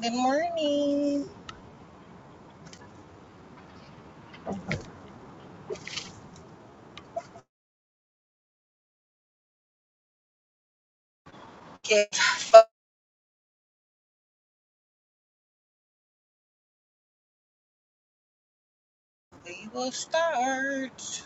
Good morning. Okay, fuck, we will start.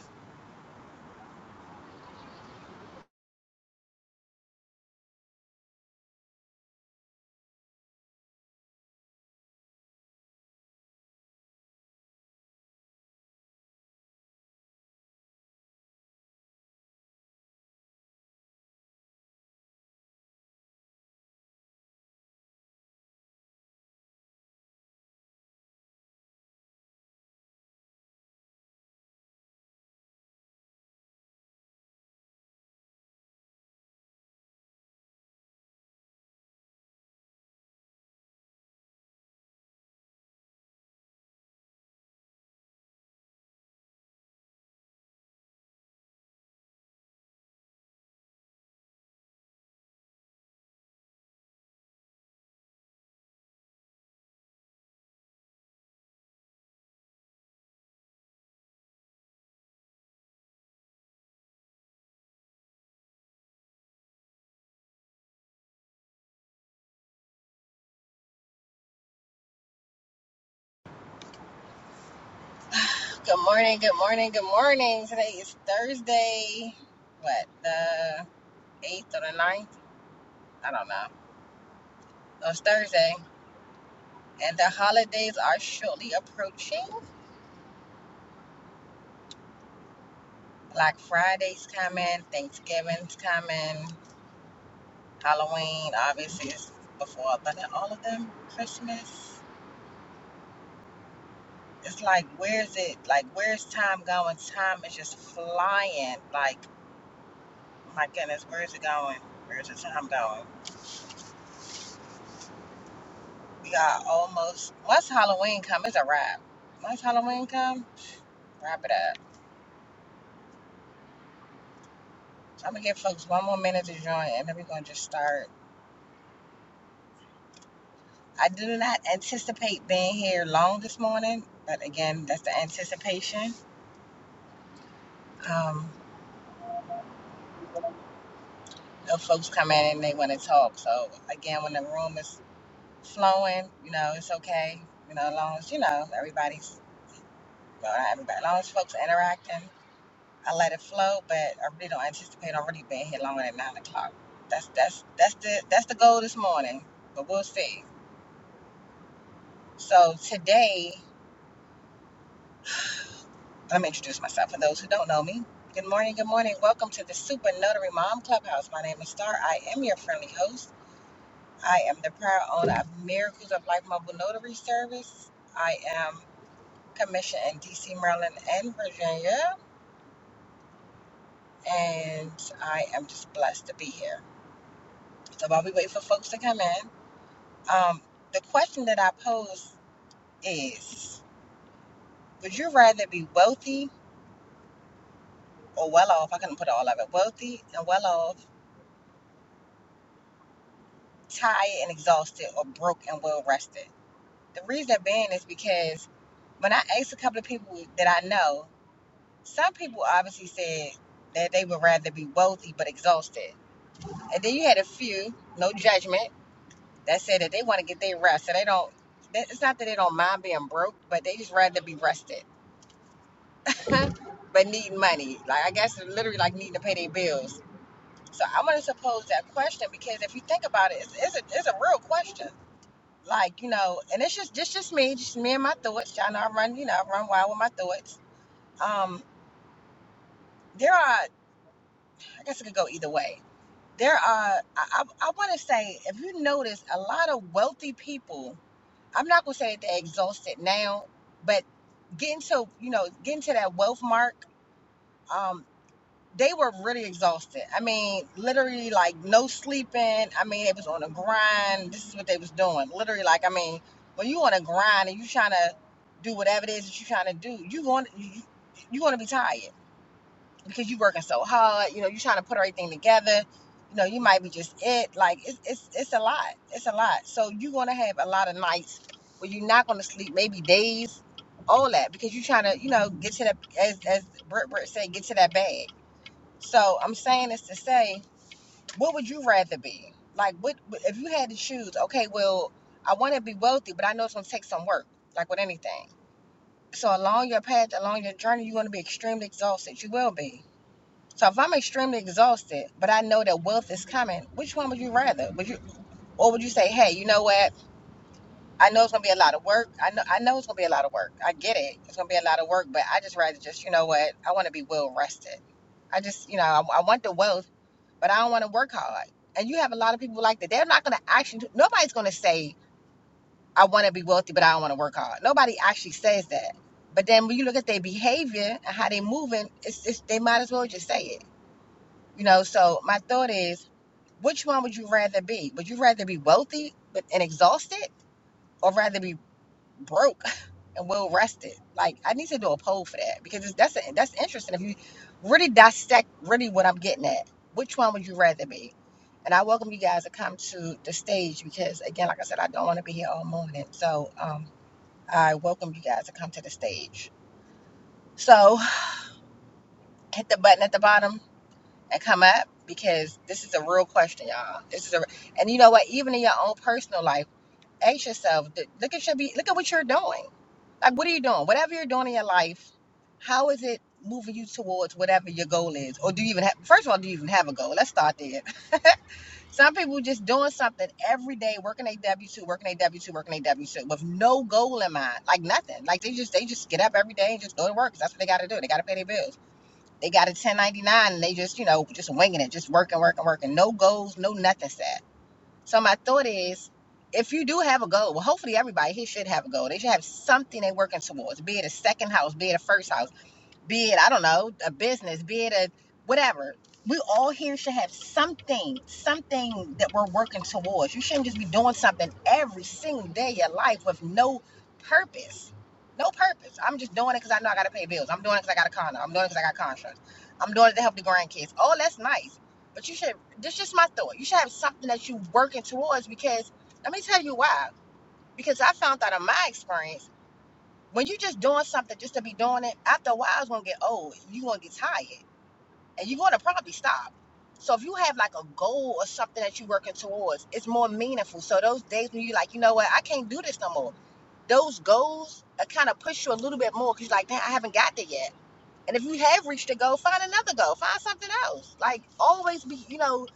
Good morning, good morning, good morning. Today is Thursday. What, the 8th or the ninth? I don't know. No, it's Thursday. And the holidays are shortly approaching. Black Friday's coming, Thanksgiving's coming, Halloween obviously is before, but then all of them, Christmas. It's like, where's it? Like, where's time going? Time is just flying. Like, My goodness, where's it going? Where's the time going? We got almost. Once Halloween come, it's a wrap. Once Halloween come, wrap it up. So I'm gonna give folks one more minute to join, and then we're gonna just start. I do not anticipate being here long this morning, but again, that's the anticipation. Um, if folks come in and they want to talk, so again, when the room is flowing, you know, it's okay. You know, as long as you know everybody's, well, not everybody, as long as folks are interacting I let it flow, but I really don't anticipate already being here longer than nine o'clock. That's that's that's the that's the goal this morning, but we'll see. So today, let me introduce myself for those who don't know me. Good morning, good morning. Welcome to the Super Notary Mom Clubhouse. My name is Star. I am your friendly host. I am the proud owner of Miracles of Life Mobile Notary Service. I am commissioned in DC, Maryland, and Virginia, and I am just blessed to be here. So while we wait for folks to come in, Um, the question that I pose is Would you rather be wealthy or well off? I couldn't put all of it wealthy and well off, tired and exhausted, or broke and well rested. The reason being is because when I asked a couple of people that I know, some people obviously said that they would rather be wealthy but exhausted. And then you had a few, no judgment, that said that they want to get their rest. So they don't, it's not that they don't mind being broke, but they just rather be rested. but need money. Like I guess literally like needing to pay their bills. So I'm gonna suppose that question because if you think about it, it's, it's a it's a real question. Like you know, and it's just just just me, just me and my thoughts. Y'all know I run you know I run wild with my thoughts. Um, there are I guess it could go either way. There are I I, I want to say if you notice a lot of wealthy people. I'm not gonna say that they're exhausted now, but getting to you know getting to that wealth mark. Um, they were really exhausted. I mean, literally like no sleeping. I mean, it was on a grind. This is what they was doing. Literally, like I mean, when you on a grind and you trying to do whatever it is that you trying to do, you going you you going to be tired because you working so hard. You know, you trying to put everything together. You know, you might be just it. Like it's it's it's a lot. It's a lot. So you going to have a lot of nights where you're not going to sleep. Maybe days, all that because you trying to you know get to that as as Britt Britt said, get to that bag so I'm saying this to say, what would you rather be? Like, what if you had to choose? Okay, well, I want to be wealthy, but I know it's gonna take some work, like with anything. So along your path, along your journey, you're gonna be extremely exhausted. You will be. So if I'm extremely exhausted, but I know that wealth is coming, which one would you rather? Would you, or would you say, hey, you know what? I know it's gonna be a lot of work. I know I know it's gonna be a lot of work. I get it. It's gonna be a lot of work, but I just rather just you know what I want to be well rested. I just you know I, I want the wealth, but I don't want to work hard. And you have a lot of people like that. They're not gonna actually. do- Nobody's gonna say I want to be wealthy, but I don't want to work hard. Nobody actually says that. But then when you look at their behavior and how they're moving, it's, it's they might as well just say it. You know. So my thought is, which one would you rather be? Would you rather be wealthy but and exhausted, or rather be broke and well rested. Like I need to do a poll for that because it's, that's that's interesting. If you really dissect really what I'm getting at, which one would you rather be? And I welcome you guys to come to the stage because again, like I said, I don't want to be here all morning. So um, I welcome you guys to come to the stage. So hit the button at the bottom and come up because this is a real question, y'all. This is a and you know what? Even in your own personal life, ask yourself. th- Look at your be. Look at what you're doing. Like, what are you doing? Whatever you're doing in your life, how is it moving you towards whatever your goal is? Or do you even have, first of all, do you even have a goal? Let's start there. Some people just doing something every day, working a W two, working a W two, working a W two, with no goal in mind, like nothing. Like they just they just get up every day and just go to work. that's what they got to do. They got to pay their bills. They got a ten ninety nine and they just you know just winging it, just working, working, working. No goals, no nothing. sad. So my thought is, if you do have a goal, well, hopefully everybody here should have a goal. They should have something they're working towards, be it a second house, be it a first house be it, I don't know, a business, be it a whatever. We all here should have something, something that we're working towards. You shouldn't just be doing something every single day of your life with no purpose. No purpose. I'm just doing it because I know I got to pay bills. I'm doing it because I got a condo. I'm doing it because I got contracts. I'm doing it to help the grandkids. Oh, that's nice. But you should, this is just my thought. You should have something that you're working towards because let me tell you why. Because I found out in my experience, when you just doing something just to be doing it, after a while it's gonna get old. You're gonna get tired and you're gonna probably stop. So if you have like a goal or something that you're working towards, it's more meaningful. So those days when you're like, you know what, I can't do this no more. Those goals kind of push you a little bit more because you're like, damn, I haven't got there yet. And if you have reached a goal, find another goal, find something else. Like always be, you know,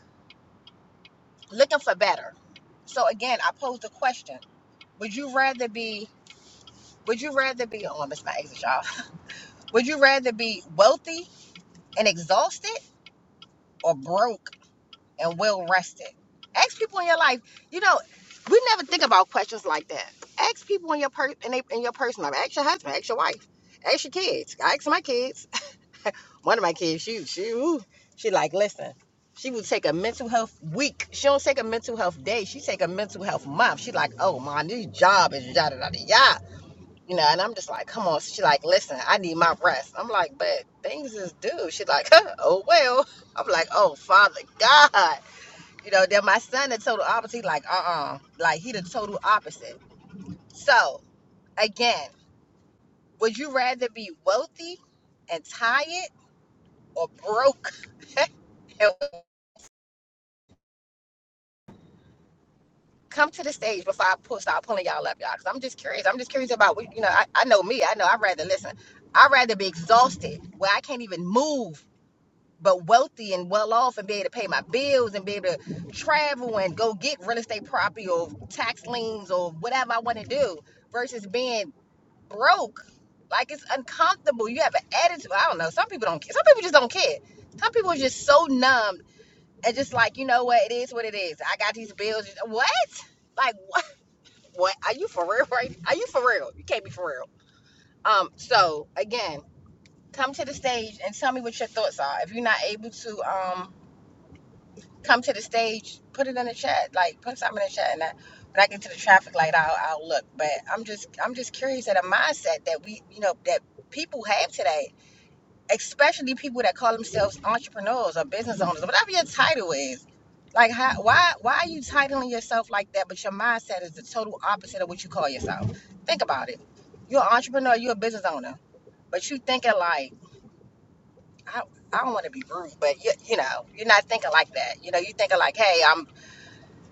looking for better. So again, I pose the question: Would you rather be? Would you rather be? Oh, I missed my exit, y'all. Would you rather be wealthy and exhausted or broke and well rested. Ask people in your life. You know, we never think about questions like that. Ask people in your per in, they, in your personal life. Ask your husband. Ask your wife. Ask your kids. I ask my kids. One of my kids, she she ooh, she like listen. She would take a mental health week. She don't take a mental health day. She take a mental health month. She like, oh my, new job is yada yada yada you know, and I'm just like, come on. So she like, listen, I need my rest. I'm like, but things is due. She like, huh, oh well. I'm like, oh Father God, you know. Then my son the total opposite, like, uh, uh like he the total opposite. So again, would you rather be wealthy and tired or broke? And come to the stage before I pull, start pulling y'all up, y'all, because I'm just curious. I'm just curious about, what- you know, I, I know me. I know I'd rather listen. I'd rather be exhausted where I can't even move but wealthy and well off and be able to pay my bills and be able to travel and go get real estate property or tax liens or whatever I want to do versus being broke. Like it's uncomfortable. You have an attitude. I don't know. Some people don't care. Some people just don't care. Some people are just so numb and just like, you know what, it is what it is. I got these bills. What? Like what what? Are you for real right? Are you for real? You can't be for real. Um, so again, come to the stage and tell me what your thoughts are. If you're not able to um come to the stage, put it in the chat, like put something in the chat, and I, when I get to the traffic light, I'll, I'll look. But I'm just I'm just curious at a mindset that we you know that people have today, especially people that call themselves entrepreneurs or business owners, whatever your title is. Like how, why why are you titling yourself like that? But your mindset is the total opposite of what you call yourself. Think about it. You're an entrepreneur. You're a business owner, but you thinking like I, I don't want to be rude, but you, you know you're not thinking like that. You know you thinking like, hey, I'm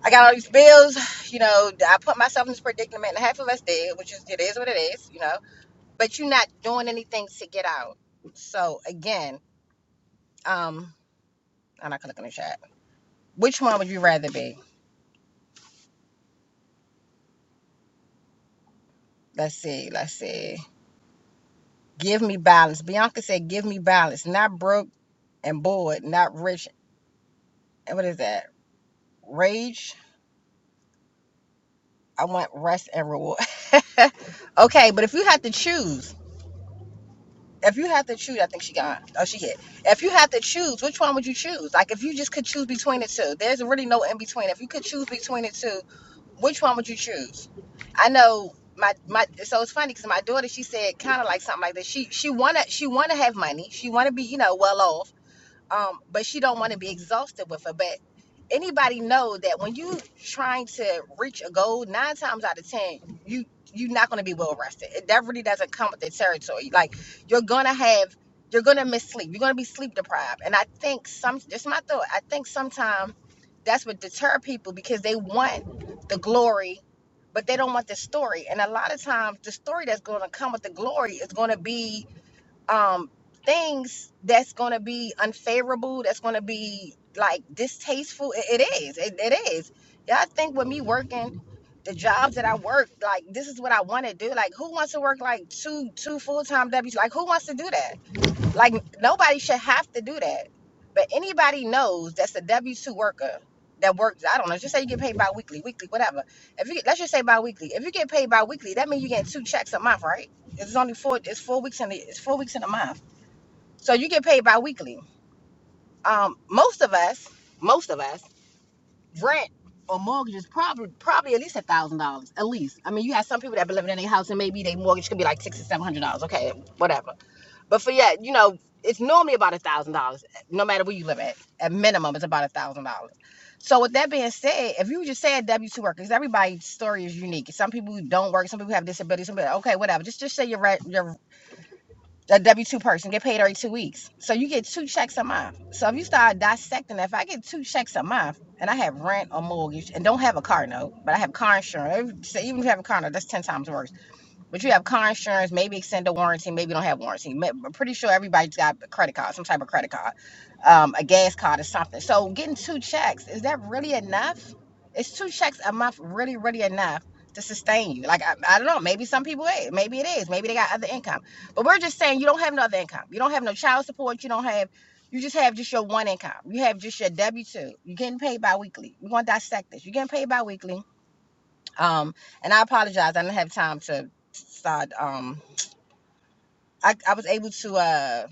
I got all these bills, you know, I put myself in this predicament and half of us did, which is it is what it is, you know. But you're not doing anything to get out. So again, um, I'm not gonna look in the chat. Which one would you rather be? Let's see, let's see. Give me balance. Bianca said, give me balance. Not broke and bored, not rich. And what is that? Rage. I want rest and reward. okay, but if you had to choose If you have to choose, I think she gone. Oh, she hit. If you have to choose, which one would you choose? Like, if you just could choose between the two, there's really no in between. If you could choose between the two, which one would you choose? I know my my. So it's funny because my daughter, she said kind of like something like that. She she wanna she wanna have money. She wanna be you know well off um, but she don't want to be exhausted with her. But anybody know that when you trying to reach a goal, nine times out of ten, you you're not gonna be well rested. It, that really doesn't come with the territory. Like you're gonna have, you're gonna miss sleep. You're gonna be sleep deprived. And I think some, just my thought. I think sometimes that's what deter people because they want the glory. But they don't want the story, and a lot of times the story that's going to come with the glory is going to be um things that's going to be unfavorable that's going to be like distasteful it, it is it, it is yeah i think with me working the jobs that i work like this is what i want to do like who wants to work like two two full-time w's like who wants to do that like nobody should have to do that. But anybody knows that's a W two worker that works. I don't know. Just say you get paid bi-weekly, weekly, whatever. If you let's just say bi-weekly. If you get paid bi-weekly, that means you getting two checks a month, right? It's only four. It's four weeks in the. It's four weeks in a month. So you get paid bi-weekly. Um, most of us, most of us, rent or mortgage is probably probably at least a thousand dollars, at least. I mean, you have some people that be living in their house and maybe their mortgage could be like six or seven hundred dollars. Okay, whatever but for yeah, you know, it's normally about a thousand dollars, no matter where you live at. At minimum, it's about a thousand dollars. So with that being said, if you just say a W two worker, because everybody's story is unique. Some people don't work, some people have disabilities, some people okay, whatever. Just just say you're right, you're a W two person, get paid every two weeks. So you get two checks a month. So if you start dissecting that, if I get two checks a month and I have rent or mortgage and don't have a car note, but I have car insurance, so even if you have a car note, that's ten times worse but you have car insurance, maybe extend the warranty, maybe don't have warranty. Ma- I'm pretty sure everybody's got a credit card, some type of credit card, um, a gas card or something. So getting two checks, is that really enough? Is two checks a month really, really enough to sustain you? Like, I, I don't know. Maybe some people, eh, maybe it is. Maybe they got other income. But we're just saying you don't have no other income. You don't have no child support. You don't have, you just have just your one income. You have just your W 2. You're getting paid biweekly. We're going to dissect this. You're getting paid biweekly. Um, and I apologize. I didn't have time to start. Um, I, I was able to uh,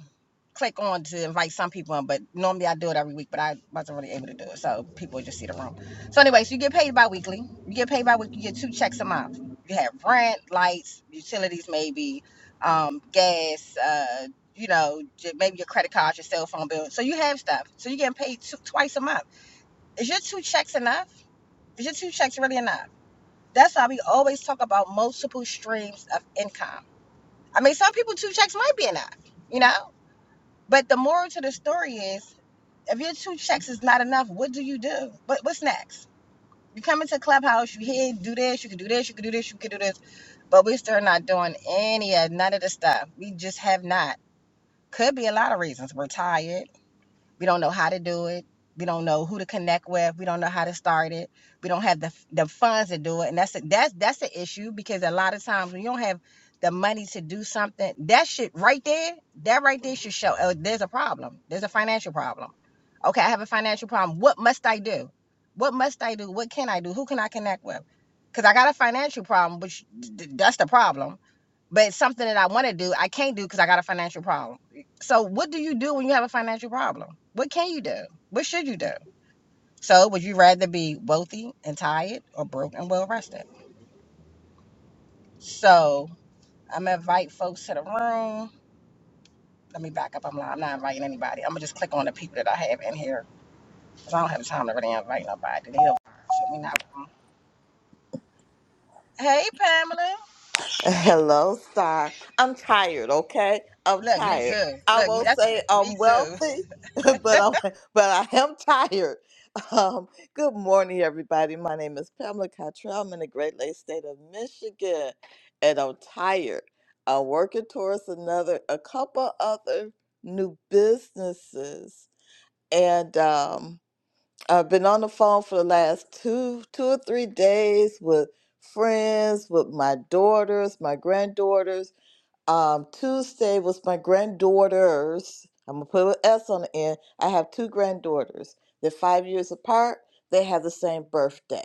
click on to invite some people in, but normally I do it every week, but I wasn't really able to do it. So people just see the room. So, anyway, so you get paid bi weekly. You get paid bi weekly. You get two checks a month. You have rent, lights, utilities, maybe, um, gas, uh, you know, j- maybe your credit card, your cell phone bill. So you have stuff. So you're getting paid two, twice a month. Is your two checks enough? Is your two checks really enough? That's why we always talk about multiple streams of income. I mean, some people two checks might be enough, you know. But the moral to the story is, if your two checks is not enough, what do you do? What what's next? You come into Clubhouse, you here, do this, you can do this, you can do this, you can do this, but we're still not doing any of none of the stuff. We just have not. Could be a lot of reasons. Retired. We don't know how to do it. We don't know who to connect with. We don't know how to start it. We don't have the the funds to do it, and that's a, that's that's an issue because a lot of times when you don't have the money to do something, that shit right there, that right there should show oh, there's a problem. There's a financial problem. Okay, I have a financial problem. What must I do? What must I do? What can I do? Who can I connect with? Because I got a financial problem, which that's the problem but it's something that I want to do, I can't do because I got a financial problem. So, what do you do when you have a financial problem? What can you do? What should you do? So, would you rather be wealthy and tired or broke and well rested? So, I'm gonna invite folks to the room. Let me back up. I'm not, I'm not inviting anybody. I'm gonna just click on the people that I have in here because I don't have time to really invite nobody. They don't- so me not- Hey, Pamela. Hello, Star. I'm tired, okay? I'm Look, me tired. too. I Look, me, won't that's say I'm me too. wealthy, but I'm but I am tired. Um, good morning, everybody. My name is Pamela Cottrell. I'm in the Great Lakes State of Michigan, and I'm tired. I'm working towards another, a couple other new businesses, and um, I've been on the phone for the last two two or three days with friends, with my daughters, my granddaughters. Um, Tuesday was my granddaughters. I'm gonna put an S on the end. I have two granddaughters. They're five years apart. They have the same birthday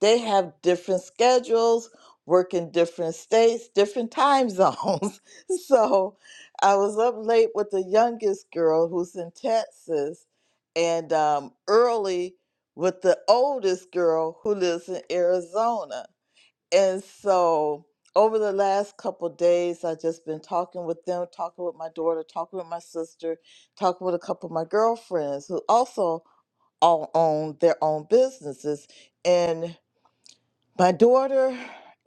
they have different schedules, work in different states, different time zones. so I was up late with the youngest girl who's in Texas, and um, early with the oldest girl who lives in Arizona. And so over the last couple days, I've just been talking with them, talking with my daughter, talking with my sister, talking with a couple of my girlfriends who also all own their own businesses. and. My daughter,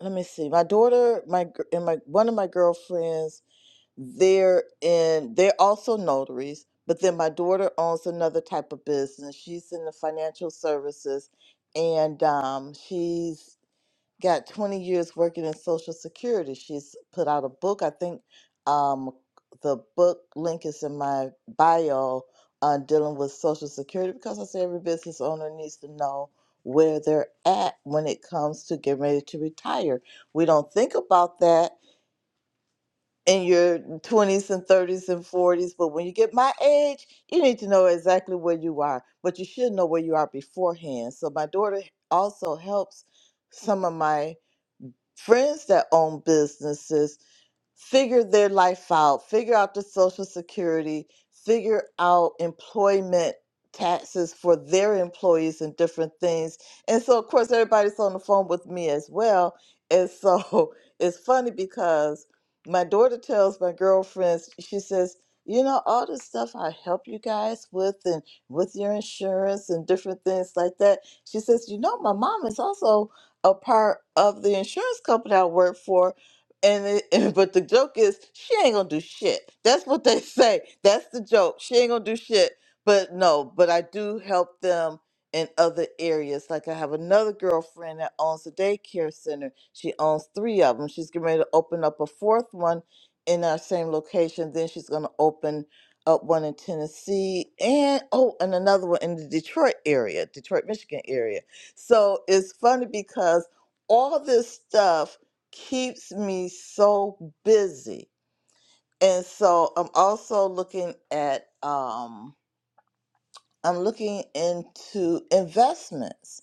let me see. My daughter, my gr- and my one of my girlfriends, they're in they're also notaries, but then my daughter owns another type of business. She's in the financial services and um she's got 20 years working in Social Security. She's put out a book. I think um, the book link is in my bio on dealing with Social Security because I say every business owner needs to know where they're at when it comes to getting ready to retire. We don't think about that in your 20s and 30s and 40s, but when you get my age, you need to know exactly where you are, but you should know where you are beforehand. So my daughter also helps some of my friends that own businesses figure their life out, figure out the social security, figure out employment taxes for their employees and different things. And so, of course, everybody's on the phone with me as well. And so it's funny because my daughter tells my girlfriends, she says, you know, all this stuff I help you guys with and with your insurance and different things like that. She says, you know, my mom is also a part of the insurance company I work for and, it, and but the joke is she ain't gonna do shit. That's what they say. That's the joke. She ain't gonna do shit. But no, but I do help them in other areas. Like I have another girlfriend that owns a daycare center. She owns three of them. She's getting ready to open up a fourth one in our same location. Then she's gonna open up one in Tennessee and oh, and another one in the Detroit area, Detroit, Michigan area. So it's funny because all this stuff keeps me so busy. And so I'm also looking at um I'm looking into investments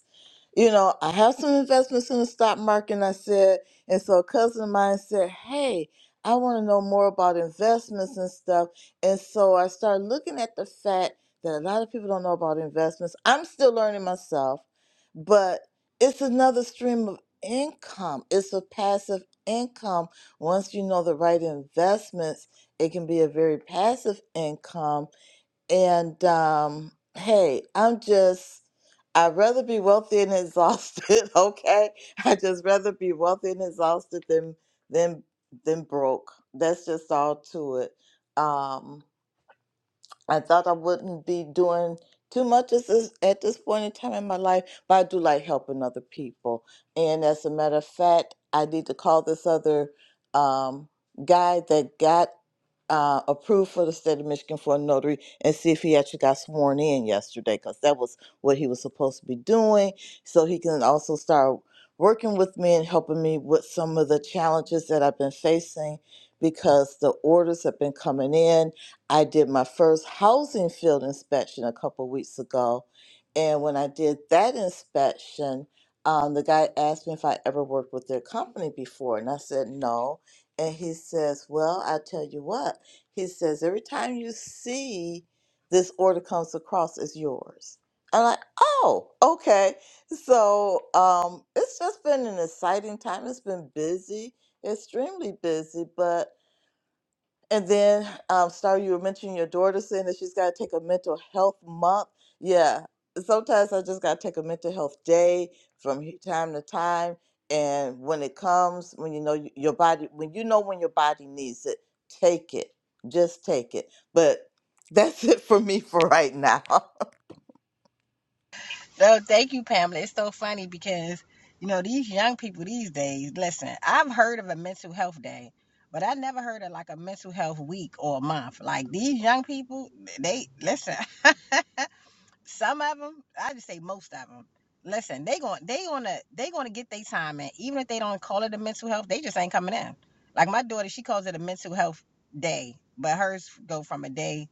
you know, I have some investments in the stock market. And I said, and so a cousin of mine said, Hey, I want to know more about investments and stuff. And so I started looking at the fact that a lot of people don't know about investments. I'm still learning myself, but it's another stream of income. It's a passive income. Once you know the right investments, it can be a very passive income and um, hey, I'm just, I'd rather be wealthy and exhausted, okay? I'd just rather be wealthy and exhausted than than than broke. That's just all to it. Um, I thought I wouldn't be doing too much at this, at this point in time in my life, but I do like helping other people. And as a matter of fact, I need to call this other um, guy that got uh, approved for the state of Michigan for a notary and see if he actually got sworn in yesterday because that was what he was supposed to be doing. So he can also start working with me and helping me with some of the challenges that I've been facing because the orders have been coming in I did my first housing field inspection a couple weeks ago. And when I did that inspection, um, the guy asked me if I ever worked with their company before. And I said, no. And he says, well, I tell you what. He says, every time you see this order comes across as yours. I'm like, oh, okay. So um, it's just been an exciting time. It's been busy, extremely busy, but and then, um, Star, you were mentioning your daughter saying that she's got to take a mental health month. Yeah, sometimes I just got to take a mental health day from he- time to time. And when it comes, when you know y- your body, when you know when your body needs it, take it. Just take it. But that's it for me for right now. No, thank you, Pamela. It's so funny because, you know, these young people these days, listen, I've heard of a mental health day, but I never heard of like a mental health week or a month. Like these young people, they listen. some of them i just say most of them listen they going they gonna they gonna get their time in even if they don't call it a mental health they just ain't coming in like my daughter she calls it a mental health day but hers go from a day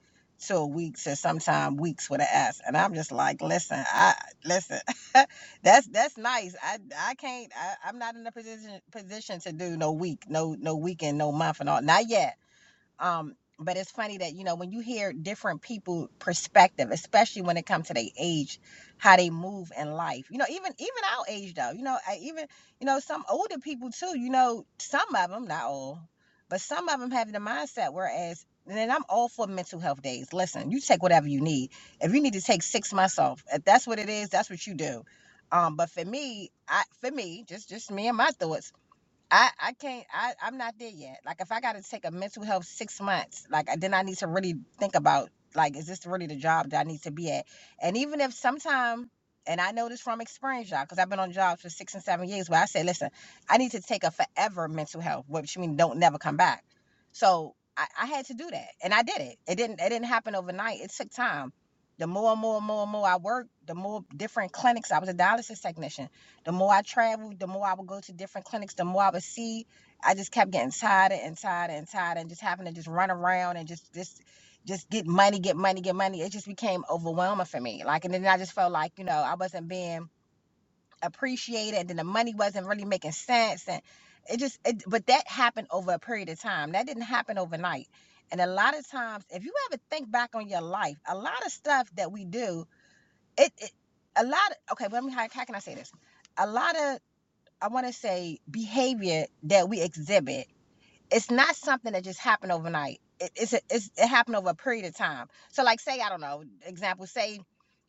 to a week to sometime weeks with an s and i'm just like listen i listen that's that's nice i i can't I, i'm not in a position position to do no week no no weekend no month and all not yet um, but it's funny that you know when you hear different people perspective, especially when it comes to their age, how they move in life. You know, even even our age though. You know, I even you know some older people too. You know, some of them not all, but some of them have the mindset. Whereas, and then I'm all for mental health days. Listen, you take whatever you need. If you need to take six months off, if that's what it is, that's what you do. Um, but for me, I for me, just just me and my thoughts. I, I can't I, I'm not there yet. Like if I gotta take a mental health six months, like then I need to really think about like is this really the job that I need to be at? And even if sometime and I know this from experience, y'all, because I've been on jobs for six and seven years where I say, listen, I need to take a forever mental health, which means don't never come back. So I, I had to do that. And I did it. It didn't it didn't happen overnight. It took time. The more and more and more and more I worked, the more different clinics. I was a dialysis technician the more I traveled, the more I would go to different clinics, the more I would see. I just kept getting tired and tired and tired and just having to just run around and just just just get money, get money, get money. It just became overwhelming for me. Like and then I just felt like, you know, I wasn't being appreciated and then the money wasn't really making sense and it just it, but that happened over a period of time. That didn't happen overnight. And a lot of times if you ever think back on your life, a lot of stuff that we do, it, it a lot okay, well, let me how, how can I say this? A lot of I want to say behavior that we exhibit. It's not something that just happened overnight. It, it's, a, it's it happened over a period of time. So like say I don't know example say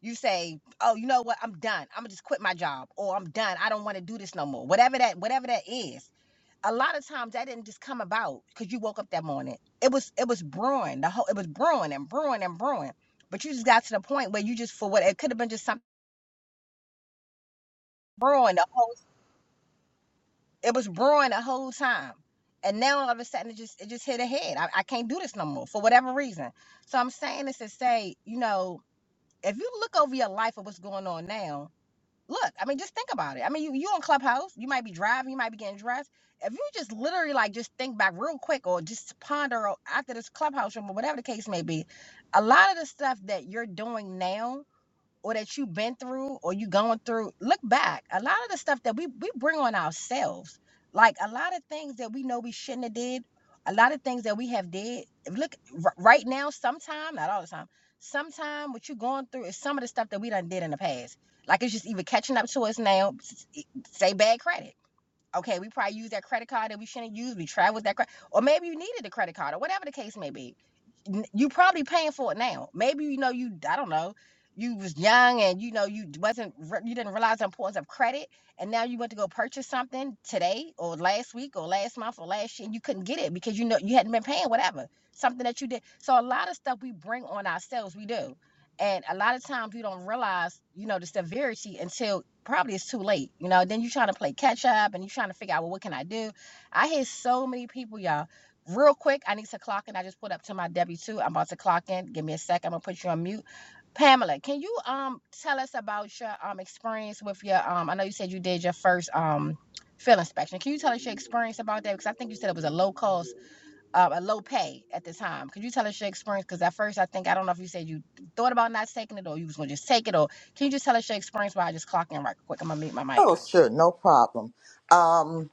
you say oh you know what I'm done I'm gonna just quit my job or I'm done I don't want to do this no more whatever that whatever that is. A lot of times that didn't just come about because you woke up that morning. It was it was brewing the whole it was brewing and brewing and brewing. But you just got to the point where you just for what it could have been just something brewing the whole It was brewing the whole time. And now all of a sudden it just it just hit ahead. I, I can't do this no more for whatever reason. So I'm saying this to say, you know, if you look over your life at what's going on now, look, I mean, just think about it. I mean, you you on Clubhouse, you might be driving, you might be getting dressed. If you just literally like just think back real quick or just ponder after this clubhouse room or whatever the case may be, a lot of the stuff that you're doing now or that you've been through or you going through, look back. A lot of the stuff that we we bring on ourselves, like a lot of things that we know we shouldn't have did, a lot of things that we have did. Look r- right now, sometime, not all the time, sometime what you're going through is some of the stuff that we done did in the past. Like it's just either catching up to us now, s- s- say bad credit Okay, we probably use that credit card that we shouldn't use. We travel with that credit, or maybe you needed the credit card, or whatever the case may be. You probably paying for it now. Maybe you know you I don't know. You was young and you know you wasn't you didn't realize the importance of credit, and now you went to go purchase something today or last week or last month or last year, and you couldn't get it because you know you hadn't been paying whatever something that you did. So a lot of stuff we bring on ourselves, we do. And a lot of times you don't realize, you know, the severity until probably it's too late. You know, then you're trying to play catch up and you're trying to figure out, well, what can I do? I hear so many people, y'all. Real quick, I need to clock in. I just put up to my W two. I'm about to clock in. Give me a sec. I'm gonna put you on mute. Pamela, can you um tell us about your um experience with your um? I know you said you did your first um field inspection. Can you tell us your experience about that? Because I think you said it was a low cost uh, a low pay at the time. Could you tell us your experience? Because at first, I think I don't know if you said you thought about not taking it or you was gonna just take it, or can you just tell us your experience while I just clock in right quick? I'm gonna mute my mic. oh, sure, no problem. Um,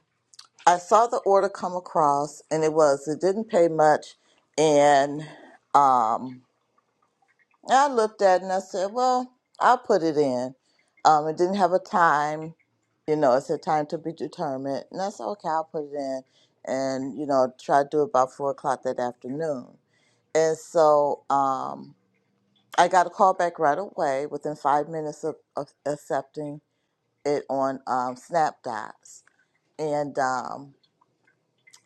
I saw the order come across, and it was it didn't pay much, and um, I looked at it and I said, well, I'll put it in. Um, it didn't have a time, you know, it said time to be determined. And I said, okay, I'll put it in and, you know, try to do it by four o'clock that afternoon. And so um, I got a call back right away within five minutes of, of accepting it on um, SnapDots. And, um,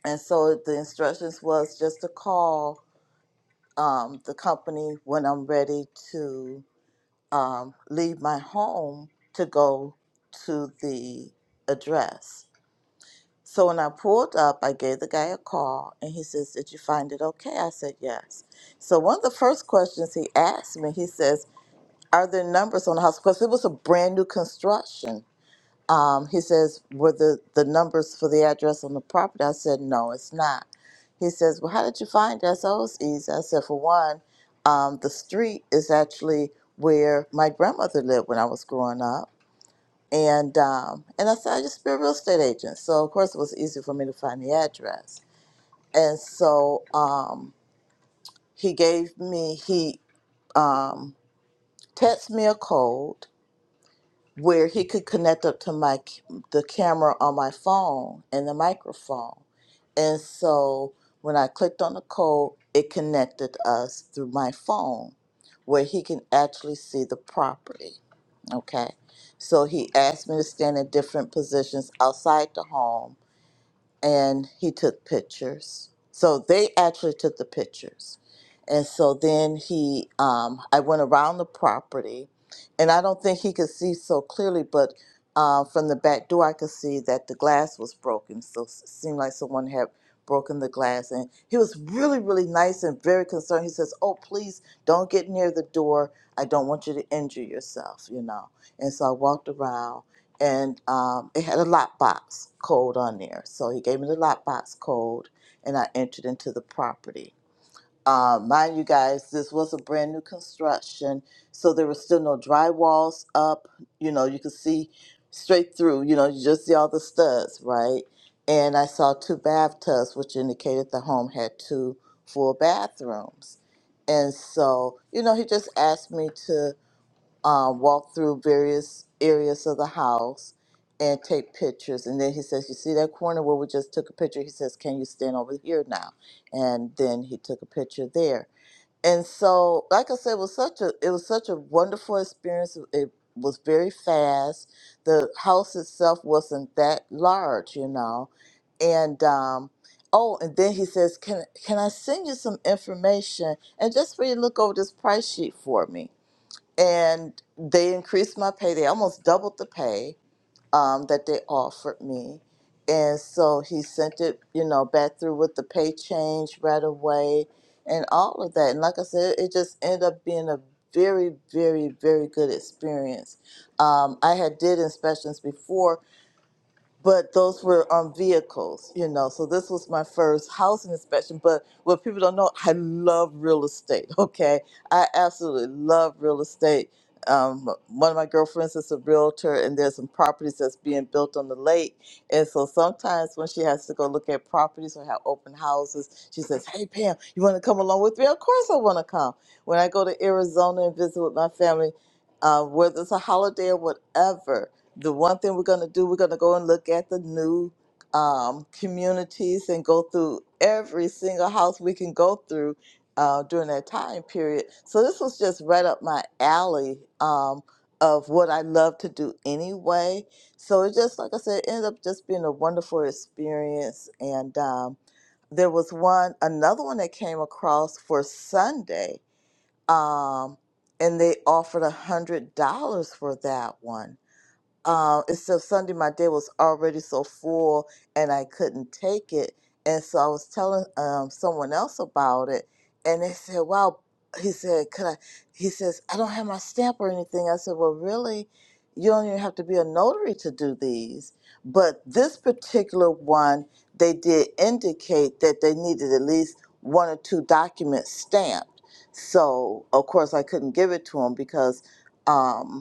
and so the instructions was just to call um, the company when I'm ready to um, leave my home to go to the address. So when I pulled up, I gave the guy a call and he says, Did you find it okay? I said, Yes. So one of the first questions he asked me, he says, Are there numbers on the house? Because it was a brand new construction um, he says, were the, the numbers for the address on the property? I said, no, it's not. He says, well, how did you find us? Oh, it's easy. I said, for one, um, the street is actually where my grandmother lived when I was growing up. And, um, and I said, I used to be a real estate agent. So, of course, it was easy for me to find the address. And so um, he gave me, he um, texted me a code where he could connect up to my c- the camera on my phone and the microphone. And so when I clicked on the code, it connected us through my phone where he can actually see the property. Okay. So he asked me to stand in different positions outside the home and he took pictures. So they actually took the pictures. And so then he, um, I went around the property, and I don't think he could see so clearly, but uh, from the back door, I could see that the glass was broken. So it seemed like someone had broken the glass. And he was really, really nice and very concerned. He says, Oh, please don't get near the door. I don't want you to injure yourself, you know. And so I walked around and um, it had a lockbox code on there. So he gave me the lockbox code, and I entered into the property. Um, mind you guys, this was a brand new construction, so there was still no drywalls up. You know, you could see straight through. You know, you just see all the studs, right? And I saw two bathtubs, which indicated the home had two full bathrooms. And so, you know, he just asked me to uh, walk through various areas of the house and take pictures. And then he says, You see that corner where we just took a picture? He says, Can you stand over here now? And then he took a picture there. And so, like I said, it was such a it was such a wonderful experience. It was very fast. The house itself wasn't that large, you know. And um, oh, and then he says, "Can can I send you some information and just for you to look over this price sheet for me?" and they increased my pay. They almost doubled the pay um, that they offered me. And so he sent it, you know, back through with the pay change right away and all of that. And like I said, it just ended up being a very, very, very good experience. Um, I had did inspections before, but those were on vehicles, you know. So this was my first housing inspection. But what people don't know, I love real estate. Okay, I absolutely love real estate. Um, one of my girlfriends is a realtor, and there's some properties that's being built on the lake. And so sometimes when she has to go look at properties or have open houses, she says, "Hey Pam, you want to come along with me?" Of course, I want to come. When I go to Arizona and visit with my family, uh, whether it's a holiday or whatever, the one thing we're going to do, we're going to go and look at the new um, communities and go through every single house we can go through uh, during that time period. So this was just right up my alley um, of what I love to do anyway. So it just, like I said, ended up just being a wonderful experience. And um, there was one, another one that came across for Sunday, um, and they offered a hundred dollars for that one uh, except Sunday, my day was already so full and I couldn't take it. And so I was telling um, someone else about it, and they said, Wow, he said, Could I? He says, I don't have my stamp or anything. I said, Well, really, you don't even have to be a notary to do these. But this particular one, they did indicate that they needed at least one or two documents stamped. So, of course, I couldn't give it to him because. Um,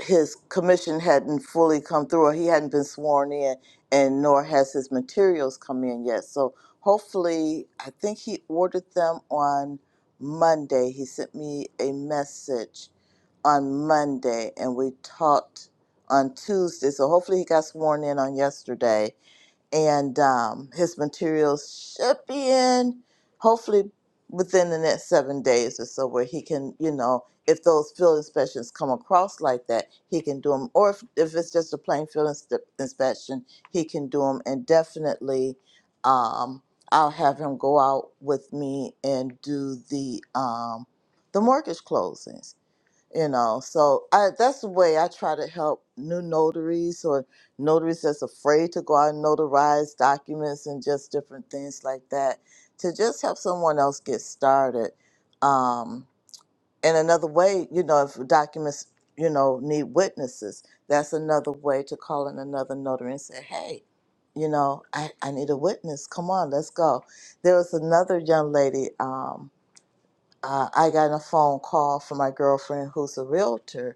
his commission hadn't fully come through or he hadn't been sworn in and nor has his materials come in yet so hopefully i think he ordered them on monday he sent me a message on monday and we talked on tuesday so hopefully he got sworn in on yesterday and um, his materials should be in hopefully within the next seven days or so where he can you know if those field inspections come across like that he can do them or if, if it's just a plain field ins- inspection he can do them and definitely um, i'll have him go out with me and do the um, the mortgage closings you know so I, that's the way i try to help new notaries or notaries that's afraid to go out and notarize documents and just different things like that to just help someone else get started um, and another way you know if documents you know need witnesses that's another way to call in another notary and say hey you know i, I need a witness come on let's go there was another young lady um, uh, i got a phone call from my girlfriend who's a realtor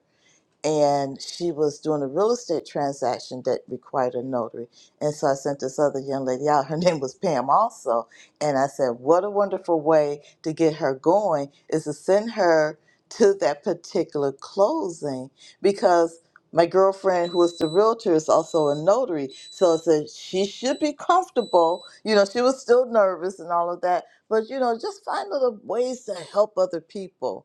and she was doing a real estate transaction that required a notary. And so I sent this other young lady out. Her name was Pam also. And I said, What a wonderful way to get her going is to send her to that particular closing because my girlfriend who is the realtor is also a notary. So I said she should be comfortable. You know, she was still nervous and all of that. But you know, just find little ways to help other people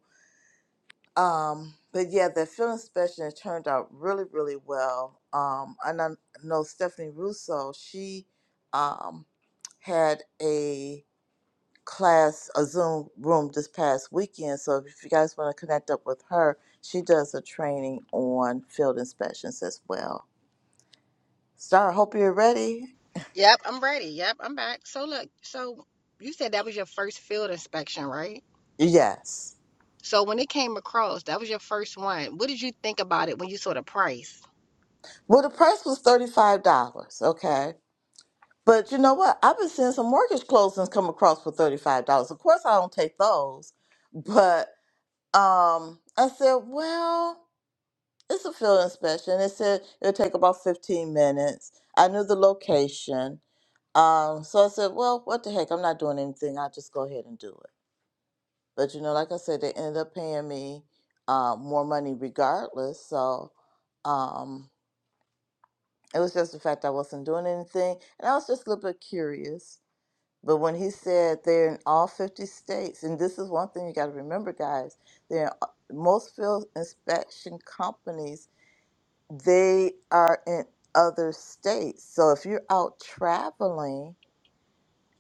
um, but yeah, the film inspection it turned out really, really well. Um, and I know Stephanie Russo, she um, had a class, a Zoom room this past weekend. So if you guys want to connect up with her, she does a training on field inspections as well. Star, I hope you're ready. Yep, I'm ready. Yep, I'm back. So look, so you said that was your first field inspection, right? Yes. So when it came across, that was your first one. What did you think about it when you saw the price? Well, the price was $35, okay? But you know what? I've been seeing some mortgage closings come across for $35. Of course, I don't take those. But um, I said, well, it's a field inspection. It said it'll take about 15 minutes. I knew the location. Um, so I said, well, what the heck? I'm not doing anything. I'll just go ahead and do it. But you know, like I said, they ended up paying me uh, more money regardless. So um, it was just the fact I wasn't doing anything. And I was just a little bit curious But when he said they're in all 50 states, and this is one thing you got to remember, guys, they're in, uh, most field inspection companies, they are in other states. So if you're out traveling,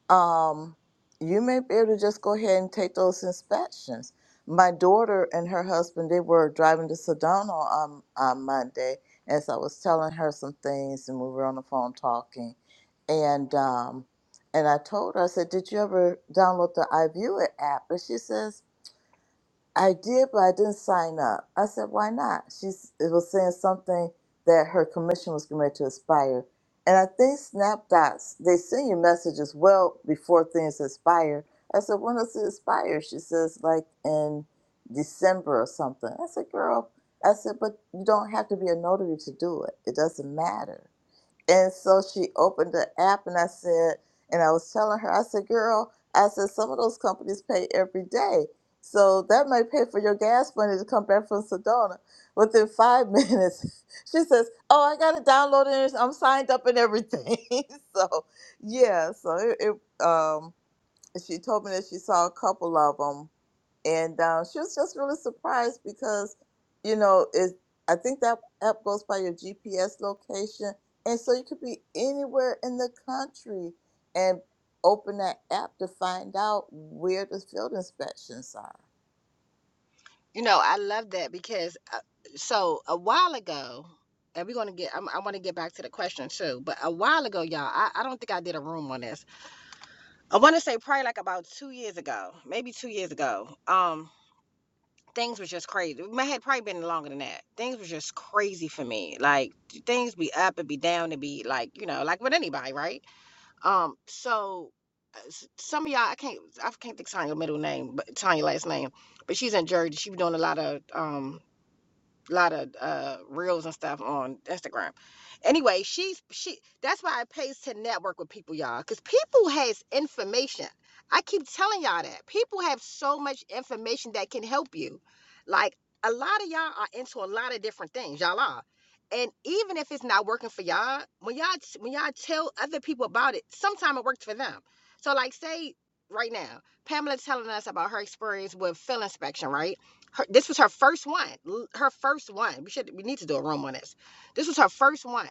um, you may be able to just go ahead and take those inspections. My daughter and her husband, they were driving to Sedona on, on Monday as I was telling her some things and we were on the phone talking. And um, and I told her, I said, Did you ever download the iView app? And she says, I did, but I didn't sign up. I said, why not? She's. it was saying something that her commission was going to expire. And I think SnapDots, they send you messages well before things expire. I said, when does it expire? She says, like in December or something. I said, girl, I said, but you don't have to be a notary to do it. It doesn't matter. And so she opened the app and I said, and I was telling her, I said, girl, I said, some of those companies pay every day. So that might pay for your gas money to come back from Sedona within five minutes. She says, Oh, I got it downloaded. and I'm signed up and everything. so, yeah. So, it, it, um, she told me that she saw a couple of them and uh, she was just really surprised because you know it i think that app goes by your gps location and so you could be anywhere in the country and open that app to find out where the field inspections are You know, I love that because uh, so a while ago, and we're gonna get. I'm, I want to get back to the question too, but a while ago, y'all, I, I don't think I did a room on this. I want to say probably like about two years ago, maybe two years ago. Um, things was just crazy. It may- had probably been longer than that. Things was just crazy for me. Like things be up and be down and be like you know like with anybody, right? Um, so uh, s- some of y'all I can't I can't think of Tanya's middle name, but Tanya's last name, but she's in Jersey. She be doing a lot of um a lot of uh, reels and stuff on Instagram. Anyway, she's she. That's why it pays to network with people, y'all, because people has information. I keep telling y'all that people have so much information that can help you. Like a lot of y'all are into a lot of different things, y'all are. And even if it's not working for y'all, when y'all when y'all tell other people about it, sometime it worked for them. So like, say right now, Pamela telling us about her experience with field inspection, right? her, this was her first one. Her first one. We should we need to do a room on this. This was her first one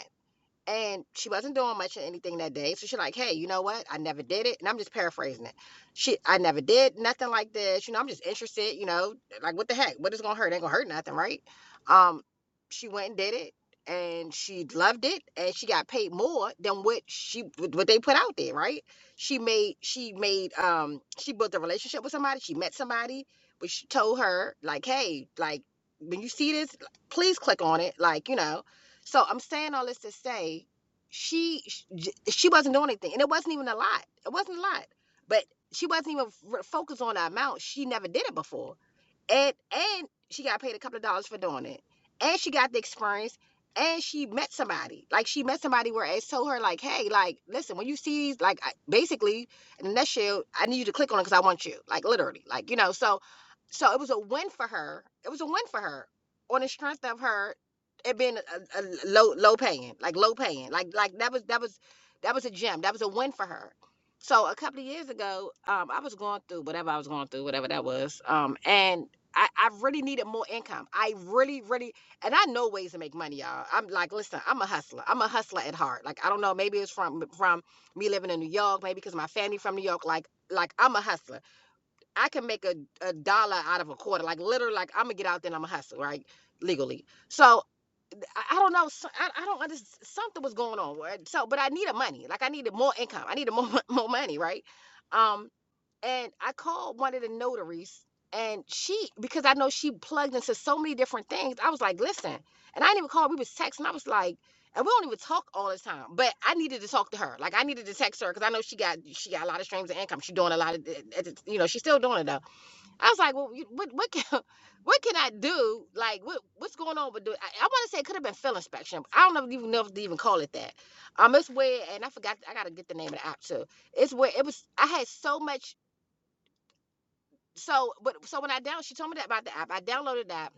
and she wasn't doing much of anything that day. So she's like, hey, you know what? I never did it. And I'm just paraphrasing it. She, I never did nothing like this. You know, I'm just interested, you know, like what the heck? What is going to hurt? It Ain't going to hurt nothing, right? Um, she went and did it and she loved it and she got paid more than what she what they put out there right she made she made um she built a relationship with somebody she met somebody but she told her like hey like when you see this please click on it like you know so I'm saying all this to say she she wasn't doing anything, and it wasn't even a lot. It wasn't a lot, but she wasn't even focused on the amount. She never did it before and and she got paid a couple of dollars for doing it and she got the experience and she met somebody like she met somebody where it told her like hey like listen when you see like I, basically in the next i need you to click on it because i want you like literally like you know so so it was a win for her it was a win for her on the strength of her it being a a low low paying like low paying like like that was that was that was a gem that was a win for her so a couple of years ago um i was going through whatever i was going through whatever that was um and I, I really needed more income. I really, really, and I know ways to make money, y'all. I'm like, listen, I'm a hustler. I'm a hustler at heart. Like, I don't know, maybe it's from from me living in New York, maybe because my family from New York. Like, like I'm a hustler. I can make a, a dollar out of a quarter. Like, literally, like I'm gonna get out there and I'm a hustler, right? Legally. So I, I don't know. So, I, I don't understand. Something was going on. right? So, but I needed money. Like, I needed more income. I needed more more money, right? Um, and I called one of the notaries and she because I know she plugged into so many different things. I was like, listen, and I didn't even call, we was texting. I was like, and we don't even talk all the time, but I needed to talk to her. Like I needed to text her because I know she got she got a lot of streams of income. She doing a lot of you know, she's still doing it though. I was like, well, you- what what can what can I do? Like what what's going on with the I, I want to say it could have been field inspection. I don't know even know if they even call it that. Um it's where and I forgot I gotta get the name of the app too. It's where it was I had so much so, but so when I down, she told me that about the app. I downloaded that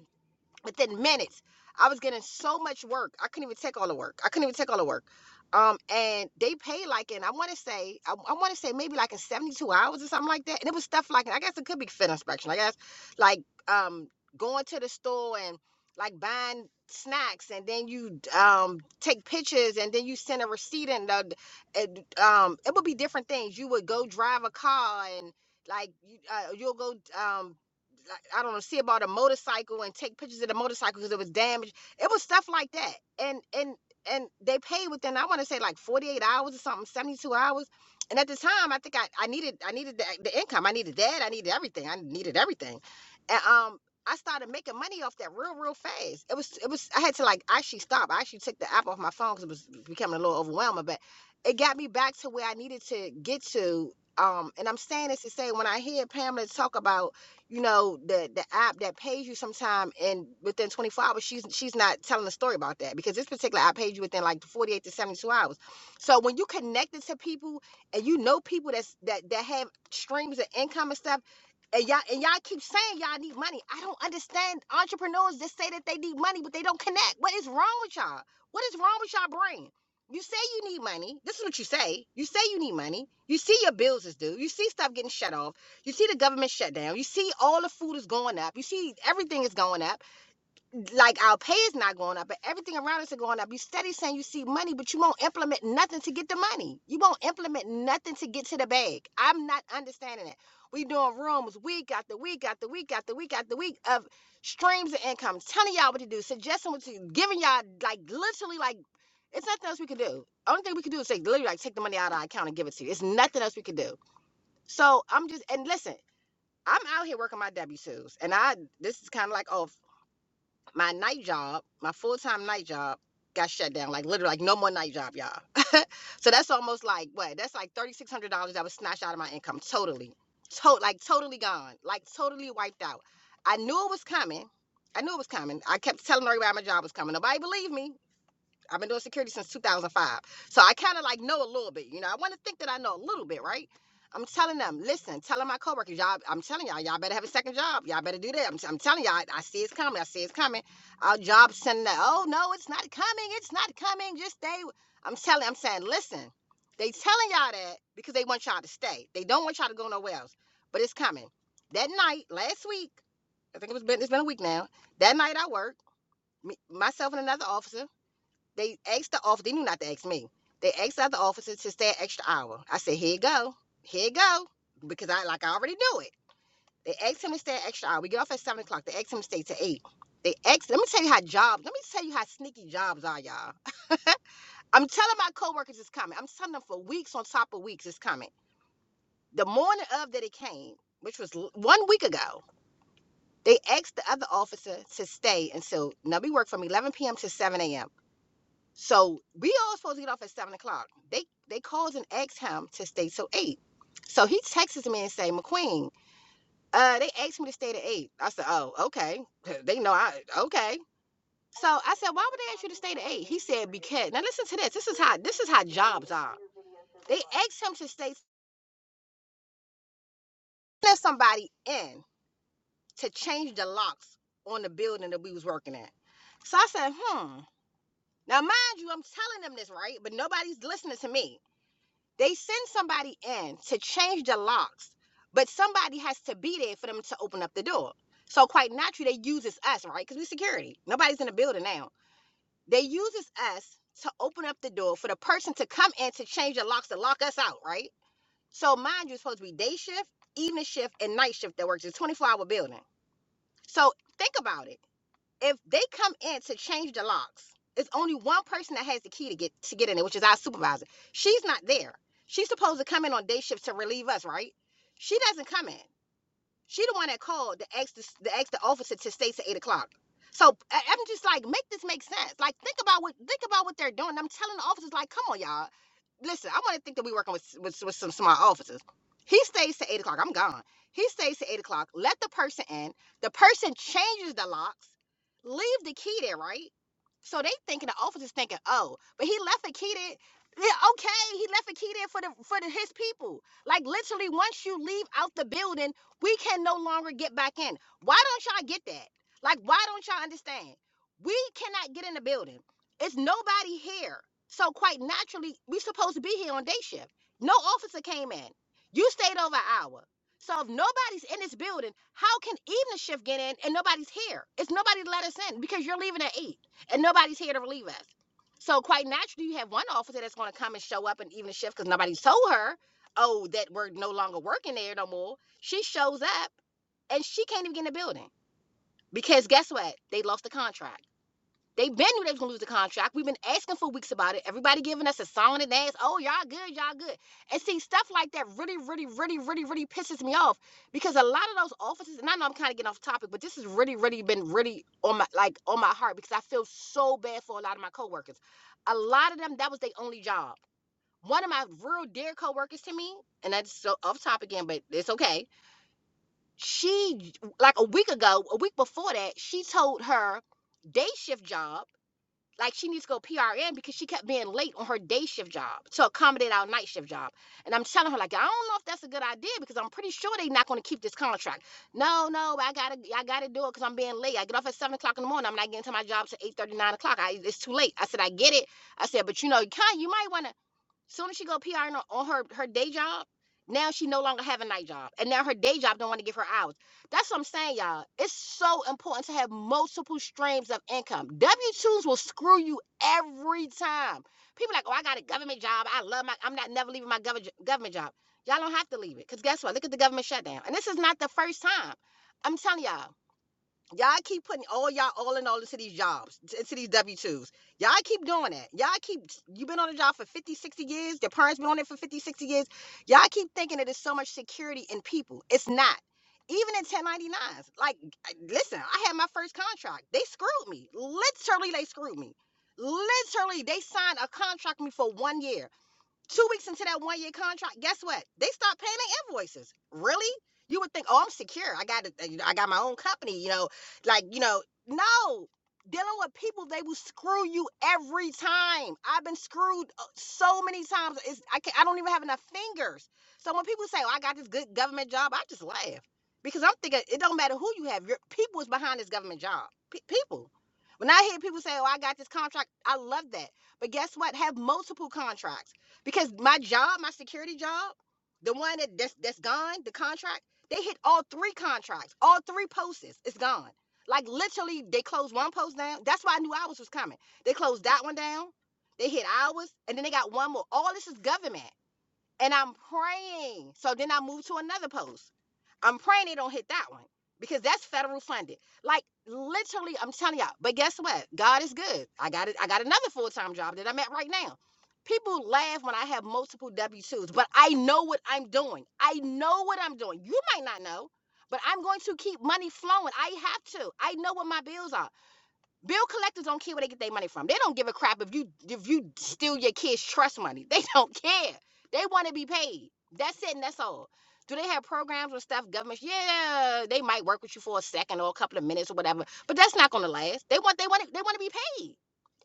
within minutes. I was getting so much work. I couldn't even take all the work. I couldn't even take all the work. Um, and they paid like in I want to say I, I want to say maybe like in seventy two hours or something like that. And it was stuff like I guess it could be fit inspection. I guess like um going to the store and like buying snacks and then you um take pictures and then you send a receipt and the, and, um it would be different things. You would go drive a car and like you, uh, you'll go um like, I don't know, see about a motorcycle and take pictures of the motorcycle because it was damaged. It was stuff like that. And and and they paid within I want to say like 48 hours or something, 72 hours. And at the time, I think I, I needed I needed the, the income. I needed that. I needed everything. I needed everything. And um I started making money off that real real fast. It was it was I had to like actually stop. I actually took the app off my phone cuz it was becoming a little overwhelming, but it got me back to where I needed to get to um and I'm saying this to say when I hear Pamela talk about you know the the app that pays you sometime and within 24 hours she's she's not telling a story about that because this particular app pays you within like 48 to 72 hours so when you connected to people and you know people that's that that have streams of income and stuff and y'all and y'all keep saying y'all need money. I don't understand. Entrepreneurs that say that they need money, but they don't connect. What is wrong with y'all? What is wrong with y'all brain? You say you need money. This is what you say. You say you need money. You see your bills is due. You see stuff getting shut off. You see the government shutdown. You see all the food is going up. You see everything is going up. Like our pay is not going up, but everything around us is going up. You steady saying you see money, but you won't implement nothing to get the money. You won't implement nothing to get to the bag. I'm not understanding it. We doing rooms week after week after week after week after week of streams of income, telling y'all what to do, suggesting what to do, giving y'all like literally like it's nothing else we can do. Only thing we can do is say literally like take the money out of our account and give it to you. It's nothing else we can do. So I'm just and listen. I'm out here working my W twos, and I this is kind of like oh my night job, my full time night job got shut down. Like literally, like no more night job, y'all. so that's almost like what? That's like thirty six hundred dollars that was snatched out of my income totally, to- like totally gone, like totally wiped out. I knew it was coming. I knew it was coming. I kept telling everybody my job was coming. Nobody believed me. I've been doing security since 2005. So I kind of like know a little bit. You know, I want to think that I know a little bit, right? I'm telling them, listen, telling my coworkers, y'all, I'm telling y'all, y'all better have a second job. Y'all better do that. I'm, I'm telling y'all, I, I see it's coming. I see it's coming. Our jobs sending that, oh, no, it's not coming. It's not coming. Just stay. I'm telling, I'm saying, listen, they telling y'all that because they want y'all to stay. They don't want y'all to go nowhere else, but it's coming. That night, last week, I think it was been, it's been a week now, that night I worked, me, myself and another officer, they asked the officer. They knew not to ask me. They asked the other officers to stay an extra hour. I said, here you go. Here you go. Because I like I already knew it. They asked him to stay an extra hour. We get off at seven o'clock. They asked him to stay to eight. They asked, let me tell you how jobs, let me tell you how sneaky jobs are, y'all. I'm telling my coworkers it's coming. I'm telling them for weeks on top of weeks it's coming. The morning of that it came, which was one week ago, they asked the other officer to stay until now we work from 11 p.m. to 7 a.m. So we all supposed to get off at seven o'clock. They they calls and asks him to stay till eight. So he texts me and say, McQueen, uh, they asked me to stay to eight. I said, Oh, okay. They know I okay. So I said, Why would they ask you to stay to eight? He said, Because now listen to this. This is how this is how jobs are. They asked him to stay send somebody in to change the locks on the building that we was working at. So I said, hmm. Now mind you, I'm telling them this, right? But nobody's listening to me. They send somebody in to change the locks, but somebody has to be there for them to open up the door. So quite naturally, they uses us, right? Because we security. Nobody's in the building now. They uses us to open up the door for the person to come in to change the locks to lock us out, right? So mind you, it's supposed to be day shift, evening shift, and night shift that works. It's a 24 hour building. So think about it if they come in to change the locks, it's only one person that has the key to get to get in there, which is our supervisor. She's not there. She's supposed to come in on day shifts to relieve us, right? She doesn't come in. She the one that called the ex the, the ex the officer to stay to eight o'clock. So I- am just like, make this make sense. Like think about what think about what they're doing. I'm telling the officers, like, come on, y'all. Listen, I want to think that we working with, with with some smart officers. He stays to eight o'clock. I'm gone. He stays to eight o'clock. Let the person in. The person changes the locks. Leave the key there, right? So they thinking the officers thinking, oh, but he left the key there. Yeah, okay, he left the key there for the for the, his people. Like literally, once you leave out the building we can no longer get back in. Why don't y'all get that? Like, why don't y'all understand? We cannot get in the building. It's nobody here. So quite naturally, we supposed to be here on day shift. No officer came in. You stayed over an hour. So if nobody's in this building, how can evening shift get in and nobody's here? It's nobody to let us in because you're leaving at eight and nobody's here to relieve us. So quite naturally, you have one officer that's going to come and show up in evening shift because nobody's told her, oh, that we're no longer working there no more. She shows up and she can't even get in the building because guess what? They lost the contract. They been knew they was gonna lose the contract. We've been asking for weeks about it. Everybody giving us a song and dance. Oh, y'all good, y'all good. And see, stuff like that really, really, really, really, really pisses me off because a lot of those offices, and I know I'm kind of getting off topic, but this has really, really been really on my like on my heart because I feel so bad for a lot of my coworkers. A lot of them, that was their only job. One of my real dear coworkers to me, and that's so off topic again, but it's okay she like a week ago, a week before that, she told her day shift job like she needs to go PRN because she kept being late on her day shift job to accommodate our night shift job. And I'm telling her like I don't know if that's a good idea because I'm pretty sure they're not going to keep this contract. No, no, I gotta I gotta do it because I'm being late. I get off at seven o'clock in the morning. I'm not getting to my job till eight thirty nine o'clock. I, it's too late. I said I get it. I said but you know you kind you might want to Soon as she go PR on on her her day job, now she no longer have a night job, and now her day job don't want to give her hours. That's what I'm saying, y'all. It's so important to have multiple streams of income. W two's will screw you every time. People like, oh, I got a government job. I love my. I'm not never leaving my government government job. Y'all don't have to leave it, cause guess what? Look at the government shutdown, and this is not the first time. I'm telling y'all. Y'all keep putting all y'all all in all into these jobs, t- into these W 2s. Y'all keep doing that. Y'all keep, you've been on a job for 50, 60 years. Your parents been on it for 50, 60 years. Y'all keep thinking that there's so much security in people. It's not. Even in 1099s. Like, I- listen, I had my first contract. They screwed me. Literally, they screwed me. Literally, they signed a contract with me for one year two weeks into that one year contract, guess what? They start paying their invoices. Really? You would think, oh, I'm secure. I got it. uh, You know, I got my own company. You know, like you know, no. Dealing with people, they will screw you every time. I've been screwed uh, so many times. It's I can't, I don't even have enough fingers. So when people say, "Oh, I got this good government job," I just laugh because I'm thinking it don't matter who you have. Your people is behind this government job. Pe- people. When I hear people say, "Oh, I got this contract," I love that. But guess what? Have multiple contracts because my job, my security job, the one that that's, that's gone, the contract, they hit all three contracts, all three posts. It's gone. Like literally, they closed one post down. That's why I knew ours was coming. They closed that one down. They hit ours, and then they got one more. All this is government and I'm praying. So then I move to another post. I'm praying they don't hit that one because that's federal funded. Like literally, I'm telling y'all. But guess what? God is good. I got it. I got another full time job that I'm at right now. People laugh when I have multiple W twos, but I know what I'm doing. I know what I'm doing. You might not know, but I'm going to keep money flowing. I have to. I know what my bills are. Bill collectors don't care where they get their money from. They don't give a crap if you if you steal your kids' trust money. They don't care. They want to be paid. That's it and that's all. Do they have programs and stuff? Governments, yeah, they might work with you for a second or a couple of minutes or whatever, but that's not gonna last. They want they want to, they want to be paid.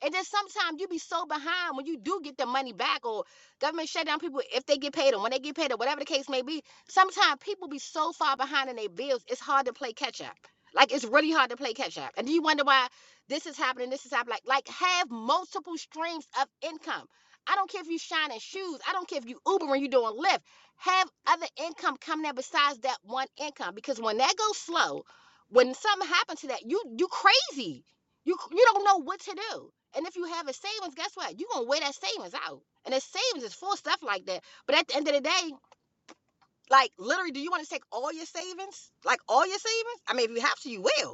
And then sometimes you be so behind when you do get the money back or government shut down people if they get paid or when they get paid or whatever the case may be. Sometimes people be so far behind in their bills, it's hard to play catch up. Like it's really hard to play catch up. And do you wonder why this is happening, this is happening. Like, like have multiple streams of income. I don't care if you shining shoes. I don't care if you Uber and you doing Lyft. Have other income coming in besides that one income. Because when that goes slow, when something happens to that, you you crazy. You you don't know what to do. And if you have a savings, guess what? you gonna wear that savings out. And the savings is full stuff like that. But at the end of the day, like literally, do you want to take all your savings? Like all your savings? I mean, if you have to, you will.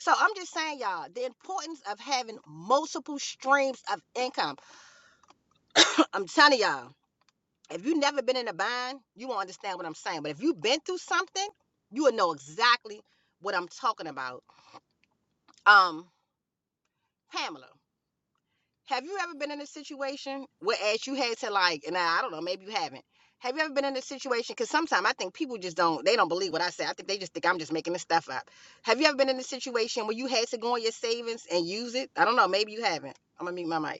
So I'm just saying, y'all, the importance of having multiple streams of income. I'm telling y'all, if you've never been in a bind, you won't understand what I'm saying. But if you've been through something, you will know exactly what I'm talking about. Um, Pamela, have you ever been in a situation where as you had to like, and I, I don't know, maybe you haven't. Have you ever been in a situation? Because sometimes I think people just don't, they don't believe what I say. I think they just think I'm just making this stuff up. Have you ever been in a situation where you had to go on your savings and use it? I don't know, maybe you haven't. I'm gonna mute my mic.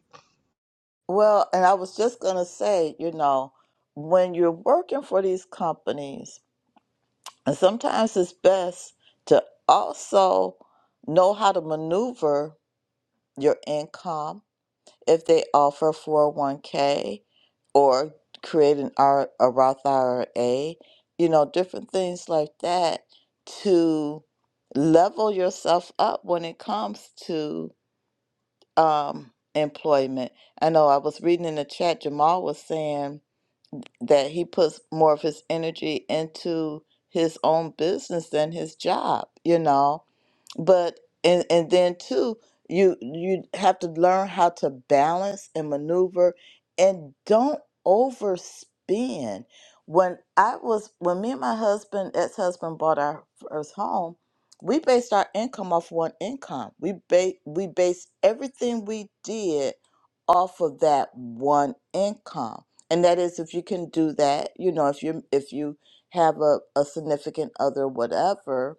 well and i was just going to say you know when you're working for these companies and sometimes it's best to also know how to maneuver your income if they offer 401k or create an R, a Roth IRA, you know, different things like that to level yourself up when it comes to um, employment. I know I was reading in the chat, Jamal was saying that he puts more of his energy into his own business than his job, you know but and and then too you you have to learn how to balance and maneuver and don't overspend when i was when me and my husband ex-husband bought our first home we based our income off one income we ba- we based everything we did off of that one income and that is if you can do that you know if you if you have a, a significant other whatever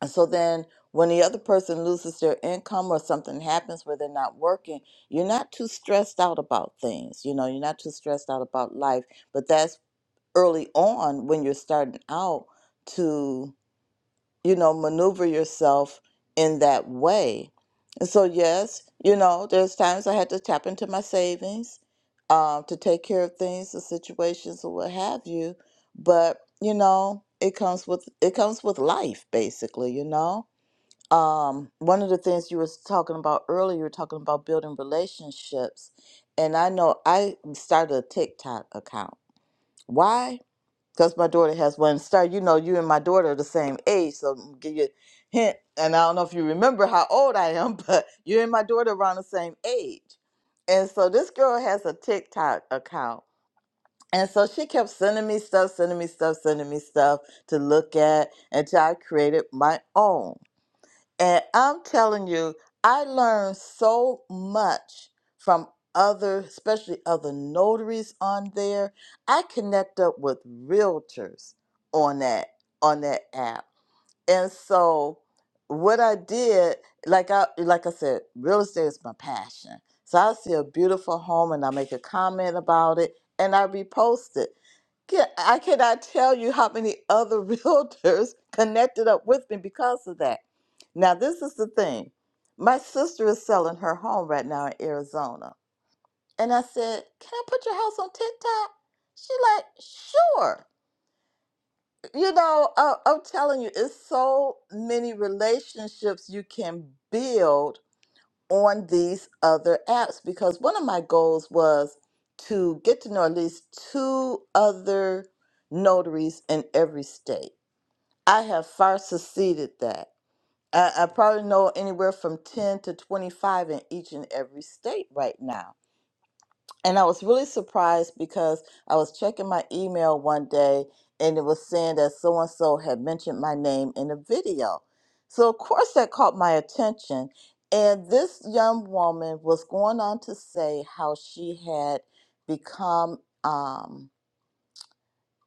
and so then when the other person loses their income or something happens where they're not working, you're not too stressed out about things. You know, you're not too stressed out about life. But that's early on when you're starting out to, you know, maneuver yourself in that way. And so, yes, you know, there's times I had to tap into my savings um, to take care of things or situations or what have you. But, you know, it comes with it comes with life basically, you know um, one of the things you was talking about earlier, you were talking about building relationships, and I know I started a TikTok account. Why? Because my daughter has one. Start, you know, you and my daughter are the same age, so I'm give you a hint. And I don't know if you remember how old I am, but you and my daughter around the same age. And so this girl has a TikTok account. And so she kept sending me stuff, sending me stuff, sending me stuff to look at until I created my own. And I'm telling you, I learned so much from other, especially other notaries on there. I connect up with realtors on that on that app. And so what I did, like I like I said, real estate is my passion. So I see a beautiful home and I make a comment about it and I repost it. Ca- I cannot tell you how many other realtors connected up with me because of that. Now, this is the thing. My sister is selling her home right now in Arizona. And I said, Can I put your house on TikTok? She like, Sure. You know, uh, I'm telling you, it's so many relationships you can build on these other apps because one of my goals was to get to know at least two other notaries in every state. I have far succeeded that. I, I probably know anywhere from 10 to 25 in each and every state right now and I was really surprised because I was checking my email one day and it was saying that so and so had mentioned my name in a video. So, of course, that caught my attention. And this young woman was going on to say how she had become. um,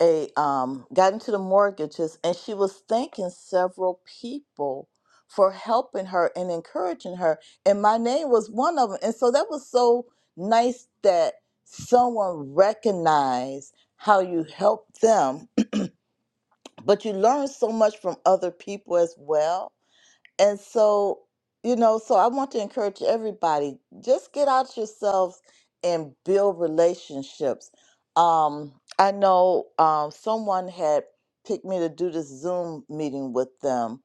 a um got into the mortgages and she was thanking several people for helping her and encouraging her and my name was one of them and so that was so nice that someone recognized how you helped them but you learn so much from other people as well and so, you know, so I want to encourage everybody just get out yourselves and build relationships. Um, I know um, someone had picked me to do this Zoom meeting with them,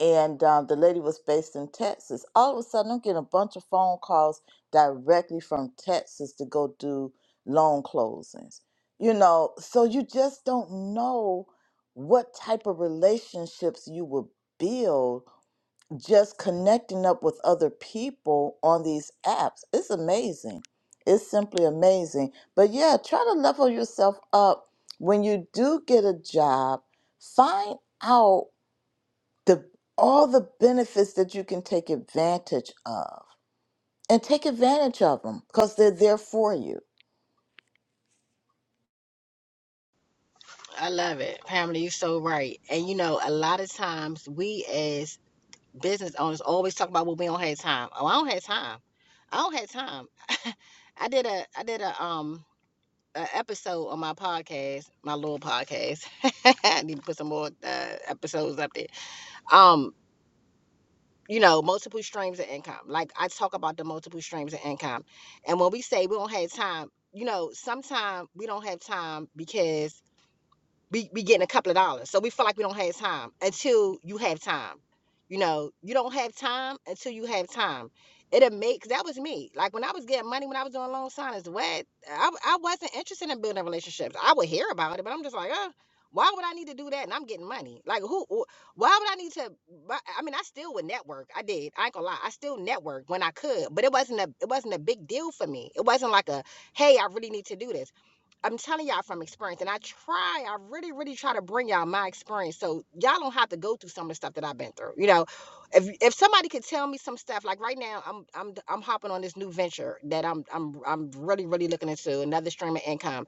and um, the lady was based in Texas. All of a sudden, I'm getting a bunch of phone calls directly from Texas to go do loan closings. You know, so you just don't know what type of relationships you will build just connecting up with other people on these apps. It's amazing. It's simply amazing. But yeah, try to level yourself up when you do get a job. Find out the all the benefits that you can take advantage of and take advantage of them because they're there for you. I love it. Pamela, you're so right. And you know, a lot of times we as business owners always talk about well we don't have time. Oh, I don't have time. I don't have time. I did a I did a um a episode on my podcast, my little podcast. I need to put some more uh, episodes up there. Um, you know, multiple streams of income. Like I talk about the multiple streams of income. And when we say we don't have time, you know, sometimes we don't have time because be, be getting a couple of dollars. So we feel like we don't have time until you have time. You know, you don't have time until you have time. It'll make, 'cause that was me. Like when I was getting money, when I was doing loan signings, what, I, I wasn't interested in building relationships. I would hear about it, but I'm just like, oh, why would I need to do that? And I'm getting money. Like who, wh- why would I need to, bu- I mean, I still would network. I did. I ain't gonna lie. I still networked when I could, but it wasn't a, it wasn't a big deal for me. It wasn't like a, hey, I really need to do this I'm telling y'all from experience, and I try, I really, really try to bring y'all my experience, so y'all don't have to go through some of the stuff that I've been through. You know, if if somebody could tell me some stuff, like right now, I'm I'm I'm hopping on this new venture that I'm I'm I'm really, really looking into another stream of income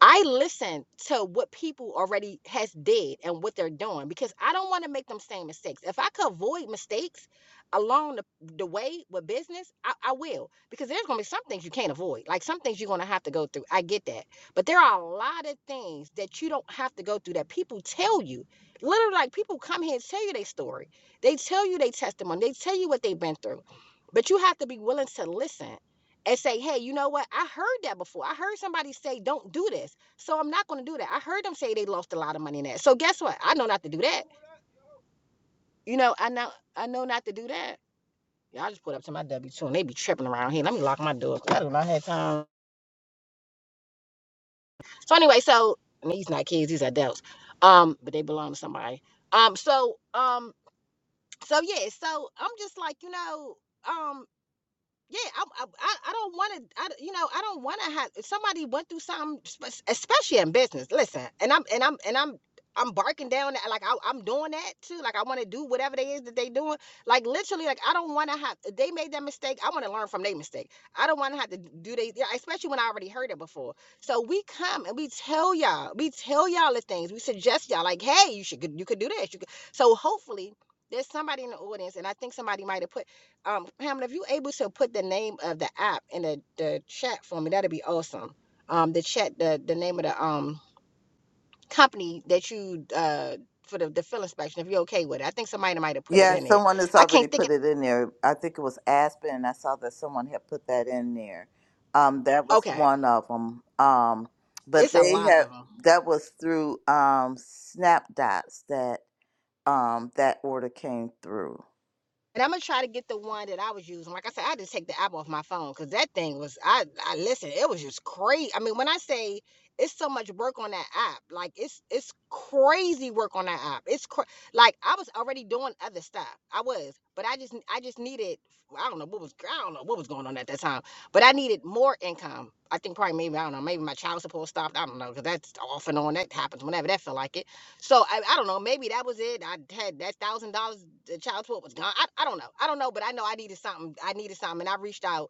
I listen to what people already has did and what they're doing because I don't want to make them same mistakes. If I could avoid mistakes along the, the way with business, I, I will because there's gonna be some things you can't avoid. Like some things you're gonna have to go through. I get that, but there are a lot of things that you don't have to go through that people tell you. Literally, like people come here and tell you their story. They tell you their testimony. They tell you what they've been through, but you have to be willing to listen and say, hey, you know what? I heard that before. I heard somebody say, don't do this. So I'm not going to do that. I heard them say they lost a lot of money in that. So guess what? I know not to do that. You know, I know, I know not to do that. Y'all just put up to my W two and they be tripping around here. Let me lock my door. 'cause I do not have time. So anyway, so and these not kids, these adults. Um, but they belong to somebody. Um, so um, so yeah, so I'm just like, you know, um. yeah, I, I, I don't want to, I you know, I don't want to have if somebody went through something, especially in business. Listen, and I'm, and I'm, and I'm, I'm barking down that, like I, I'm doing that too. Like I want to do whatever they is that they doing. Like literally, like I don't want to have. They made that mistake. I want to learn from their mistake. I don't want to have to do they, yeah, especially when I already heard it before. So we come and we tell y'all, we tell y'all the things. We suggest y'all, like, hey, you should, you could do this. You could. So hopefully, there's somebody in the audience, and I think somebody might have put. Um, Pamela, if you're able to put the name of the app in the, the chat for me, that'd be awesome. Um, the chat, the the name of the um company that you uh for the, the fill inspection, if you're okay with it. I think somebody might have put it Yeah, in it. someone has I can't already think. put it in there. I think it was Aspen, and I saw that someone had put that in there. Um, that Of, was okay, one of them. Um, but it's a they lot of had them. that was through um Snapdots that um that order came through. And I'm gonna try to get the one that I was using. Like I said, I just take the app off my phone because that thing was I I listen, it was just crazy. I mean, when I say it's so much work on that app, like it's it's crazy work on that app. It's cra- like I was already doing other stuff. I was, but I just I just needed I don't know what was I don't know what was going on at that time, but I needed more income. I think probably maybe I don't know maybe my child support stopped. I don't know because that's off and on. That happens whenever that feel like it. So I, I don't know. Maybe that was it. I had that thousand dollars. The child support was gone. I, I don't know. I don't know. But I know I needed something. I needed something. And I reached out,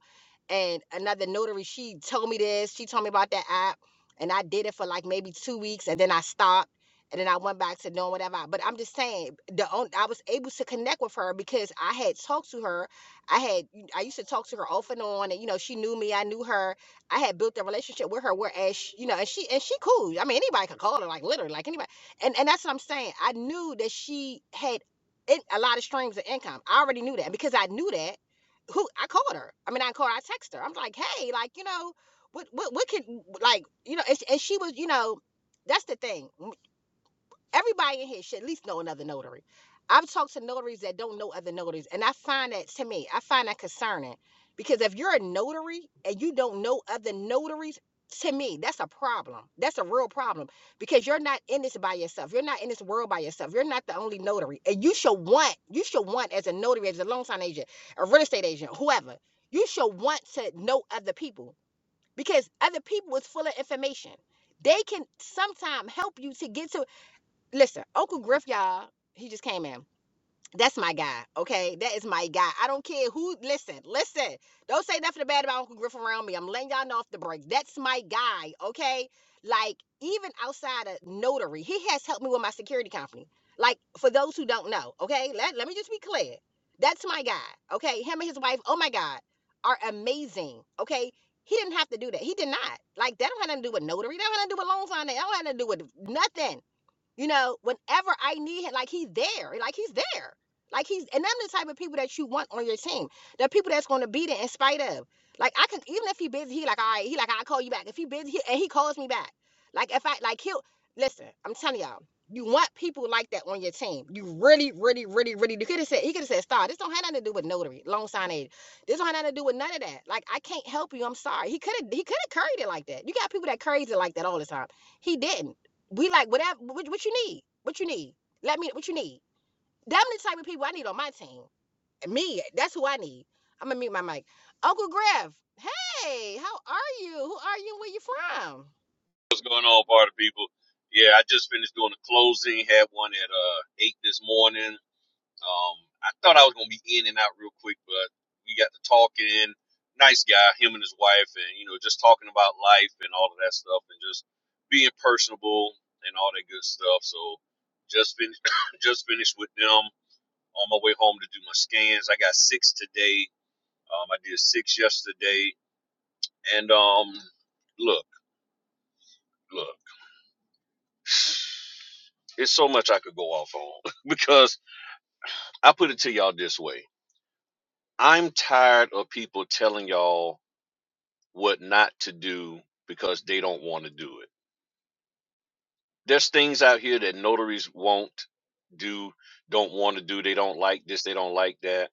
and another notary. She told me this. She told me about that app, and I did it for like maybe two weeks, and then I stopped. And then I went back to doing whatever. I, but I'm just saying, the on, I was able to connect with her because I had talked to her. I had I used to talk to her off and on, and you know she knew me. I knew her. I had built a relationship with her, whereas she, you know, and she and she cool. I mean, anybody could call her, like literally, like anybody and and that's what I'm saying. I knew that she had in, a lot of streams of income. I already knew that And because I knew that. Who I called her. I mean, I called. her, I texted her. I'm like, hey, like you know, what what what could like you know, and, and she was you know, that's the thing. Everybody in here should at least know another notary. I've talked to notaries that don't know other notaries, and I find that to me, I find that concerning because if you're a notary and you don't know other notaries, to me, that's a problem. That's a real problem because you're not in this by yourself. You're not in this world by yourself. You're not the only notary, and you should want you should want as a notary, as a loan sign agent, a real estate agent, whoever. You should want to know other people because other people is full of information. They can sometimes help you to get to Listen, Uncle Griff, y'all, he just came in. That's my guy, okay? That is my guy. I don't care who. Listen, listen. Don't say nothing bad about Uncle Griff around me. I'm letting y'all know off the break. That's my guy, okay? Like, even outside of notary, he has helped me with my security company. Like, for those who don't know, okay? Let, let me just be clear. That's my guy, okay? Him and his wife, oh my God, are amazing, okay? He didn't have to do that. He did not. Like, that don't have nothing to do with notary. That don't have nothing to do with loan finance. That don't have nothing to do with nothing. You know, whenever I need him, like he's there, like he's there. Like he's and I'm the type of people that you want on your team. The people that's gonna be there in spite of. Like I can even if he busy, he like, all right, he like, I'll call you back. If he busy he, and he calls me back. Like if I like he'll listen, I'm telling y'all, you want people like that on your team. You really, really, really, really you could have said he could have said star. This don't have nothing to do with notary, loan sign aid. This don't have nothing to do with none of that. Like I can't help you. I'm sorry. He could have he could have carried it like that. You got people that curries it like that all the time. He didn't. We like whatever. What, what you need? What you need? Let me. What you need? Them the type of people I need on my team. Me. That's who I need. I'm gonna mute my mic. Uncle Griff. Hey, how are you? Who are you? Where you from? What's going on, party people? Yeah, I just finished doing a closing. Had one at uh eight this morning. Um, I thought I was gonna be in and out real quick, but we got to talking. Nice guy, him and his wife, and you know, just talking about life and all of that stuff, and just being personable and all that good stuff. So, just finished, just finished with them on my way home to do my scans. I got six today. Um, I did six yesterday, and um, look, look. It's so much I could go off on because I put it to y'all this way. I'm tired of people telling y'all what not to do because they don't want to do it. There's things out here that notaries won't do, don't want to do. They don't like this, they don't like that,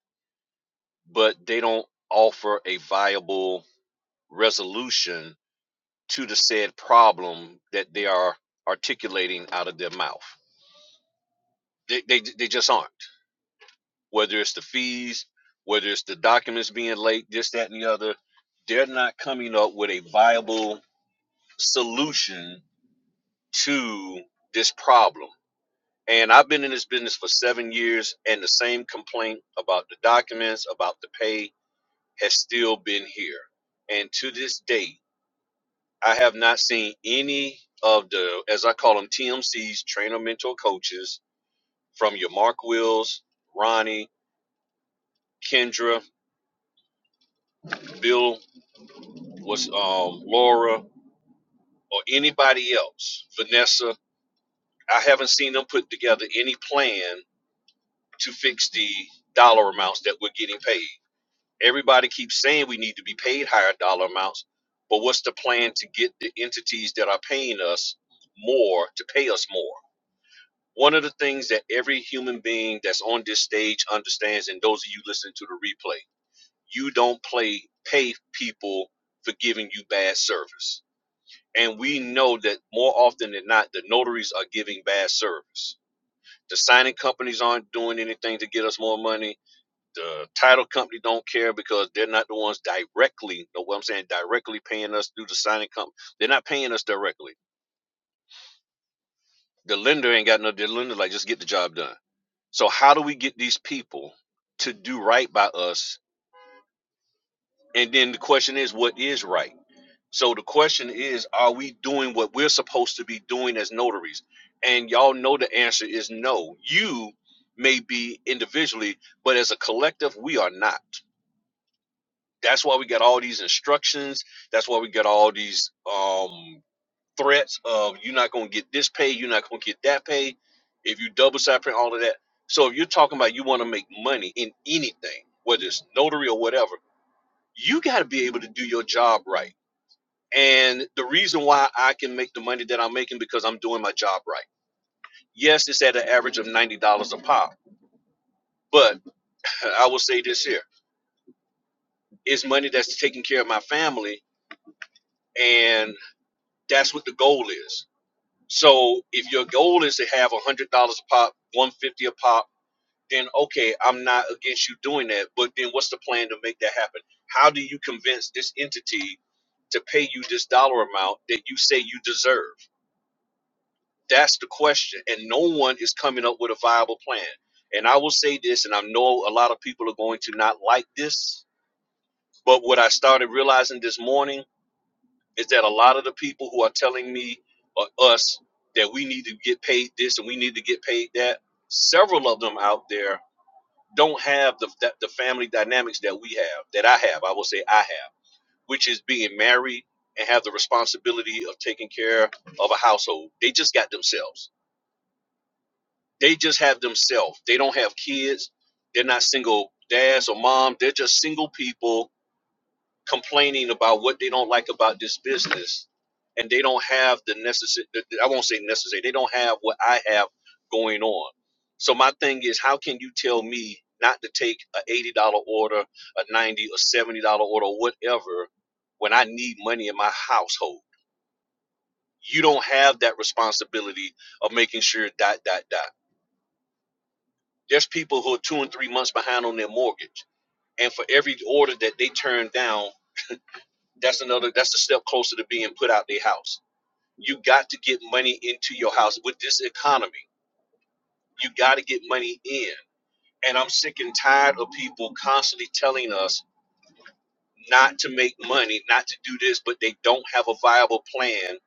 but they don't offer a viable resolution to the said problem that they are articulating out of their mouth. They, they, they just aren't. whether it's the fees, whether it's the documents being late, this, that, and the other, they're not coming up with a viable solution to this problem. And I've been in this business for seven years, and the same complaint about the documents, about the pay, has still been here. And to this day, I have not seen any of the, as I call them, TMCs, trainer mentor coaches, from your Mark Wills, Ronnie, Kendra, Bill was um, Laura or anybody else, Vanessa. I haven't seen them put together any plan to fix the dollar amounts that we're getting paid. Everybody keeps saying we need to be paid higher dollar amounts, but what's the plan to get the entities that are paying us more to pay us more? One of the things that every human being that's on this stage understands, and those of you listening to the replay, you don't play pay people for giving you bad service and we know that more often than not the notaries are giving bad service the signing companies aren't doing anything to get us more money the title company don't care because they're not the ones directly know what i'm saying directly paying us through the signing company they're not paying us directly the lender ain't got no the lender like just get the job done so how do we get these people to do right by us and then the question is what is right So the question is, are we doing what we're supposed to be doing as notaries? And y'all know the answer is no. You may be individually, but as a collective, we are not. That's why we got all these instructions. That's why we got all these um, threats of you're not going to get this pay, you're not going to get that pay. If you double side print, all of that. So if you're talking about you want to make money in anything, whether it's notary or whatever, you got to be able to do your job right and the reason why I can make the money that I'm making because I'm doing my job right. Yes, it's at an average of ninety dollars a pop, but I will say this here: it's money that's taking care of my family, and that's what the goal is. So if your goal is to have one hundred dollars a pop, one hundred fifty dollars a pop, then okay, I'm not against you doing that. But then what's the plan to make that happen? How do you convince this entity to pay you this dollar amount that you say you deserve? That's the question. And no one is coming up with a viable plan. And I will say this, and I know a lot of people are going to not like this, but what I started realizing this morning is that a lot of the people who are telling me or us that we need to get paid this and we need to get paid that, several of them out there don't have the, that, the family dynamics that we have, that I have, I will say I have, which is being married and have the responsibility of taking care of a household. They just got themselves They just have themselves. They don't have kids. They're not single dads or mom. They're just single people complaining about what they don't like about this business, and they don't have the necessary. I won't say necessary. They don't have what I have going on. So my thing is, how can you tell me not to take a eighty dollar order, a ninety or seventy dollar order, whatever, when I need money in my household? You don't have that responsibility of making sure dot dot dot. There's people who are two and three months behind on their mortgage, and for every order that they turn down, that's another. That's a step closer to being put out their house. You got to get money into your house with this economy. You got to get money in, and I'm sick and tired of people constantly telling us not to make money, not to do this, but they don't have a viable plan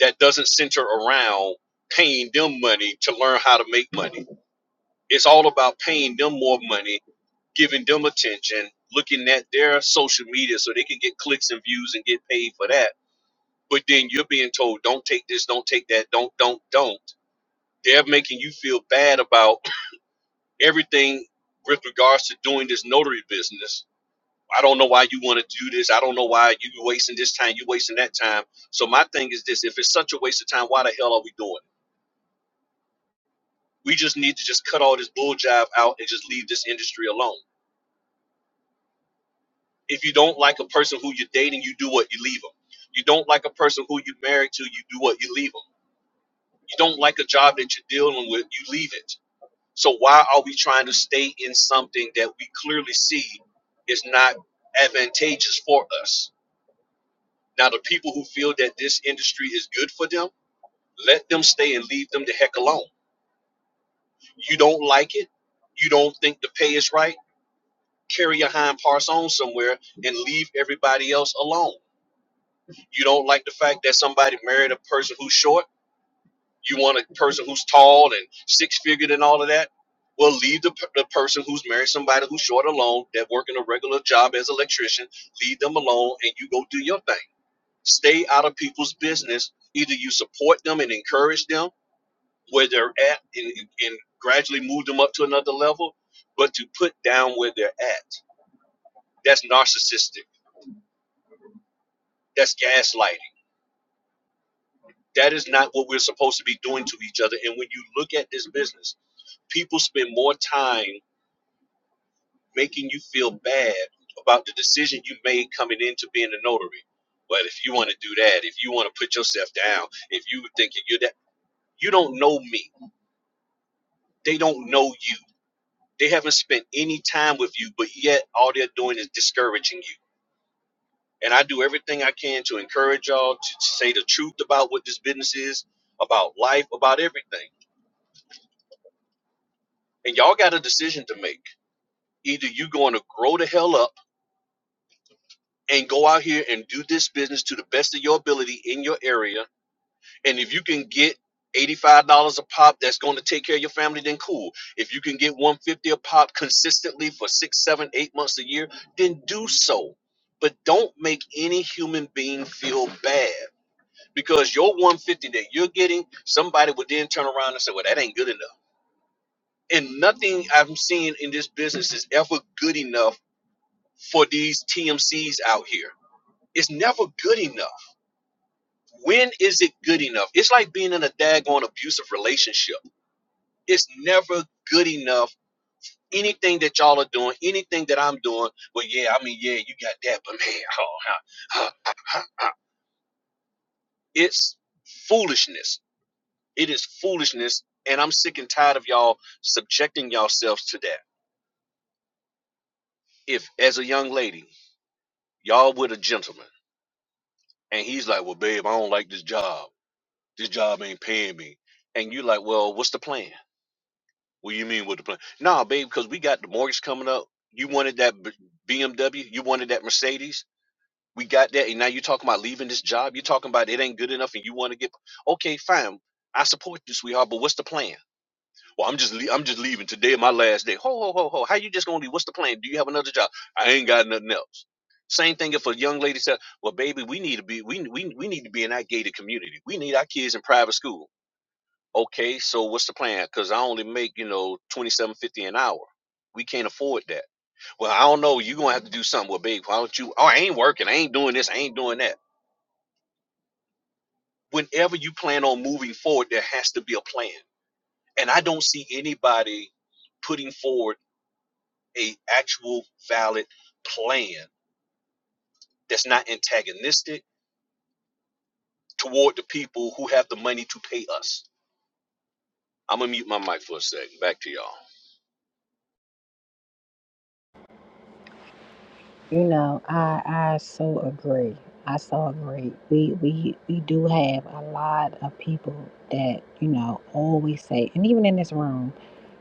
that doesn't center around paying them money to learn how to make money. It's all about paying them more money giving them attention, looking at their social media so they can get clicks and views and get paid for that. But then you're being told, don't take this, don't take that, don't, don't, don't. They're making you feel bad about everything with regards to doing this notary business. I don't know why you want to do this. I don't know why you are wasting this time, you are wasting that time. So my thing is this if it's such a waste of time, why the hell are we doing it? We just need to just cut all this bull jive out and just leave this industry alone. If you don't like a person who you're dating, you do what you leave them. You don't like a person who you're married to, you do what you leave them. You don't like a job that you're dealing with, you leave it. So why are we trying to stay in something that we clearly see is not advantageous for us? Now, the people who feel that this industry is good for them, let them stay and leave them the heck alone. You don't like it, you don't think the pay is right, carry your hind parts on somewhere and leave everybody else alone You don't like the fact that somebody married a person who's short. You want a person who's tall and six figured and all of that. Well, leave the, per- the person who's married somebody who's short alone that working a regular job as an electrician. Leave them alone and you go do your thing. Stay out of people's business. Either you support them and encourage them where they're at and, and gradually move them up to another level, but to put down where they're at. That's narcissistic. That's gaslighting. That is not what we're supposed to be doing to each other. And when you look at this business, people spend more time making you feel bad about the decision you made coming into being a notary. But if you want to do that, if you want to put yourself down, if you thinking you're that, you don't know me. They don't know you. They haven't spent any time with you, but yet all they're doing is discouraging you. And I do everything I can to encourage y'all to say the truth about what this business is, about life, about everything. And y'all got a decision to make Either you're going to grow the hell up and go out here and do this business to the best of your ability in your area. And if you can get $85 a pop that's going to take care of your family, then cool. If you can get 150 a pop consistently for six, seven, eight months a year, then do so. But don't make any human being feel bad because your 150 that you're getting, somebody would then turn around and say, Well, that ain't good enough and nothing I'm seeing in this business is ever good enough for these TMCs out here It's never good enough. When is it good enough? It's like being in a daggone abusive relationship. It's never good enough. Anything that y'all are doing, anything that I'm doing, well, yeah, I mean, yeah, you got that, but man, oh, huh, huh. it's foolishness. It is foolishness, and I'm sick and tired of y'all subjecting yourselves to that. If, as a young lady, y'all with a gentleman, and he's like, well, babe, I don't like this job. This job ain't paying me. And you like, well, what's the plan? What do you mean with the plan? Nah, babe, because we got the mortgage coming up. You wanted that B- BMW. You wanted that Mercedes. We got that, and now you're talking about leaving this job. You're talking about it ain't good enough, and you want to get. Okay, fine. I support you, sweetheart. But what's the plan? Well, I'm just le- I'm just leaving today, my last day. Ho ho ho ho. How you just gonna leave? What's the plan? Do you have another job? I ain't got nothing else. Same thing if a young lady said, "Well, baby, we need to be we we we need to be in that gated community. We need our kids in private school." Okay, so what's the plan? Because I only make you know twenty seven fifty an hour. We can't afford that. Well, I don't know. You're gonna have to do something with big. Why don't you? Oh, I ain't working. I ain't doing this. I ain't doing that. Whenever you plan on moving forward, there has to be a plan. And I don't see anybody putting forward a actual valid plan that's not antagonistic toward the people who have the money to pay us. I'm gonna mute my mic for a second. Back to y'all. You know, I I so agree. I so agree. We we we do have a lot of people that you know always say, and even in this room.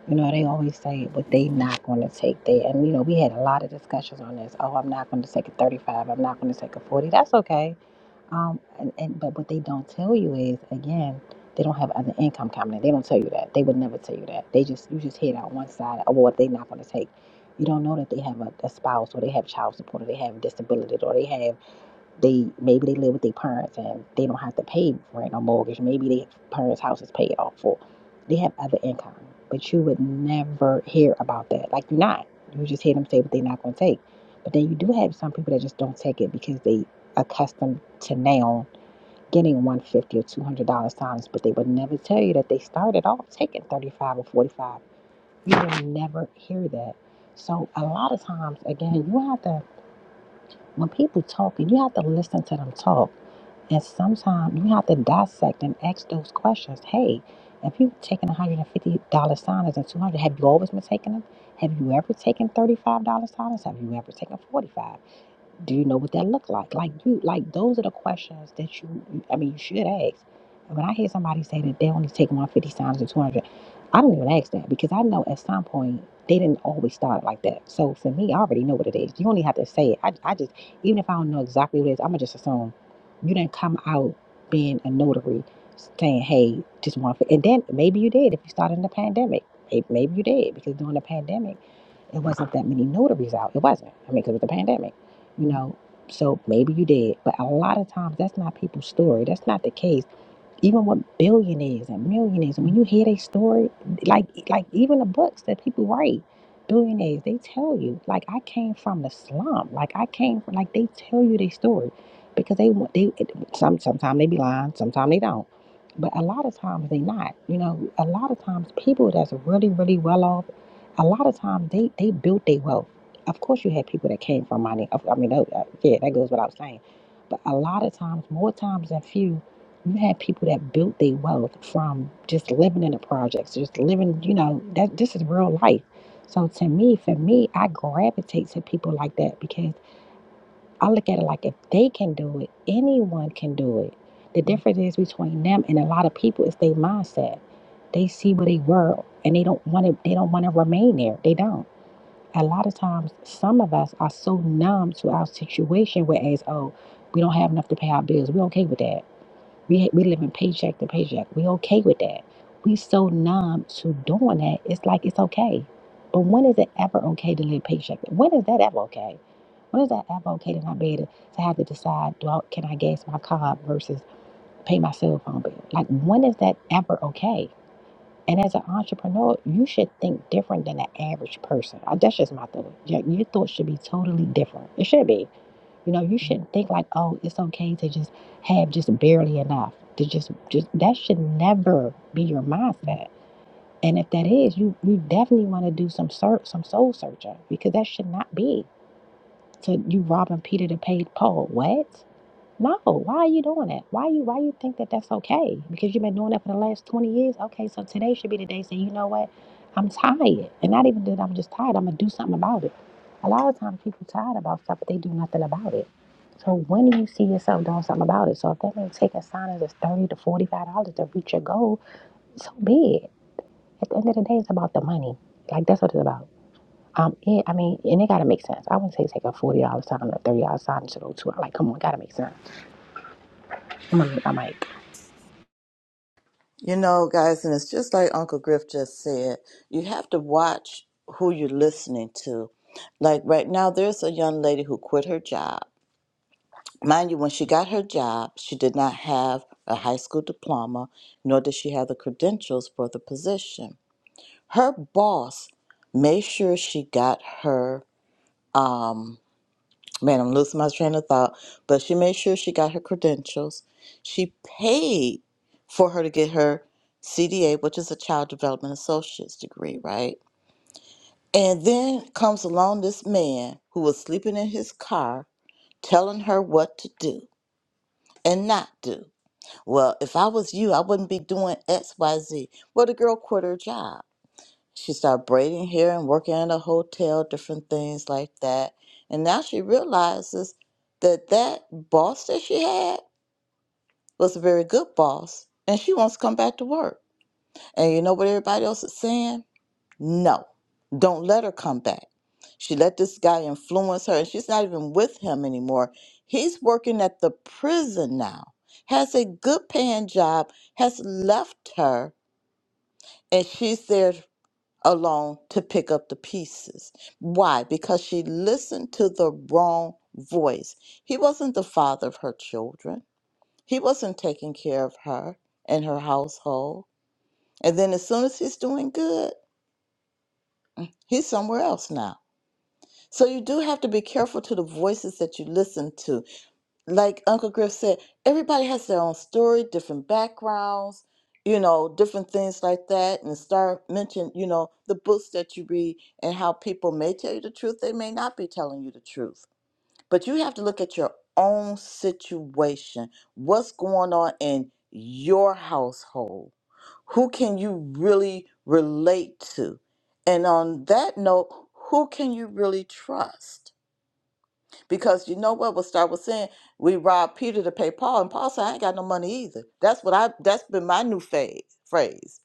You know, they always say what they not going to take there. And, you know, we had a lot of discussions on this. Oh, I'm not going to take a 35. I'm not going to take a 40. That's okay. Um, and, and But what they don't tell you is, again, they don't have other income coming in. They don't tell you that. They would never tell you that. They just, you just hear that on one side, oh, what they not going to take. You don't know that they have a, a spouse or they have child support or they have disability or they have they maybe they live with their parents and they don't have to pay rent or mortgage. Maybe their parents' house is paid off for. They have other income, but you would never hear about that. Like you're not. You just hear them say what they're not going to take. But then you do have some people that just don't take it because they accustomed to now getting one fifty or two hundred dollars times, but they would never tell you that they started off taking thirty five or forty five. You will never hear that. So a lot of times, again, you have to. When people talking, you have to listen to them talk. And sometimes you have to dissect and ask those questions. Hey, if you've taken $150 signers and 200 have you always been taking them? Have you ever taken $35 signers? Have you ever taken 45 do you know what that looked like? Like you, like those are the questions that you, I mean, you should ask. And when I hear somebody say that they only take 150 times or 200, I don't even ask that because I know at some point they didn't always start like that. So for me, I already know what it is. You only have to say it. I, I just, even if I don't know exactly what it is, I'm going to just assume you didn't come out being a notary saying, hey, just one. And then maybe you did if you started in the pandemic. May- Maybe you did because during the pandemic, it wasn't that many notaries out. It wasn't. I mean, because of the pandemic, you know. So maybe you did, but a lot of times that's not people's story. That's not the case even with billionaires and millionaires, and when you hear their story, like like even the books that people write, billionaires, they tell you like I came from the slum, like I came from like they tell you their story because they want they it- some sometimes they be lying, sometimes they don't, but a lot of times they not. You know, a lot of times people that's really really well off, a lot of times they they built their wealth. Of course, you had people that came from money. Of- I mean, that- uh, yeah, that goes without saying. But a lot of times, more times than few, you had people that built their wealth from just living in the projects, just living, you know, that this is real life. So to me, for me, I gravitate to people like that because I look at it like if they can do it, anyone can do it. The difference is between them and a lot of people is their mindset. They see where they were and they don't want to they don't want to remain there. They don't. A lot of times some of us are so numb to our situation whereas, oh, we don't have enough to pay our bills. We're okay with that we we living paycheck to paycheck. We okay with that. We so numb to doing that. It's like it's okay. But when is it ever okay to live paycheck? When is that ever okay? When is that ever okay to not be able to, to have to decide, do I, can I gas my car versus pay my cell phone bill? Like when is that ever okay? And as an entrepreneur, you should think different than the average person. Uh, That's just my thought. Your, your thoughts should be totally different. It should be. You know, you shouldn't think like, oh, it's okay to just have just barely enough. To just just that should never be your mindset. And if that is, you you definitely want to do some search, some soul searching because that should not be. So you robbing Peter to pay Paul. What? No, why are you doing that? Why you why you think that that's okay? Because you've been doing that for the last 20 years. Okay, so today should be the day. Say, you know what? I'm tired, and not even that I'm just tired. I'm gonna do something about it. A lot of times people tired about stuff, but they do nothing about it. So when do you see yourself doing something about it? So if that means taking signings of thirty to forty-five dollars to reach your goal, so be it. At the end of the day, it's about the money. Like that's what it's about. Um, it, I mean, and it gotta make sense. I wouldn't say take a forty dollars sign or thirty dollars sign to go to. I'm Like, come on, it gotta make sense. I'm gonna make my mic. You know, guys, and it's just like Uncle Griff just said. You have to watch who you're listening to. Like right now, there's a young lady who quit her job Mind you, when she got her job, she did not have a high school diploma, nor did she have the credentials for the position. Her boss made sure she got her, um, man, I'm losing my train of thought, but she made sure she got her credentials. She paid for her to get her CDA, which is a Child Development Associate's degree, right? And then comes along this man who was sleeping in his car telling her what to do and not do. Well, if I was you, I wouldn't be doing XYZ. Well, the girl quit her job. She started braiding hair and working in a hotel, different things like that. And now she realizes that that boss that she had was a very good boss, and she wants to come back to work. And you know what everybody else is saying? No, don't let her come back. She let this guy influence her, and she's not even with him anymore. He's working at the prison now, has a good paying job, has left her, and she's there alone to pick up the pieces. Why? Because she listened to the wrong voice. He wasn't the father of her children, he wasn't taking care of her and her household. And then as soon as he's doing good, he's somewhere else now So you do have to be careful to the voices that you listen to. Like Uncle Griff said, everybody has their own story, different backgrounds, you know, different things like that. And start mentioning, you know, the books that you read and how people may tell you the truth, they may not be telling you the truth. But you have to look at your own situation. What's going on in your household? Who can you really relate to? And on that note, who can you really trust? Because you know what what Star was saying? We robbed Peter to pay Paul, and Paul said, I ain't got no money either. That's what I that's been my new phase, phrase.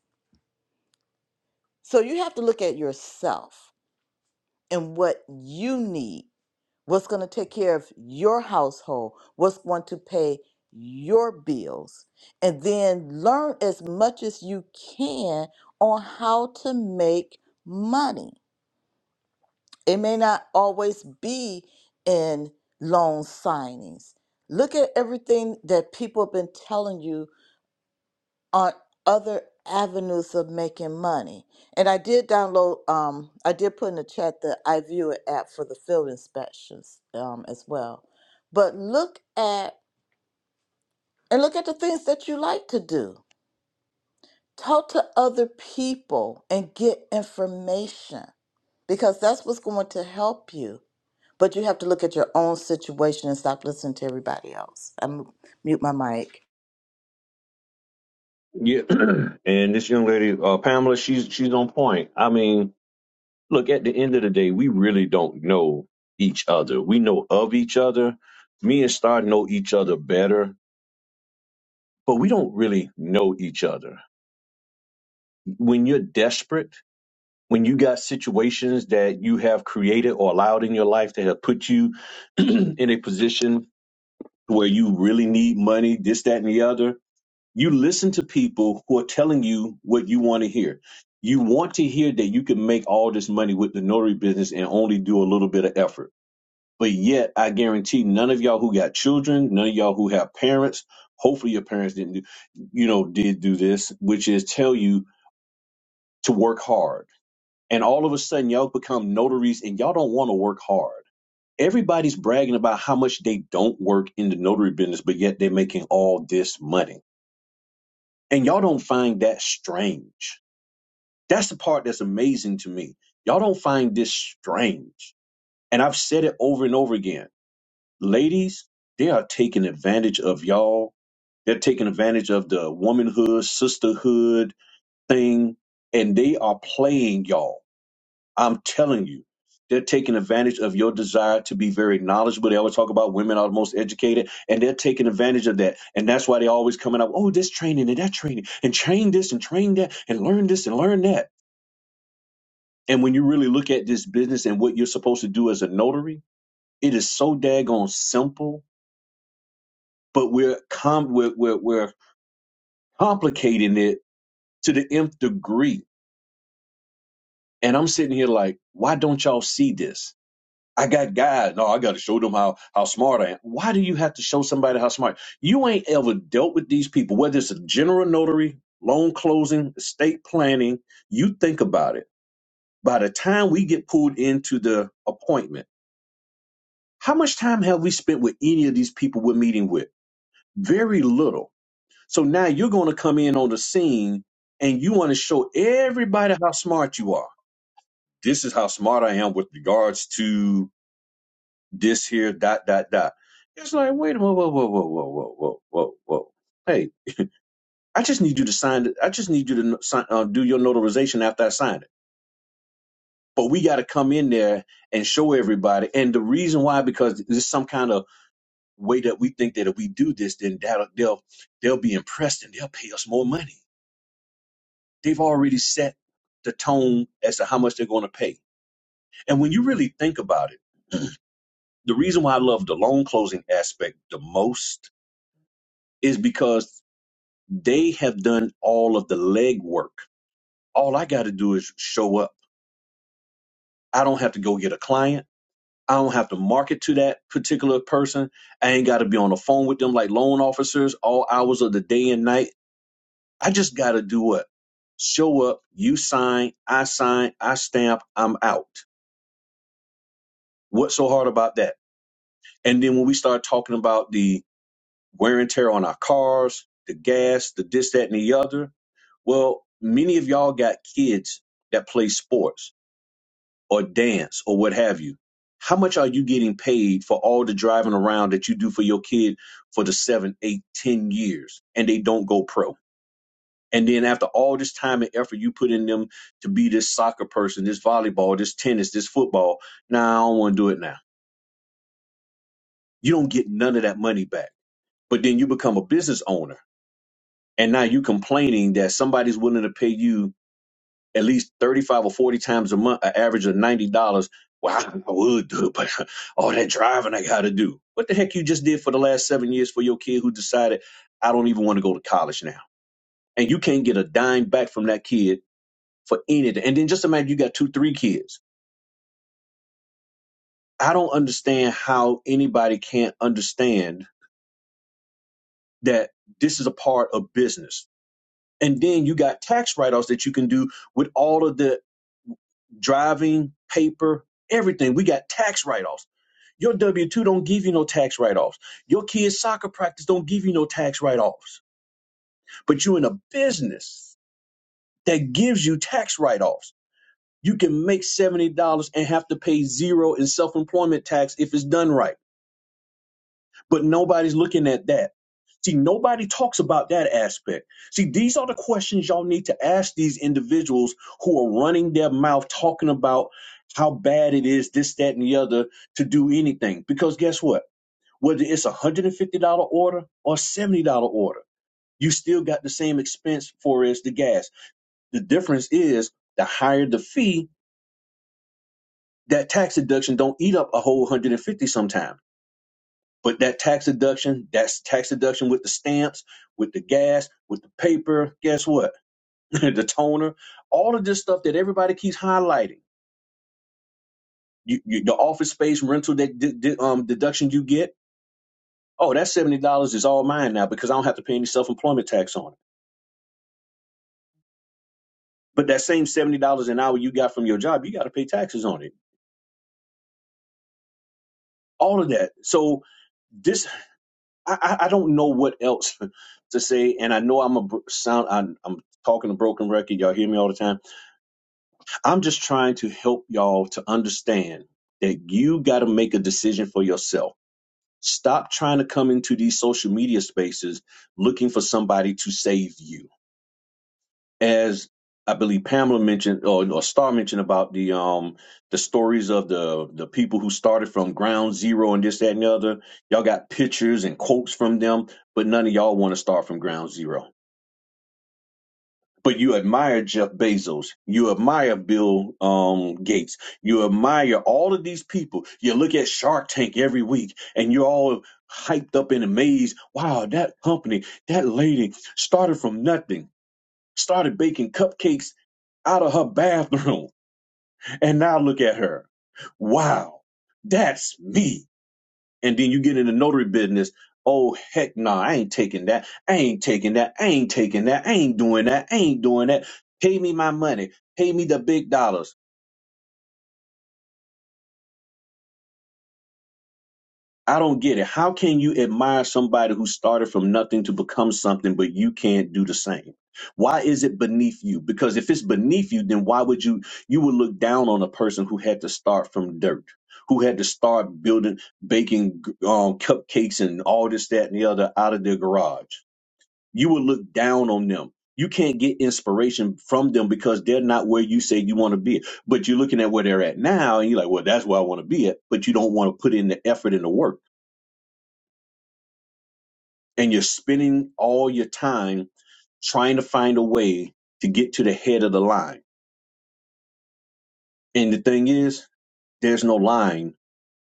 So you have to look at yourself and what you need, what's gonna take care of your household, what's going to pay your bills, and then learn as much as you can on how to make money It may not always be in loan signings. Look at everything that people have been telling you on other avenues of making money. And I did download, um, I did put in the chat the iViewer app for the field inspections um, as well. But look at and look at the things that you like to do. Talk to other people and get information because that's what's going to help you But you have to look at your own situation and stop listening to everybody else. I'm mute my mic. Yeah, and this young lady, uh, Pamela, she's she's on point. I mean, look, at the end of the day, we really don't know each other. We know of each other. Me and Star know each other better, but we don't really know each other. When you're desperate, when you got situations that you have created or allowed in your life that have put you in a position where you really need money, this, that, and the other, You listen to people who are telling you what you want to hear. You want to hear that you can make all this money with the notary business and only do a little bit of effort. But yet, I guarantee none of y'all who got children, none of y'all who have parents, hopefully your parents didn't do, you know, did do this, which is tell you to work hard. And all of a sudden, y'all become notaries and y'all don't want to work hard. Everybody's bragging about how much they don't work in the notary business, but yet they're making all this money. And y'all don't find that strange That's the part that's amazing to me. Y'all don't find this strange. And I've said it over and over again. Ladies, they are taking advantage of y'all. They're taking advantage of the womanhood, sisterhood thing, and they are playing y'all. I'm telling you. They're taking advantage of your desire to be very knowledgeable. They always talk about women are the most educated, and they're taking advantage of that. And that's why they're always coming up, oh, this training and that training, and train this and train that, and learn this and learn that And when you really look at this business and what you're supposed to do as a notary, it is so daggone simple, but we're com- we're, we're we're complicating it to the nth degree. And I'm sitting here like, why don't y'all see this? I got guys. No, I got to show them how how smart I am. Why do you have to show somebody how smart you ain't ever dealt with these people? Whether it's a general notary, loan closing, estate planning, you think about it. By the time we get pulled into the appointment How much time have we spent with any of these people we're meeting with? Very little. So now you're going to come in on the scene and you want to show everybody how smart you are. This is how smart I am with regards to this here, dot, dot, dot. It's like, wait a minute, whoa, whoa, whoa, whoa, whoa, whoa, whoa, whoa. Hey, I just need you to sign it. I just need you to no- sign, uh, do your notarization after I sign it. But we got to come in there and show everybody. And the reason why, because there's some kind of way that we think that if we do this, then that they'll they'll be impressed and they'll pay us more money. They've already set the tone as to how much they're going to pay. And when you really think about it, the reason why I love the loan closing aspect the most is because they have done all of the legwork. All I got to do is show up. I don't have to go get a client. I don't have to market to that particular person. I ain't got to be on the phone with them like loan officers all hours of the day and night I just got to do what? Show up, you sign, I sign, I stamp, I'm out. What's so hard about that? And then when we start talking about the wear and tear on our cars, the gas, the this, that, and the other, well, many of y'all got kids that play sports or dance or what have you. How much are you getting paid for all the driving around that you do for your kid for the seven, eight, ten years and they don't go pro? And then after all this time and effort you put in them to be this soccer person, this volleyball, this tennis, this football, nah, I don't want to do it now. You don't get none of that money back. But then you become a business owner. And now you complaining that somebody's willing to pay you at least 35 or 40 times a month, an average of $90. Well, I I would do it, but all that driving I got to do. What the heck you just did for the last seven years for your kid who decided, I don't even want to go to college now. And you can't get a dime back from that kid for anything. And then just imagine you got two, three kids. I don't understand how anybody can't understand that this is a part of business. And then you got tax write offs that you can do with all of the driving, paper, everything. We got tax write offs. Your W 2 don't give you no tax write offs. Your kids' soccer practice don't give you no tax write offs. But you're in a business that gives you tax write offs. You can make $70 and have to pay zero in self employment tax if it's done right but nobody's looking at that. See, nobody talks about that aspect. See, these are the questions y'all need to ask these individuals who are running their mouth talking about how bad it is, this, that, and the other to do anything. Because guess what? Whether it's a $150 order or a $70 order, you still got the same expense for as the gas. The difference is the higher the fee, that tax deduction don't eat up a whole 150 sometimes. But that tax deduction, that's tax deduction with the stamps, with the gas, with the paper, guess what? the toner, all of this stuff that everybody keeps highlighting. You, you, the office space rental that d- d- um, deduction you get, oh, that $70 is all mine now because I don't have to pay any self employment tax on it. But that same $70 an hour you got from your job, you got to pay taxes on it. All of that. So this, I, I I don't know what else to say. And I know I'm a br- sound, I'm, I'm talking a broken record. Y'all hear me all the time I'm just trying to help y'all to understand that you got to make a decision for yourself. Stop trying to come into these social media spaces looking for somebody to save you. As I believe Pamela mentioned or, or Star mentioned about the um the stories of the the people who started from ground zero and this that and the other. Y'all got pictures and quotes from them, but none of y'all want to start from ground zero but you admire Jeff Bezos, you admire Bill um, Gates, you admire all of these people. You look at Shark Tank every week, and you're all hyped up and amazed. Wow, that company, that lady started from nothing, started baking cupcakes out of her bathroom, and now look at her. Wow, that's me and then you get into notary business. Oh heck no, nah, I ain't taking that. I ain't taking that. I ain't taking that. I ain't doing that. I ain't doing that. Pay me my money. Pay me the big dollars. I don't get it. How can you admire somebody who started from nothing to become something, but you can't do the same? Why is it beneath you? Because if it's beneath you, then why would you you would look down on a person who had to start from dirt, who had to start building baking um, cupcakes and all this, that, and the other out of their garage? you will look down on them. You can't get inspiration from them because they're not where you say you want to be. But you're looking at where they're at now and you're like, well, that's where I want to be at. But you don't want to put in the effort and the work. And you're spending all your time trying to find a way to get to the head of the line. And the thing is, there's no line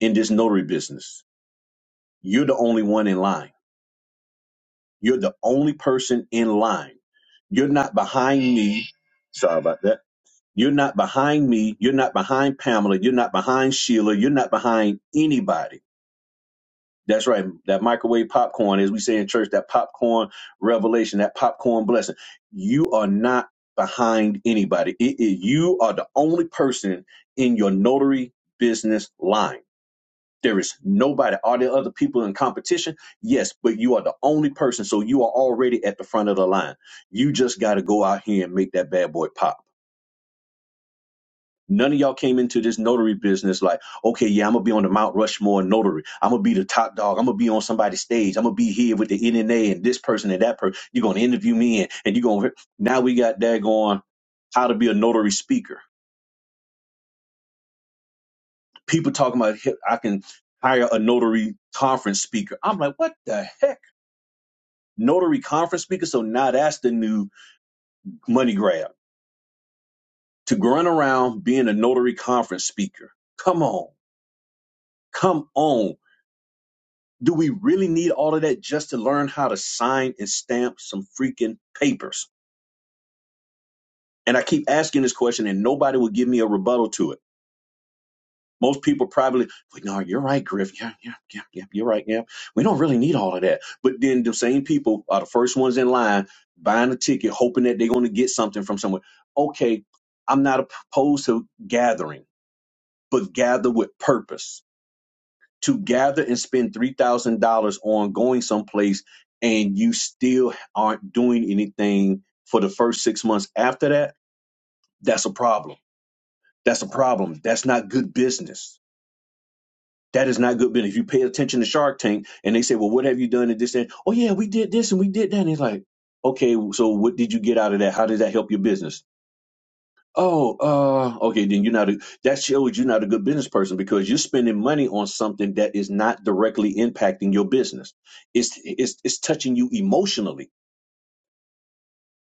in this notary business. You're the only one in line. You're the only person in line. You're not behind me. Sorry about that You're not behind me. You're not behind Pamela. You're not behind Sheila. You're not behind anybody. That's right. That microwave popcorn, as we say in church, that popcorn revelation, that popcorn blessing. You are not behind anybody. It- it- you are the only person in your notary business line. There is nobody. Are there other people in competition? Yes, but you are the only person. So you are already at the front of the line. You just got to go out here and make that bad boy pop. None of y'all came into this notary business like, okay, yeah, I'm gonna be on the Mount Rushmore notary. I'm gonna be the top dog. I'm gonna be on somebody's stage. I'm gonna be here with the NNA and this person and that person. You're gonna interview me and, and you're gonna. Now we got that going. How to be a notary speaker. People talking about "Hey, I can hire a notary conference speaker. I'm like, what the heck? Notary conference speaker. So now that's the new money grab to run around being a notary conference speaker. Come on, come on. Do we really need all of that just to learn how to sign and stamp some freaking papers? And I keep asking this question, and nobody will give me a rebuttal to it. Most people probably, like, no, you're right, Griff. Yeah, yeah, yeah, yeah, you're right. Yeah, we don't really need all of that. But then the same people are the first ones in line buying a ticket, hoping that they're going to get something from somewhere. Okay, I'm not opposed to gathering, but gather with purpose to gather and spend $3,000 on going someplace and you still aren't doing anything for the first six months after that, that's a problem. That's a problem. That's not good business. That is not good business. If you pay attention to Shark Tank and they say, well, what have you done and this and oh yeah, we did this and we did that. And it's like, okay, so what did you get out of that? How did that help your business? Oh, uh, okay. Then you're not a, that shows you're not a good business person because you're spending money on something that is not directly impacting your business. It's it's it's touching you emotionally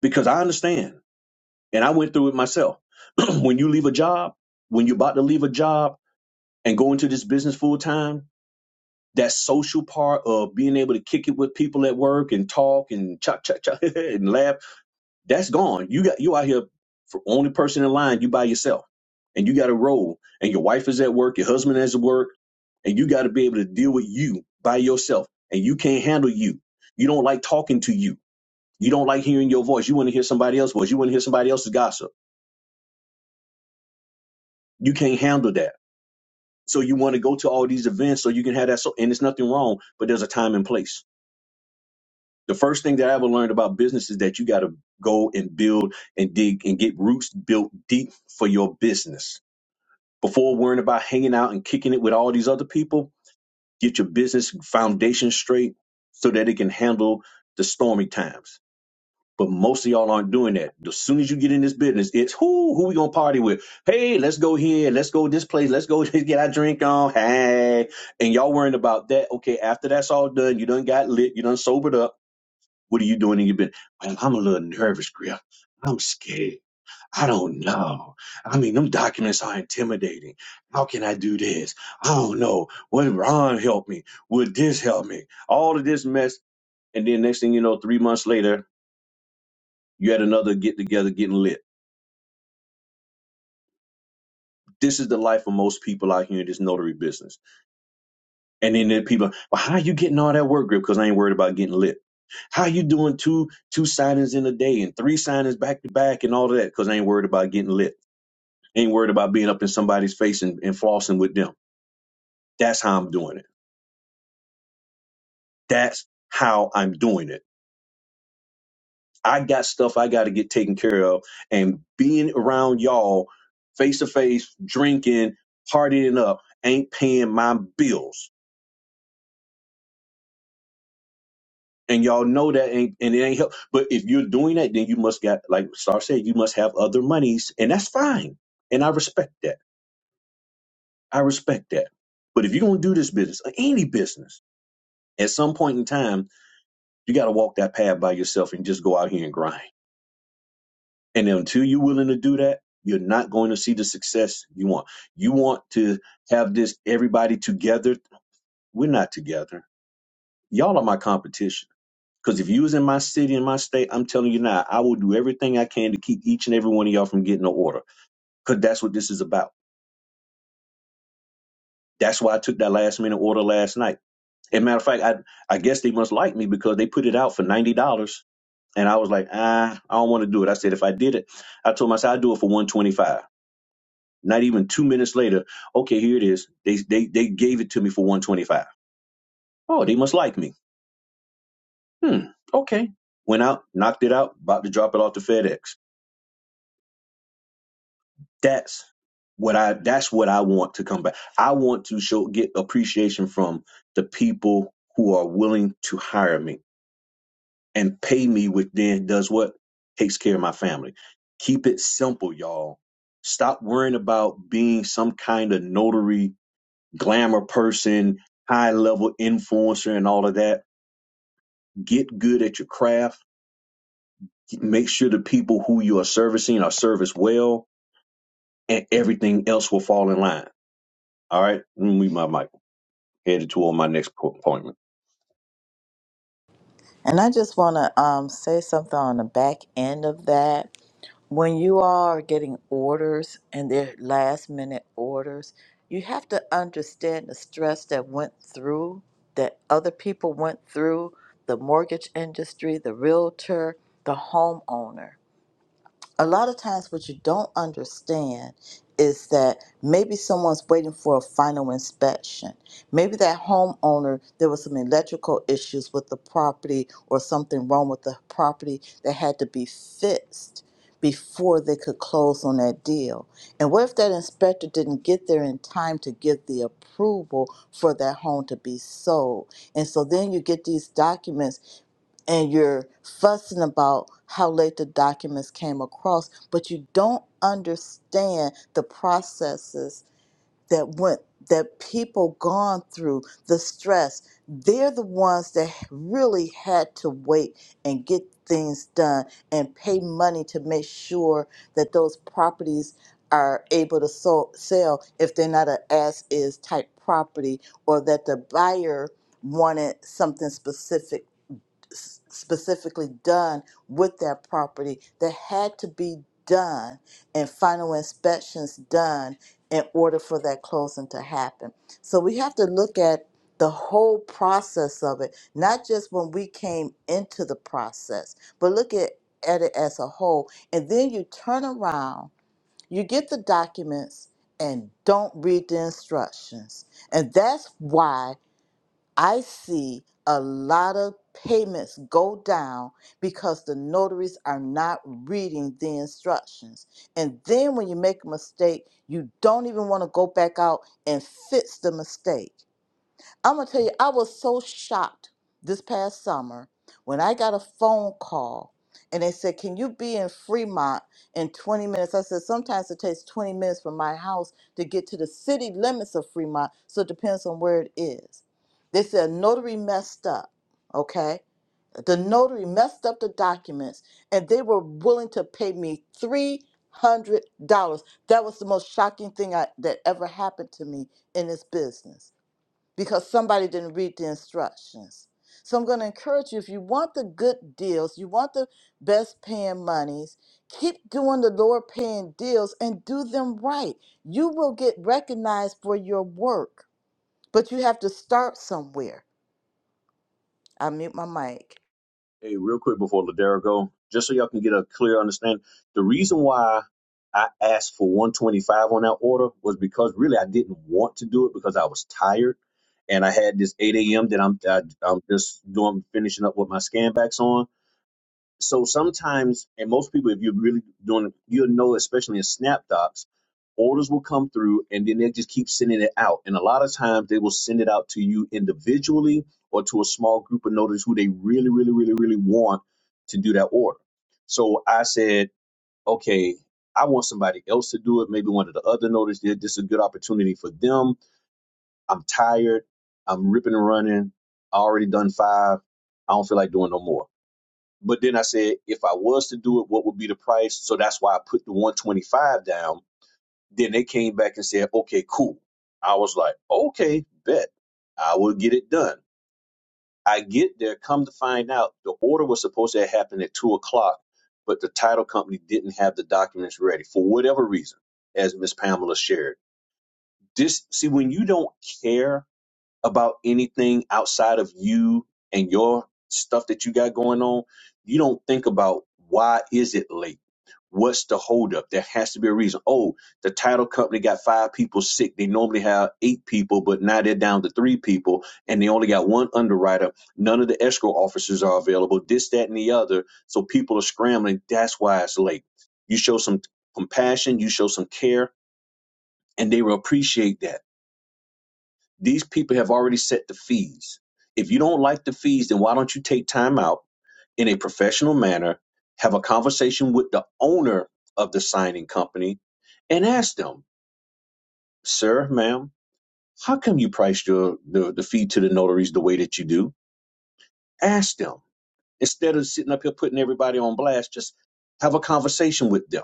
because I understand and I went through it myself. when you leave a job, when you're about to leave a job and go into this business full time, that social part of being able to kick it with people at work and talk and cha cha cha and laugh That's gone. You got you out here for only person in line. You by yourself, and you got to roll. And your wife is at work. Your husband is at work, and you got to be able to deal with you by yourself. And you can't handle you. You don't like talking to you. You don't like hearing your voice. You want to hear somebody else's voice. You want to hear somebody else's gossip. You can't handle that. So you want to go to all these events so you can have that. So and it's nothing wrong, but there's a time and place. The first thing that I ever learned about business is that you got to go and build and dig and get roots built deep for your business before worrying about hanging out and kicking it with all these other people, get your business foundation straight so that it can handle the stormy times. But most of y'all aren't doing that. As soon as you get in this business, it's who who we gonna party with? Hey, let's go here, let's go this place, let's go get our drink on. Hey, and y'all worrying about that. Okay, after that's all done, you done got lit, you done sobered up. What are you doing in your business? Man, I'm a little nervous, Griff. I'm scared. I don't know. I mean, them documents are intimidating. How can I do this? I don't know. Would Ron help me? Would this help me? All of this mess. And then next thing you know, three months later, you had another get together getting lit. This is the life of most people out here in this notary business. And then there are people, well, how you getting all that work grip? Because I ain't worried about getting lit. How you doing two two signings in a day and three signings back to back and all of that? Because I ain't worried about getting lit. Ain't worried about being up in somebody's face and, and flossing with them. That's how I'm doing it. That's how I'm doing it. I got stuff I got to get taken care of, and being around y'all face to face, drinking, partying up, ain't paying my bills. And y'all know that ain't, and it ain't help. But if you're doing that, then you must got, like Star said, you must have other monies, and that's fine. And I respect that. I respect that. But if you're gonna do this business, or any business, at some point in time, you got to walk that path by yourself and just go out here and grind And until you're willing to do that, you're not going to see the success you want. You want to have this everybody together. We're not together. Y'all are my competition. Because if you was in my city, in my state, I'm telling you now, I will do everything I can to keep each and every one of y'all from getting an order. Because that's what this is about. That's why I took that last minute order last night. And matter of fact, I I guess they must like me because they put it out for ninety dollars. And I was like, ah, I don't want to do it. I said if I did it, I told myself I'd do it for one twenty five. Not even two minutes later, okay, here it is. They they they gave it to me for 125. Oh, they must like me. Hmm. Okay. Went out, knocked it out, about to drop it off to FedEx. That's what I that's what I want to come back. I want to show get appreciation from the people who are willing to hire me and pay me, which then does what? Takes care of my family. Keep it simple, y'all. Stop worrying about being some kind of notary glamour person, high level influencer, and all of that. Get good at your craft. Make sure the people who you are servicing are serviced well, and everything else will fall in line. All right, let me mute my mic. Headed toward my next po- appointment. And I just want to um, say something on the back end of that. When you all are getting orders and they're last minute orders, you have to understand the stress that went through, that other people went through, the mortgage industry, the realtor, the homeowner a lot of times what you don't understand is that maybe someone's waiting for a final inspection. Maybe that homeowner, there was some electrical issues with the property or something wrong with the property that had to be fixed before they could close on that deal. And what if that inspector didn't get there in time to give the approval for that home to be sold? And so then you get these documents and you're fussing about how late the documents came across, but you don't understand the processes that went that people gone through the stress they're the ones that really had to wait and get things done and pay money to make sure that those properties are able to so- sell if they're not an as is type property or that the buyer wanted something specific s- specifically done with that property that had to be done and final inspections done in order for that closing to happen. So we have to look at the whole process of it, not just when we came into the process, but look at, at it as a whole. And then you turn around, you get the documents and don't read the instructions. And that's why I see a lot of payments go down because the notaries are not reading the instructions. And then when you make a mistake, you don't even want to go back out and fix the mistake. I'm gonna tell you, I was so shocked this past summer when I got a phone call and they said, Can you be in Fremont in 20 minutes? I said, Sometimes it takes 20 minutes from my house to get to the city limits of Fremont, so it depends on where it is. They said, Notary messed up, okay? The notary messed up the documents and they were willing to pay me $300. That was the most shocking thing I, that ever happened to me in this business because somebody didn't read the instructions. So I'm going to encourage you if you want the good deals, you want the best paying monies, keep doing the lower paying deals and do them right. You will get recognized for your work, but you have to start somewhere. I mute my mic. Hey, real quick before Ladero go, just so y'all can get a clear understanding, the reason why I asked for 125 on that order was because really I didn't want to do it because I was tired and I had this 8 a.m. that I'm I, am i am just doing finishing up with my scan backs on so sometimes, and most people, if you're really doing, you'll know, especially in SnapDocs, orders will come through and then they just keep sending it out. And a lot of times they will send it out to you individually or to a small group of notaries who they really, really, really, really want to do that order. So I said, okay, I want somebody else to do it. Maybe one of the other notaries did. This is a good opportunity for them. I'm tired. I'm ripping and running. I already done five. I don't feel like doing no more. But then I said, if I was to do it, what would be the price? So that's why I put the 125 down. Then they came back and said, okay, cool. I was like, okay, bet. I will get it done. I get there, come to find out the order was supposed to have happened at two o'clock, but the title company didn't have the documents ready for whatever reason, as Miss Pamela shared. This see when you don't care about anything outside of you and your stuff that you got going on, you don't think about why is it late? What's the holdup? There has to be a reason. Oh, the title company got five people sick. They normally have eight people, but now they're down to three people and they only got one underwriter. None of the escrow officers are available, this, that, and the other. So people are scrambling. That's why it's late. You show some compassion, you show some care, and they will appreciate that these people have already set the fees. If you don't like the fees, then why don't you take time out in a professional manner, have a conversation with the owner of the signing company, and ask them, sir, ma'am, how come you priced your the, the fee to the notaries the way that you do? Ask them. Instead of sitting up here putting everybody on blast, just have a conversation with them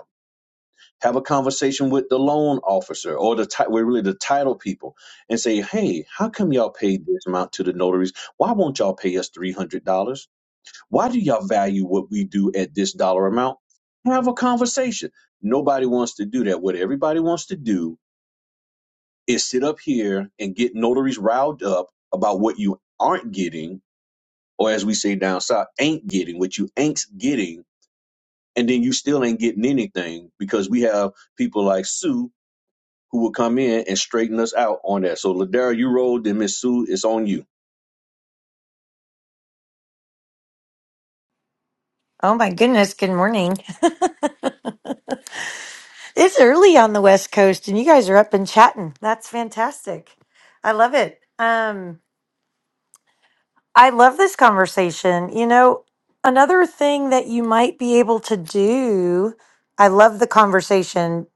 have a conversation with the loan officer or the ti- are really the title people and say hey how come y'all paid this amount to the notaries why won't y'all pay us $300 why do y'all value what we do at this dollar amount have a conversation nobody wants to do that what everybody wants to do is sit up here and get notaries riled up about what you aren't getting or as we say down south ain't getting what you ain't getting and then you still ain't getting anything because we have people like sue who will come in and straighten us out on that. So Ladera, you rolled, and Miss Sue, it's on you. Oh my goodness, good morning. It's early on the West Coast and you guys are up and chatting. That's fantastic. I love it. Um, I love this conversation. You know, another thing that you might be able to do, I love the conversation.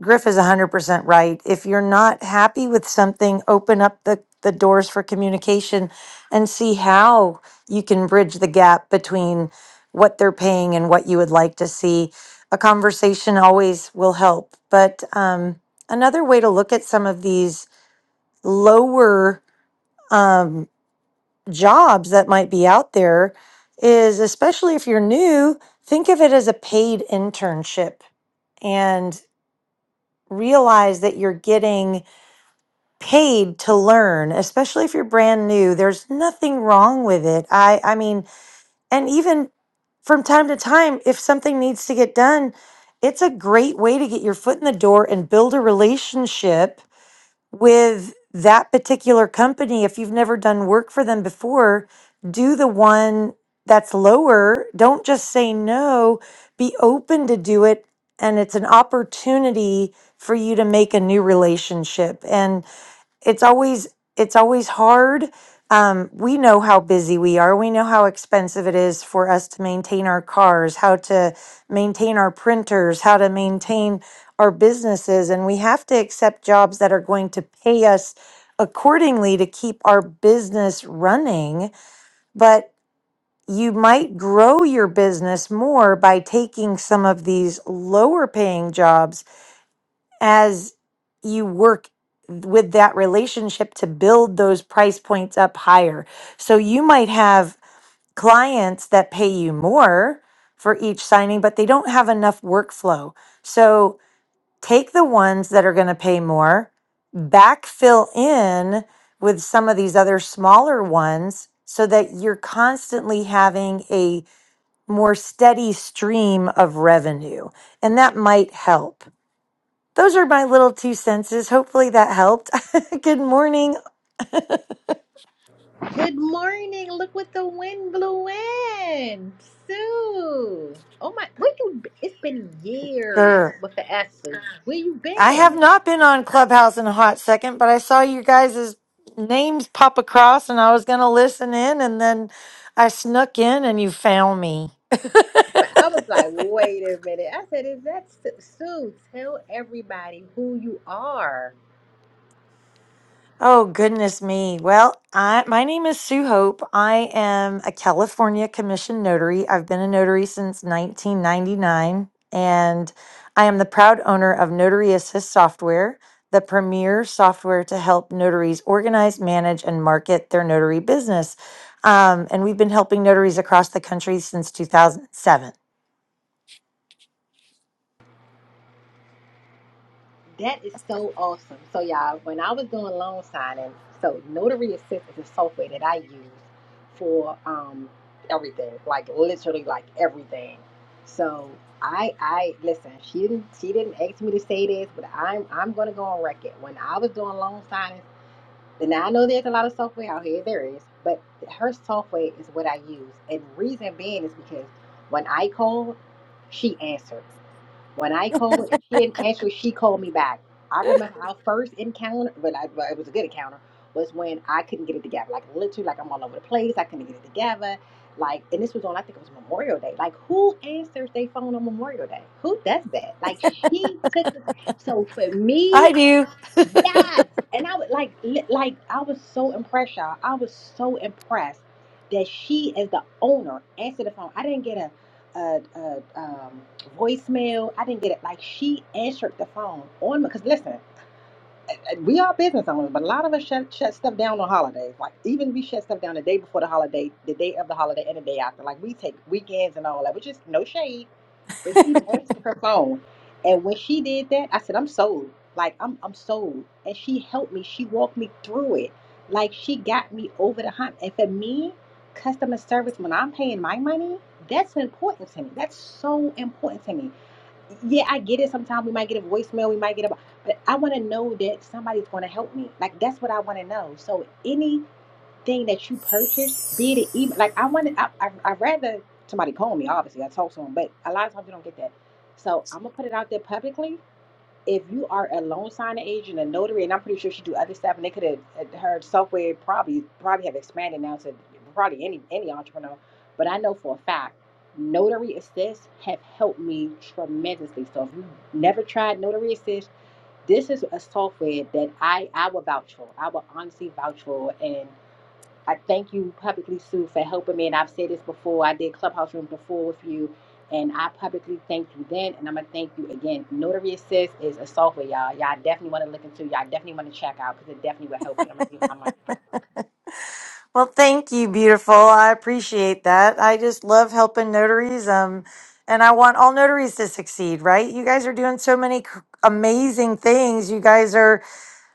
Griff is 100% right. If you're not happy with something, open up the, the doors for communication and see how you can bridge the gap between what they're paying and what you would like to see. A conversation always will help. But um, another way to look at some of these lower. Um, jobs that might be out there is especially if you're new, think of it as a paid internship and realize that you're getting paid to learn, especially if you're brand new. There's nothing wrong with it. I I mean, and even from time to time if something needs to get done, it's a great way to get your foot in the door and build a relationship with that particular company if you've never done work for them before do the one that's lower don't just say no be open to do it and it's an opportunity for you to make a new relationship and it's always it's always hard um, we know how busy we are we know how expensive it is for us to maintain our cars how to maintain our printers how to maintain our businesses and we have to accept jobs that are going to pay us accordingly to keep our business running but you might grow your business more by taking some of these lower paying jobs as you work with that relationship to build those price points up higher. So you might have clients that pay you more for each signing, but they don't have enough workflow. So take the ones that are going to pay more, backfill in with some of these other smaller ones so that you're constantly having a more steady stream of revenue. And that might help. Those are my little two senses. Hopefully that helped. Good morning. Good morning. Look what the wind blew in. Sue. Oh my, where you b- it's been years Grr. with the S's. Where you I have been? not been on Clubhouse in a hot second, but I saw you guys' names pop across and I was going to listen in and then I snuck in and you found me. But I was like, wait a minute. I said, is that Su- Sue? Tell everybody who you are. Oh, goodness me. Well, I, my name is Sue Hope. I am a California commissioned notary. I've been a notary since 1999, and I am the proud owner of Notary Assist Software, the premier software to help notaries organize, manage, and market their notary business. Um, and we've been helping notaries across the country since 2007. That is so awesome. So y'all, when I was doing loan signing, so notary assist is a software that I use for um everything, like literally like everything. So I I listen, she didn't she didn't ask me to say this, but I'm I'm gonna go on record. When I was doing loan signings, and I know there's a lot of software out here, there is, but her software is what I use. And reason being is because when I called, she answered. When I called and she didn't answer, she called me back. I remember our first encounter, but, I, but it was a good encounter, was when I couldn't get it together. Like literally, like I'm all over the place. I couldn't get it together. Like, and this was on, I think it was Memorial Day. Like, who answers their phone on Memorial Day? Who does that? Like, she took the, so for I me, do. Yes, and I would like, li- like I was so impressed, y'all. I was so impressed that she, as the owner, answered the phone. I didn't get a, a, a um, voicemail. I didn't get it. Like she answered the phone on because listen, we are business owners, but a lot of us shut, shut stuff down on holidays. Like even we shut stuff down the day before the holiday, the day of the holiday, and the day after. Like we take weekends and all that, which is no shade but she answered her phone. And when she did that, I said, I'm sold. Like I'm I'm sold. And she helped me. She walked me through it. Like she got me over the hump. And for me, customer service, when I'm paying my money, that's important to me. That's so important to me. Yeah, I get it. Sometimes we might get a voicemail, we might get a but I wanna know that somebody's gonna help me. Like that's what I wanna know. So any thing that you purchased, be it an email. Like I wanted, I, I I rather somebody call me. Obviously, I talk to them, but a lot of times you don't get that. So I'm gonna put it out there publicly. If you are a loan signing agent, a notary, and I'm pretty sure she do other stuff, and they could have her software probably probably have expanded now to probably any any entrepreneur. But I know for a fact, Notary Assist have helped me tremendously. So if you never tried Notary Assist, this is a software that I I will vouch for. I will honestly vouch for, and I thank you publicly, Sue, for helping me. And I've said this before. I did Clubhouse Room before with you. And I publicly thank you then. And I'm going to thank you again. Notary Assist is a software, y'all. Y'all definitely want to look into. Y'all definitely want to check out because it definitely will help you. I'm going to give my mic. Well, thank you, beautiful. I appreciate that. I just love helping notaries. Um, and I want all notaries to succeed, right? You guys are doing so many c- amazing things. You guys are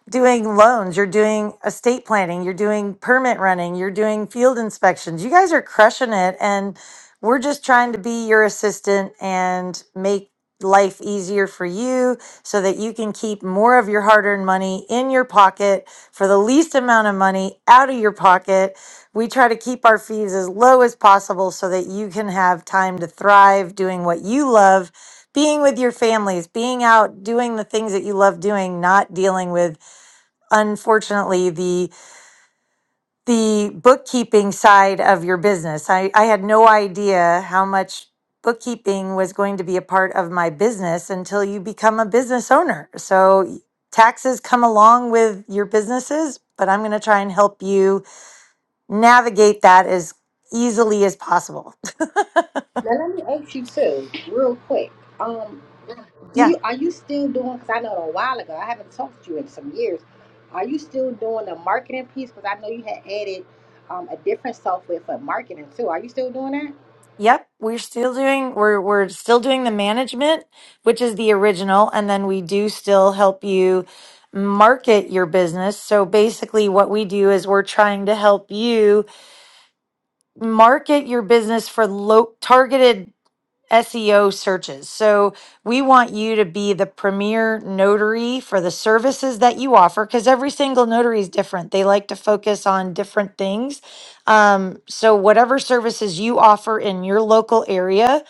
doing loans, you're doing estate planning, you're doing permit running, you're doing field inspections. You guys are crushing it. And we're just trying to be your assistant and make life easier for you so that you can keep more of your hard earned money in your pocket for the least amount of money out of your pocket. We try to keep our fees as low as possible so that you can have time to thrive doing what you love being with your families, being out doing the things that you love doing, not dealing with unfortunately the the bookkeeping side of your business. I, I had no idea how much bookkeeping was going to be a part of my business until you become a business owner. So taxes come along with your businesses, but I'm going to try and help you navigate that as easily as possible. Now let me ask you too, real quick. Um, do Yeah. you are you still doing? Because I know it a while ago I haven't talked to you in some years. Are you still doing the marketing piece? Because I know you had added um, a- Yep, we're still doing we're we're still doing the management, which is the original, and then we do still help you market your business. So basically what we do is we're trying to help you market your business for low targeted SEO searches. So we want you to be the premier notary for the services that you offer because every single notary is different. They like to focus on different things. Um, so, whatever services you offer in your local area,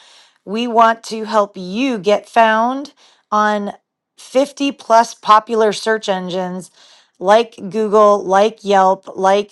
we want to help you get found on 50 plus popular search engines like Google, like Yelp, like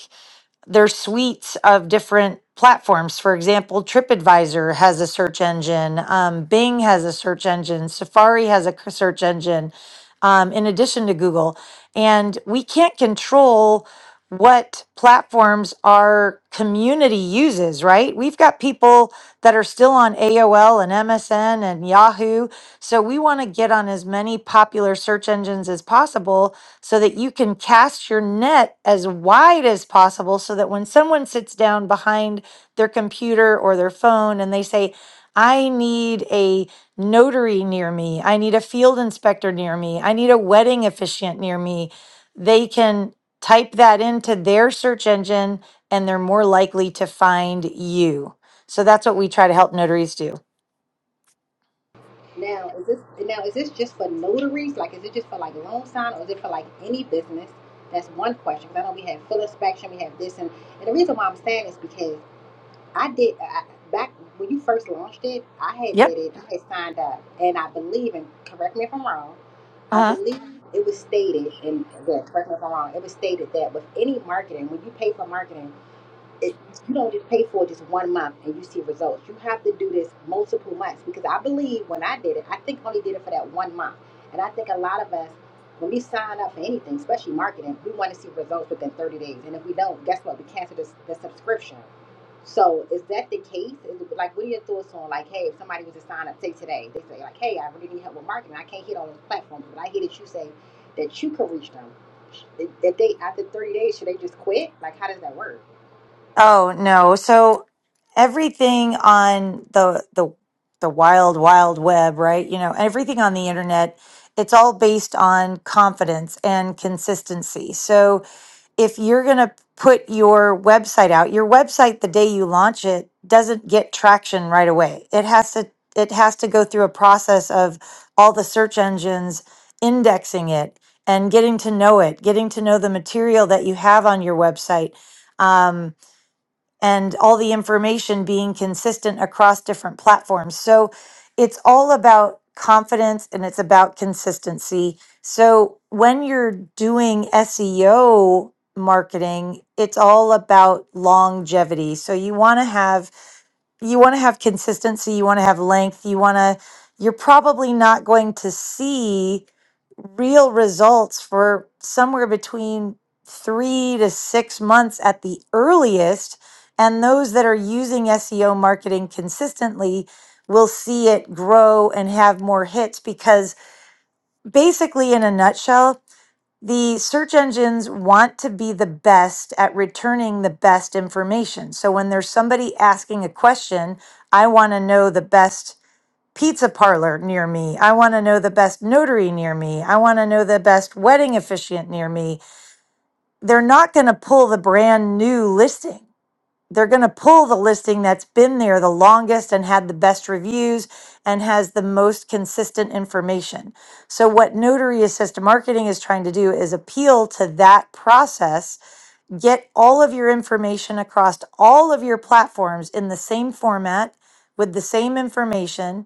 there's suites of different platforms. For example, TripAdvisor has a search engine, um, Bing has a search engine, Safari has a c- search engine, um, in addition to Google. And we can't control what platforms our community uses, right? We've got people that are still on AOL and MSN and Yahoo. So we want to get on as many popular search engines as possible so that you can cast your net as wide as possible so that when someone sits down behind their computer or their phone and they say, I need a notary near me. I need a field inspector near me. I need a wedding officiant near me. They can type that into their search engine and they're more likely to find you. So that's what we try to help notaries do. Now, is this now is this just for notaries? Like, is it just for like loan sign, or is it for like any business? That's one question. Because I know we had full inspection. And the reason is, I, I back when you first launched it, I had Yep. signed up, and correct me if I'm correct or wrong. Uh I huh. believe it was stated, and again, correct me if I'm wrong. It was stated that with any marketing, when you pay for marketing. it, you don't just pay for it just one month and you see results. You have to do this multiple months because I believe when I did it, I think I only did it for that one month. And I think a lot of us, when we sign up for anything, especially marketing, we want to see results within 30 days. And if we don't, guess what? We cancel this, the subscription. So is that the case? Is it, like, what are your thoughts on like, hey, if somebody was to sign up, say today, they say like, hey, I really need help with marketing. I can't hit all those platforms, but I hear that you say that you could reach them. That they after 30 days, should they just quit? Like, how does that work? Oh no. So everything on the the the wild wild web, right? You know, everything on the internet, it's all based on confidence and consistency. So if you're going to put your website out, your website the day you launch it doesn't get traction right away. It has to it has to go through a process of all the search engines indexing it and getting to know it, getting to know the material that you have on your website. Um, and all the information being consistent across different platforms. So it's all about confidence and it's about consistency. So when you're doing SEO marketing, it's all about longevity. So you want to have you want to have consistency, you want to have length, you want to you're probably not going to see real results for somewhere between 3 to 6 months at the earliest and those that are using SEO marketing consistently will see it grow and have more hits because basically in a nutshell the search engines want to be the best at returning the best information. So when there's somebody asking a question, I want to know the best pizza parlor near me. I want to know the best notary near me. I want to know the best wedding officiant near me. They're not going to pull the brand new listing they're going to pull the listing that's been there the longest and had the best reviews and has the most consistent information. So, what Notary Assisted Marketing is trying to do is appeal to that process get all of your information across all of your platforms in the same format with the same information,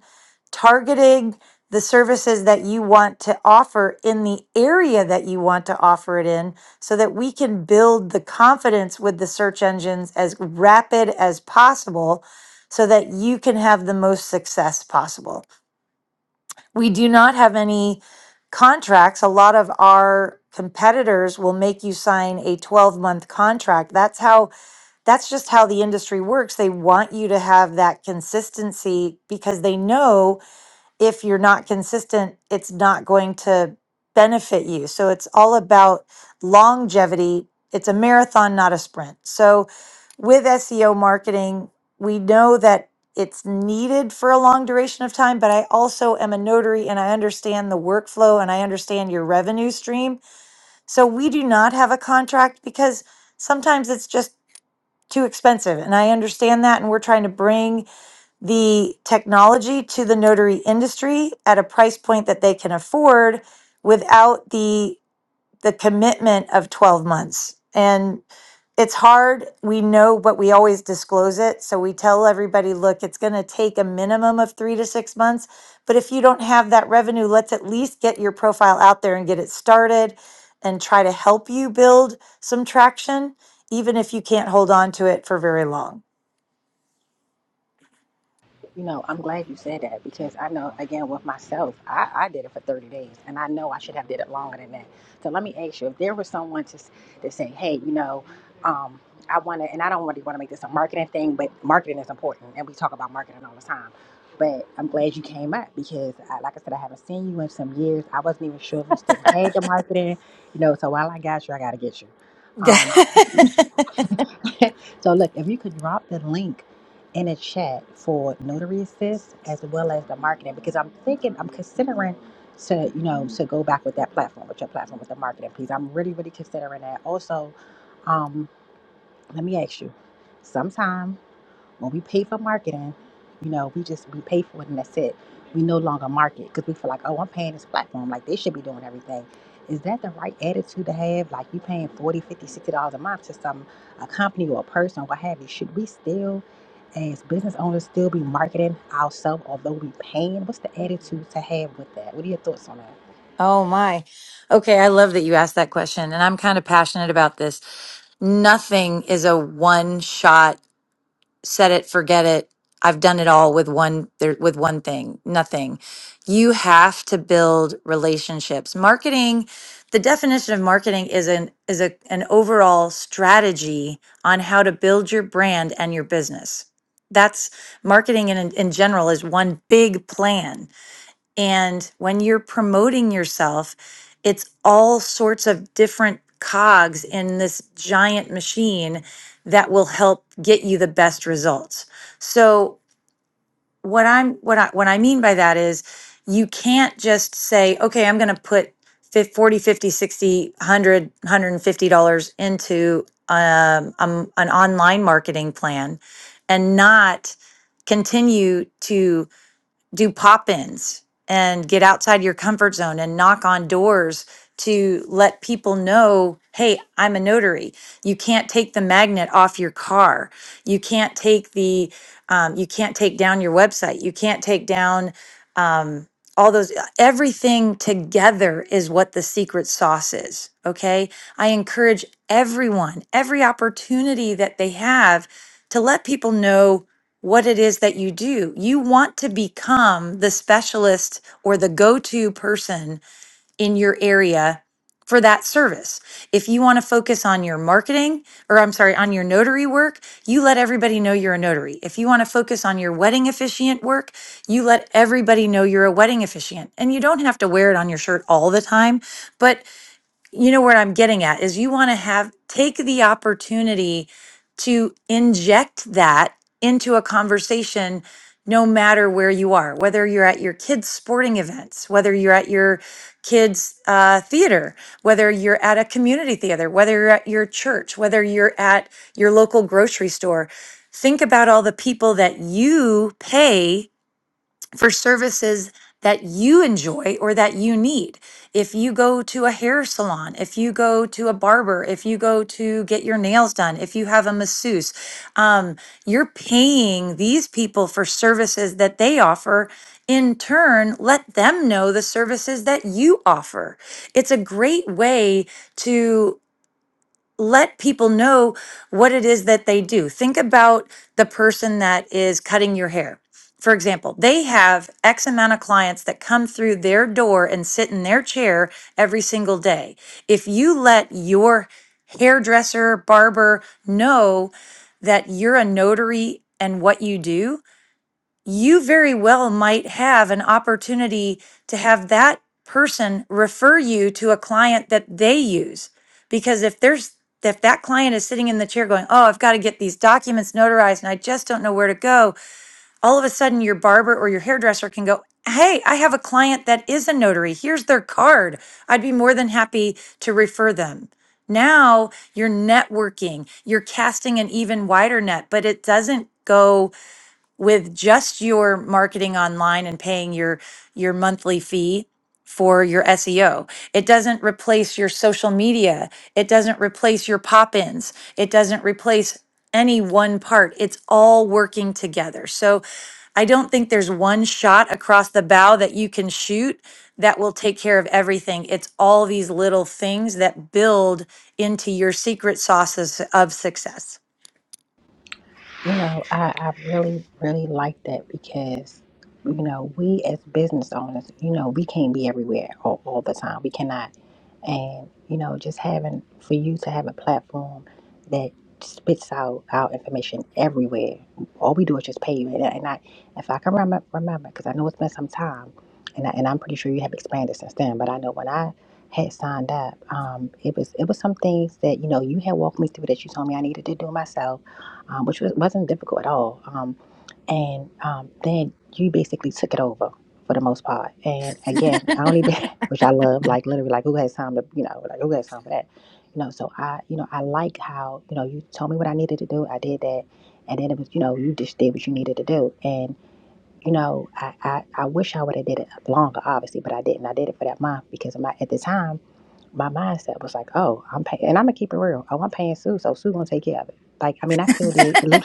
targeting the services that you want to offer in the area that you want to offer it in so that we can build the confidence with the search engines as rapid as possible so that you can have the most success possible we do not have any contracts. A lot of our competitors will make you sign a 12 month contract. That's how, that's just how the industry works. They want you to have that consistency because they know if you're not consistent, it's not going to benefit you. So it's all about longevity. It's a marathon, not a sprint. So with SEO marketing, we know that it's needed for a long duration of time, but I also am a notary and I understand the workflow and I understand your revenue stream. So we do not have a contract because sometimes it's just too expensive. And I understand that. And we're trying to bring the technology to the notary industry at a price point that they can afford without the the commitment of 12 months and it's hard we know but we always disclose it so we tell everybody look it's going to take a minimum of 3 to 6 months but if you don't have that revenue let's at least get your profile out there and get it started and try to help you build some traction even if you can't hold on to it for very long You know, I'm glad you said that because I know, again, with myself, I, I did it for 30 days and I know I should have did it longer than that. So let me ask you, if there was someone to, s- to say, hey, you know, um, I want to, and I don't really want to make this a marketing thing, but marketing is important and we talk about marketing all the time. But I'm glad you came up because, I, like I said, I haven't seen you in some years. I wasn't even sure if you still had the marketing, you know. So while I got you, I got to get you. Um, so look, if you could drop the link in a chat for notary assist as well as the marketing because I'm thinking I'm considering to you know to go back with that platform with your platform with the marketing piece. I'm really really considering that. Also, um, let me ask you. sometime. When we pay for marketing, you know, we just we pay for it and that's it. We no longer market because we feel like, oh, I'm paying this platform, like they should be doing everything. Is that the right attitude to have? Like you paying forty, fifty, sixty dollars a month to some a company or a person or what have you. Should we still as business owners still be marketing ourselves although we paying? What's the attitude to have with that? What are your thoughts on that? Oh my. Okay, I love that you asked that question and I'm kind of passionate about this. Nothing is a one shot set it forget it. I've done it all with one there with one thing. Nothing. You have to build relationships. Marketing, the definition of marketing is an is a an overall strategy on how to build your brand and your business. That's marketing in in general is one big plan and when you're promoting yourself, it's all sorts of different cogs in this giant machine that will help get you the best results. So what I'm what I what I mean by that is you can't just say, okay, I'm going to put fif- 40, fifty, sixty, one hundred, one hundred fifty dollars into um, um, an online marketing plan and not continue to do pop ins and get outside your comfort zone and knock on doors to let people know hey, I'm a notary. You can't take the magnet off your car. You can't take the, um, you can't take down your website. You can't take down, um, all those everything together is what the secret sauce is okay i encourage everyone every opportunity that they have to let people know what it is that you do. You want to become the specialist or the go to person in your area for that service. If you want to focus on your marketing, or I'm sorry, on your notary work, you let everybody know you're a notary. If you want to focus on your wedding officiant work, you let everybody know you're a wedding officiant. And you don't have to wear it on your shirt all the time, but you know where I'm getting at is you want to have take the opportunity to inject that into a conversation no matter where you are, whether you're at your kids' sporting events, whether you're at your kids' uh, theater, whether you're at a community theater, whether you're at your church, whether you're at your local grocery store. Think about all the people that you pay for services that you enjoy or that you need. If you go to a hair salon, if you go to a barber, if you go to get your nails done, if you have a masseuse, um, you're paying these people for services that they offer. In turn, let them know the services that you offer. It's a great way to let people know what it is that they do. Think about the person that is cutting your hair. For example, they have X amount of clients that come through their door and sit in their chair every single day. If you let your hairdresser, barber know that you're a notary and what you do, you very well might have an opportunity to have that person refer you to a client that they use because if there's if that client is sitting in the chair going, Oh, I've got to get these documents notarized and I just don't know where to go, all of a sudden your barber or your hairdresser can go, Hey, I have a client that is a notary. Here's their card. I'd be more than happy to refer them. Now you're networking, you're casting an even wider net, but it doesn't go with just your marketing online and paying your your monthly fee for your SEO. It doesn't replace your social media. It doesn't replace your pop-ins. It doesn't replace any one part. It's all working together. So I don't think there's one shot across the bow that you can shoot that will take care of everything. It's all these little things that build into your secret sauces of success. You know, I, I really, really like that because, you know, we as business owners, you know, we can't be everywhere all, all the time. We cannot. And, you know, just having, for you to have a platform that spits out our information everywhere, all we do is just pay you. And, I- and I, if I can remember, remember, because I know it's been some time, and, I, and I'm pretty sure you have expanded since then, but I know when I had signed up, um, it was it was some things that, you know, you had walked me through that you told me I needed to do myself um, which was, wasn't difficult at all. Um, and um, then you basically took it over for the most part. And again, I only did, which I love, like literally, like who has time to, you know, like who has time for that, you know. So I, you know, I like how, you know, you told me what I needed to do, I did that, and then it was, you know, you just did what you needed to do. And you know, I, I, I wish I would have did it longer, obviously, but I didn't. I did it for that month because my at the time my mindset was like, oh, I'm paying, and I'm gonna keep it real. Oh, I'm paying Sue, so Sue gonna take care of it. Like, I mean, I still did. a little.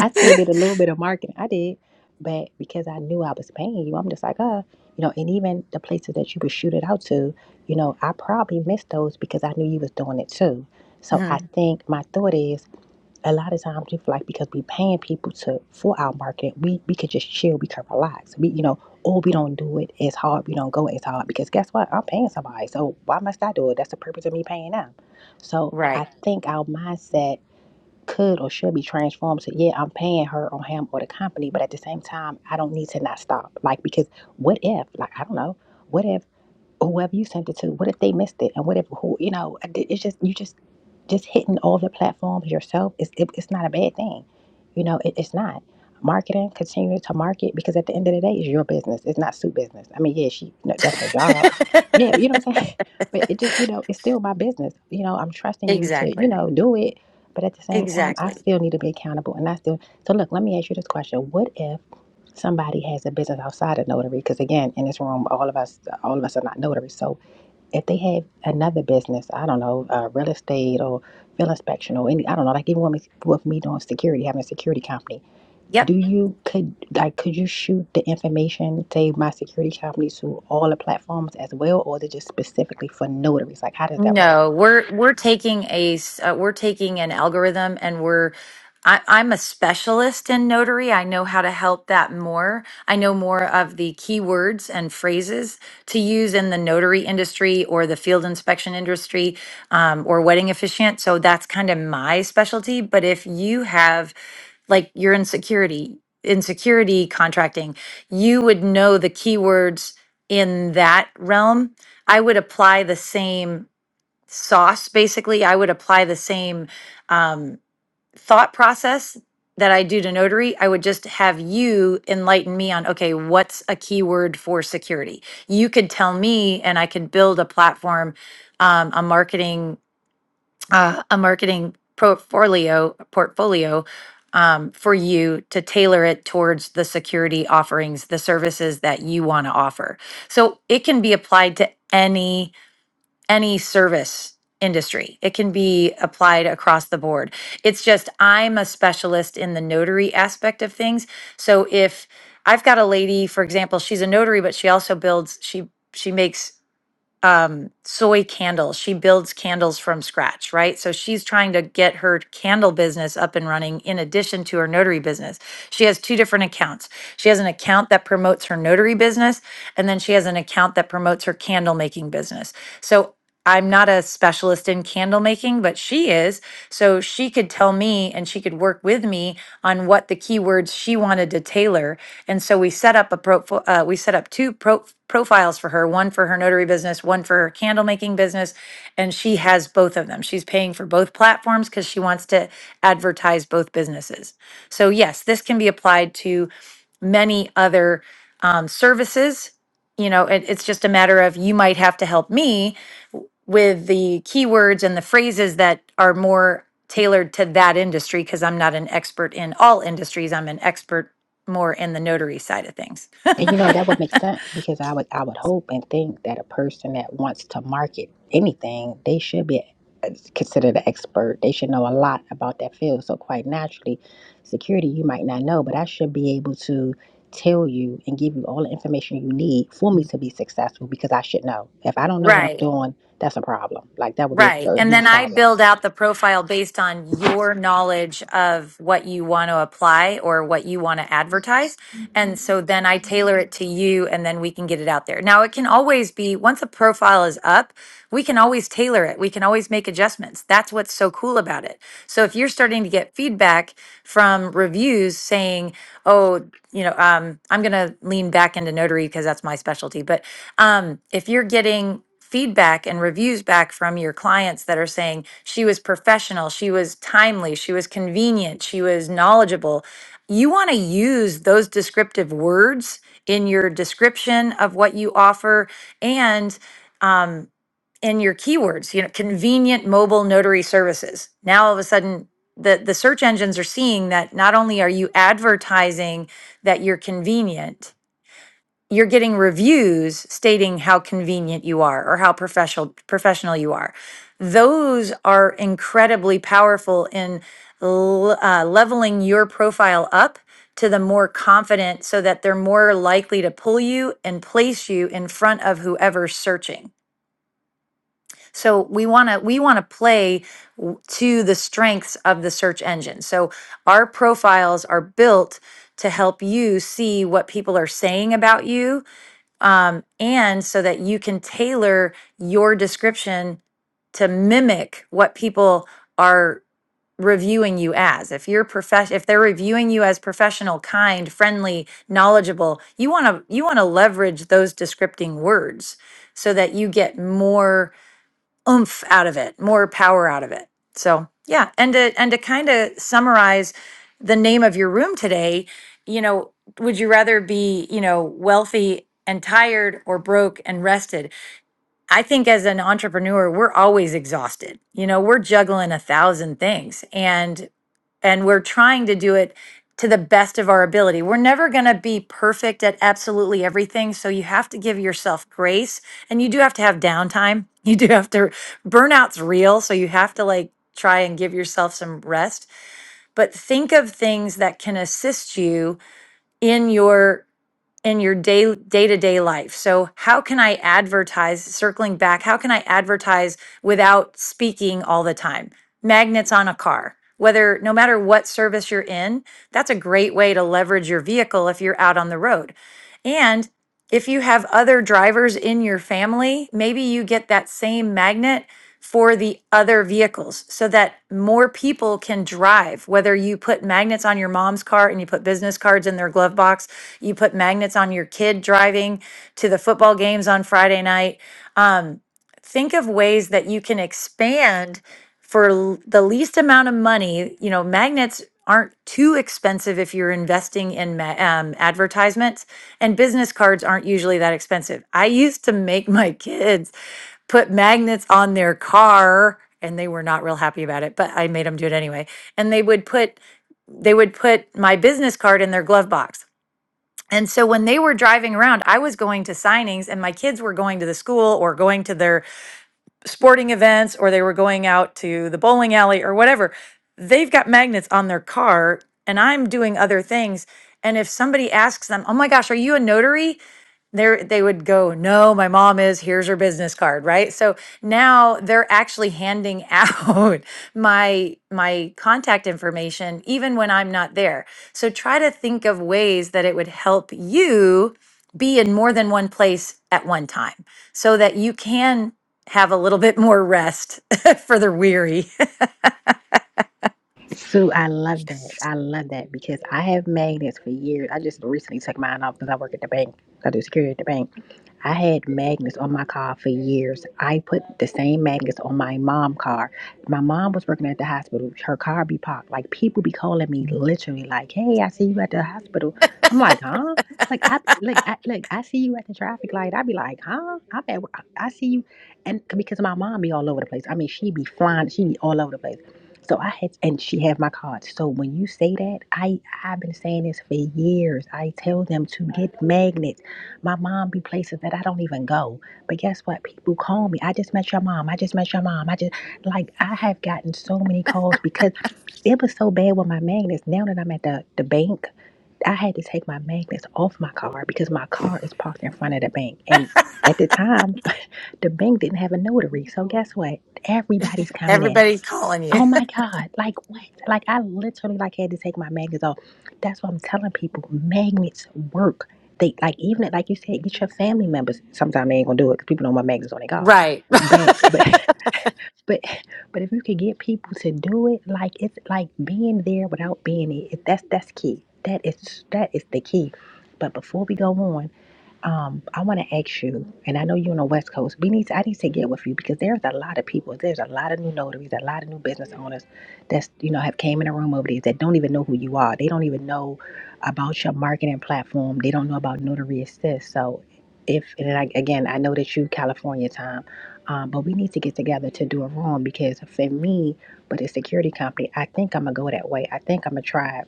I still did a little bit of marketing. I did, but because I knew I was paying you, I'm just like, uh, you know, and even the places that you would shoot it out to, you know, I probably missed those because I knew you was doing it too. So I Mhm. think my thought is a lot of times we feel like because we paying people to for our marketing, we we could just chill, we could relax. We you know, oh we don't do it as hard, we don't go as hard because guess what? I'm paying somebody. So why must I do it? That's the purpose of me paying them. So I Right. think our mindset could or should be transformed to yeah i'm paying her or him or the company but at the same time i don't need to not stop like because what if like i don't know what if whoever you sent it to what if they missed it and what if who you know it's just you just just hitting all the platforms yourself is it, it's not a bad thing you know it, it's not marketing continue to market because at the end of the day it's your business it's not Sue's business i mean yeah she no, that's her job yeah you know what i'm saying but it just you know it's still my business you know i'm trusting you to you Exactly. know do it but at the same time i Exactly. still need to be accountable and i still so look let me ask you this question what if somebody has a business outside of notary because again in this room all of us all of us are not notaries so if they have another business i don't know uh, real estate or field inspection or any i don't know like even with me, with me doing security having a security company Yep. do you could like could you shoot the information say my security company to all the platforms as well or is it just specifically for notaries like how does that work No, we're we're taking a s- uh, we're taking an algorithm and we're I, I'm a specialist in notary. I know how to help that more. I know more of the keywords and phrases to use in the notary industry or the field inspection industry um, or wedding officiant. So that's kind of my specialty. But if you have like you're in security, in security contracting, you would know the keywords in that realm I would apply the same. sauce basically i would apply the same um, thought process that i do to notary i would just have you enlighten me on okay what's a keyword for security you could tell me and i could build a platform um, a marketing uh, a marketing portfolio portfolio um, for you to tailor it towards the security offerings the services that you want to offer so it can be applied to any any service industry. It can be applied across the board. It's just I'm a specialist in the notary aspect of things. So if I've got a lady, for example, she's a notary, but she also builds, she she makes um, soy candles. She builds candles from scratch, right? So she's trying to get her candle business up and running in addition to her notary business. She has two different accounts. She has an account that promotes her notary business, and then she has an account that promotes her candle making business. So I'm not a specialist in candle making, but she is. So she could tell me and she could work with me on what the keywords she wanted to tailor and so we set up a profile, uh, we set up two pro- profiles for her, one for her notary business, one for her candle making business. And she has both of them. She's paying for both platforms because she wants to advertise both businesses. So, yes, this can be applied to many other um, services. You know, it, it's just a matter of you might have to help me w- with the keywords and the phrases that are more tailored to that industry because I'm not an expert in all industries. I'm an expert more in the notary side of things. And you know, that would make sense because I would I would hope and think that a person that wants to market anything, they should be uh, considered an expert. They should know a lot about that field. So quite naturally, security you might not know, but I should be able to tell you and give you all the information you need for me to be successful because I should know. If I don't know what I'm Right. doing, that's a problem. Like that would be a, Right. a And then huge I problem. build out the profile based on your knowledge of what you want to apply or what you want to advertise. And so then I tailor it to you and then we can get it out there. Now, it can always be once a profile is up, we can always tailor it. We can always make adjustments. That's what's so cool about it. So if you're starting to get feedback from reviews saying, oh, you know, um, I'm going to lean back into notary because that's my specialty. But um, if you're getting, feedback and reviews back from your clients that are saying she was professional, she was timely, she was convenient, she was knowledgeable. You want to use those descriptive words in your description of what you offer and um, in your keywords, you know, convenient mobile notary services. Now all of a sudden, the, the search engines are seeing that not only are you advertising that you're convenient, you're getting reviews stating how convenient you are or how professional professional you are. Those are incredibly powerful in l- uh, leveling your profile up to the more confident, so that they're more likely to pull you and place you in front of whoever's searching. So we want to we want to play w- to the strengths of the search engine. So our profiles are built to help you see what people are saying about you um, and so that you can tailor your description to mimic what people are reviewing you as if you're profess if they're reviewing you as professional kind friendly knowledgeable you want to you want to leverage those descripting words so that you get more oomph out of it, more power out of it. So yeah, and to and to kind of summarize the name of your room today, you know, would you rather be you know wealthy and tired or broke and rested? I think as an entrepreneur, we're always exhausted. You know, we're juggling a thousand things, and and we're trying to do it to the best of our ability. We're never going to be perfect at absolutely everything, so you have to give yourself grace and you do have to have downtime. You do have to burnout's real, so you have to like try and give yourself some rest, but think of things that can assist you in your in your day day-to-day life. So how can I advertise circling back? How can I advertise without speaking all the time? Magnets on a car. Whether no matter what service you're in, that's a great way to leverage your vehicle if you're out on the road. And if you have other drivers in your family, maybe you get that same magnet for the other vehicles so that more people can drive. Whether you put magnets on your mom's car and you put business cards in their glove box you put magnets on your kid driving to the football games on Friday night. Um, think of ways that you can expand for l- the least amount of money. You know, magnets aren't too expensive if you're investing in ma- um, advertisements, and business cards aren't usually that expensive. I used to make my kids put magnets on their car and they were not real happy about it but i made them do it anyway and they would put they would put my business card in their glove box and so when they were driving around, I was going to signings and my kids were going to the school or going to their sporting events or they were going out to the bowling alley or whatever. They've got magnets on their car and I'm doing other things. And if somebody asks them, Oh my gosh, are you a notary? they they would go, "No, my mom is. Here's her business card." Right? So now they're actually handing out my my contact information even when I'm not there. So try to think of ways that it would help you be in more than one place at one time so that you can have a little bit more rest for the weary. Sue, I love that. I love that because I have magnets for years. I just recently took mine off because I work at the bank. I do security at the bank. I had magnets on my car for years. I put the same magnets on my mom's car. My mom was working at the hospital. Her car be parked. Like people be calling me literally, like, "Hey, I see you at the hospital." I'm like, "Huh?" Like I like I like I see you at the traffic light. I be like, "Huh?" I'm at work. I I see you, and because my mom be all over the place. I mean, she be flying. She be all over the place. So I had, and she had my card. So when you say that, I I've been saying this for years. I tell them to get magnets. My mom be places that I don't even go, but guess what? People call me. I just met your mom. I just met your mom. I just like I have gotten so many calls because it was so bad with my magnets. Now that I'm at the the bank, I had to take my magnets off my car because my car is parked in front of the bank. And at the time, the bank didn't have a notary. So guess what? Everybody's coming in. Everybody's calling you. Oh my God. Like what? Like I literally like had to take my magnets off. That's what I'm telling people. Magnets work. They like even at- like you said, get your family members. Sometimes they ain't gonna do it because people know my magnets on their car. Right. But but but but if you could get people to do it, like it's like being there without being it. That's that's key. That is that is the key. But before we go on, um, I want to ask you, and I know you're on the West Coast. We need to, I need to get with you because there's a lot of people. There's a lot of new notaries, a lot of new business owners that's you know have came in the room over these that don't even know who you are. They don't even know about your marketing platform. They don't know about Notary Assist. So, if and I, again, I know that you California time, um, but we need to get together to do a room because for me, with a security company, I think I'm gonna go that way. I think I'm gonna try it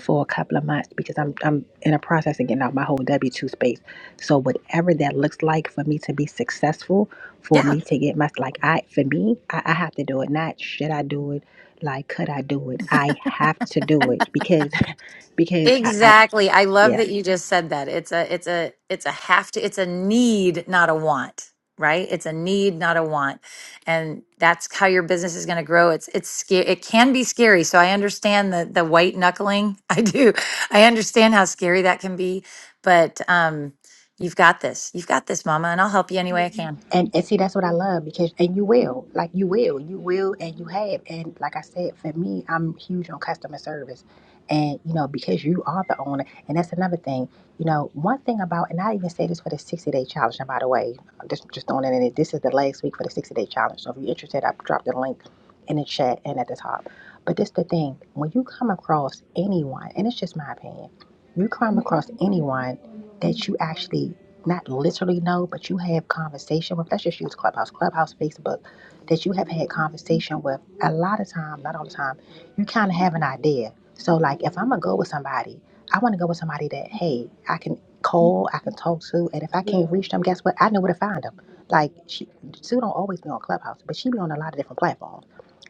for a couple of months because I'm I'm in a process of getting out my whole W two space. So whatever that looks like for me to be successful, for yeah. me to get my like I for me, I, I have to do it. Not should I do it? Like could I do it? I have to do it because because I, I Exactly. I love yeah. that you just said that. It's a it's a it's a have to it's a need, not a want, right? It's a need, not a want. And that's how your business is going to grow. It's it's scary. It can be scary. So I understand the the white knuckling. I do. I understand how scary that can be, but um you've got this. You've got this, mama, and I'll help you any way I can. And, and see, that's what I love because, and you will, like you will, you will, and you have. And like I said, for me, I'm huge on customer service. And, you know, because you are the owner. And that's another thing, you know, one thing about, and I even say this for the 60 day challenge, and by the way, just, just throwing it in it. This is the last week for the 60 day challenge. So if you're interested, I've dropped the link in the chat and at the top. But this the thing, when you come across anyone, and it's just my opinion, you come across anyone that you actually not literally know, but you have conversation with, let's just use Clubhouse, Clubhouse, Facebook, that you have had conversation with a lot of time, not all the time, you kind of have an idea. So, like, if I'm going to go with somebody, I want to go with somebody that, hey, I can call, I can talk to, and if I can't reach them, guess what? I know where to find them. Like, she, Sue don't always be on Clubhouse, but she be on a lot of different platforms.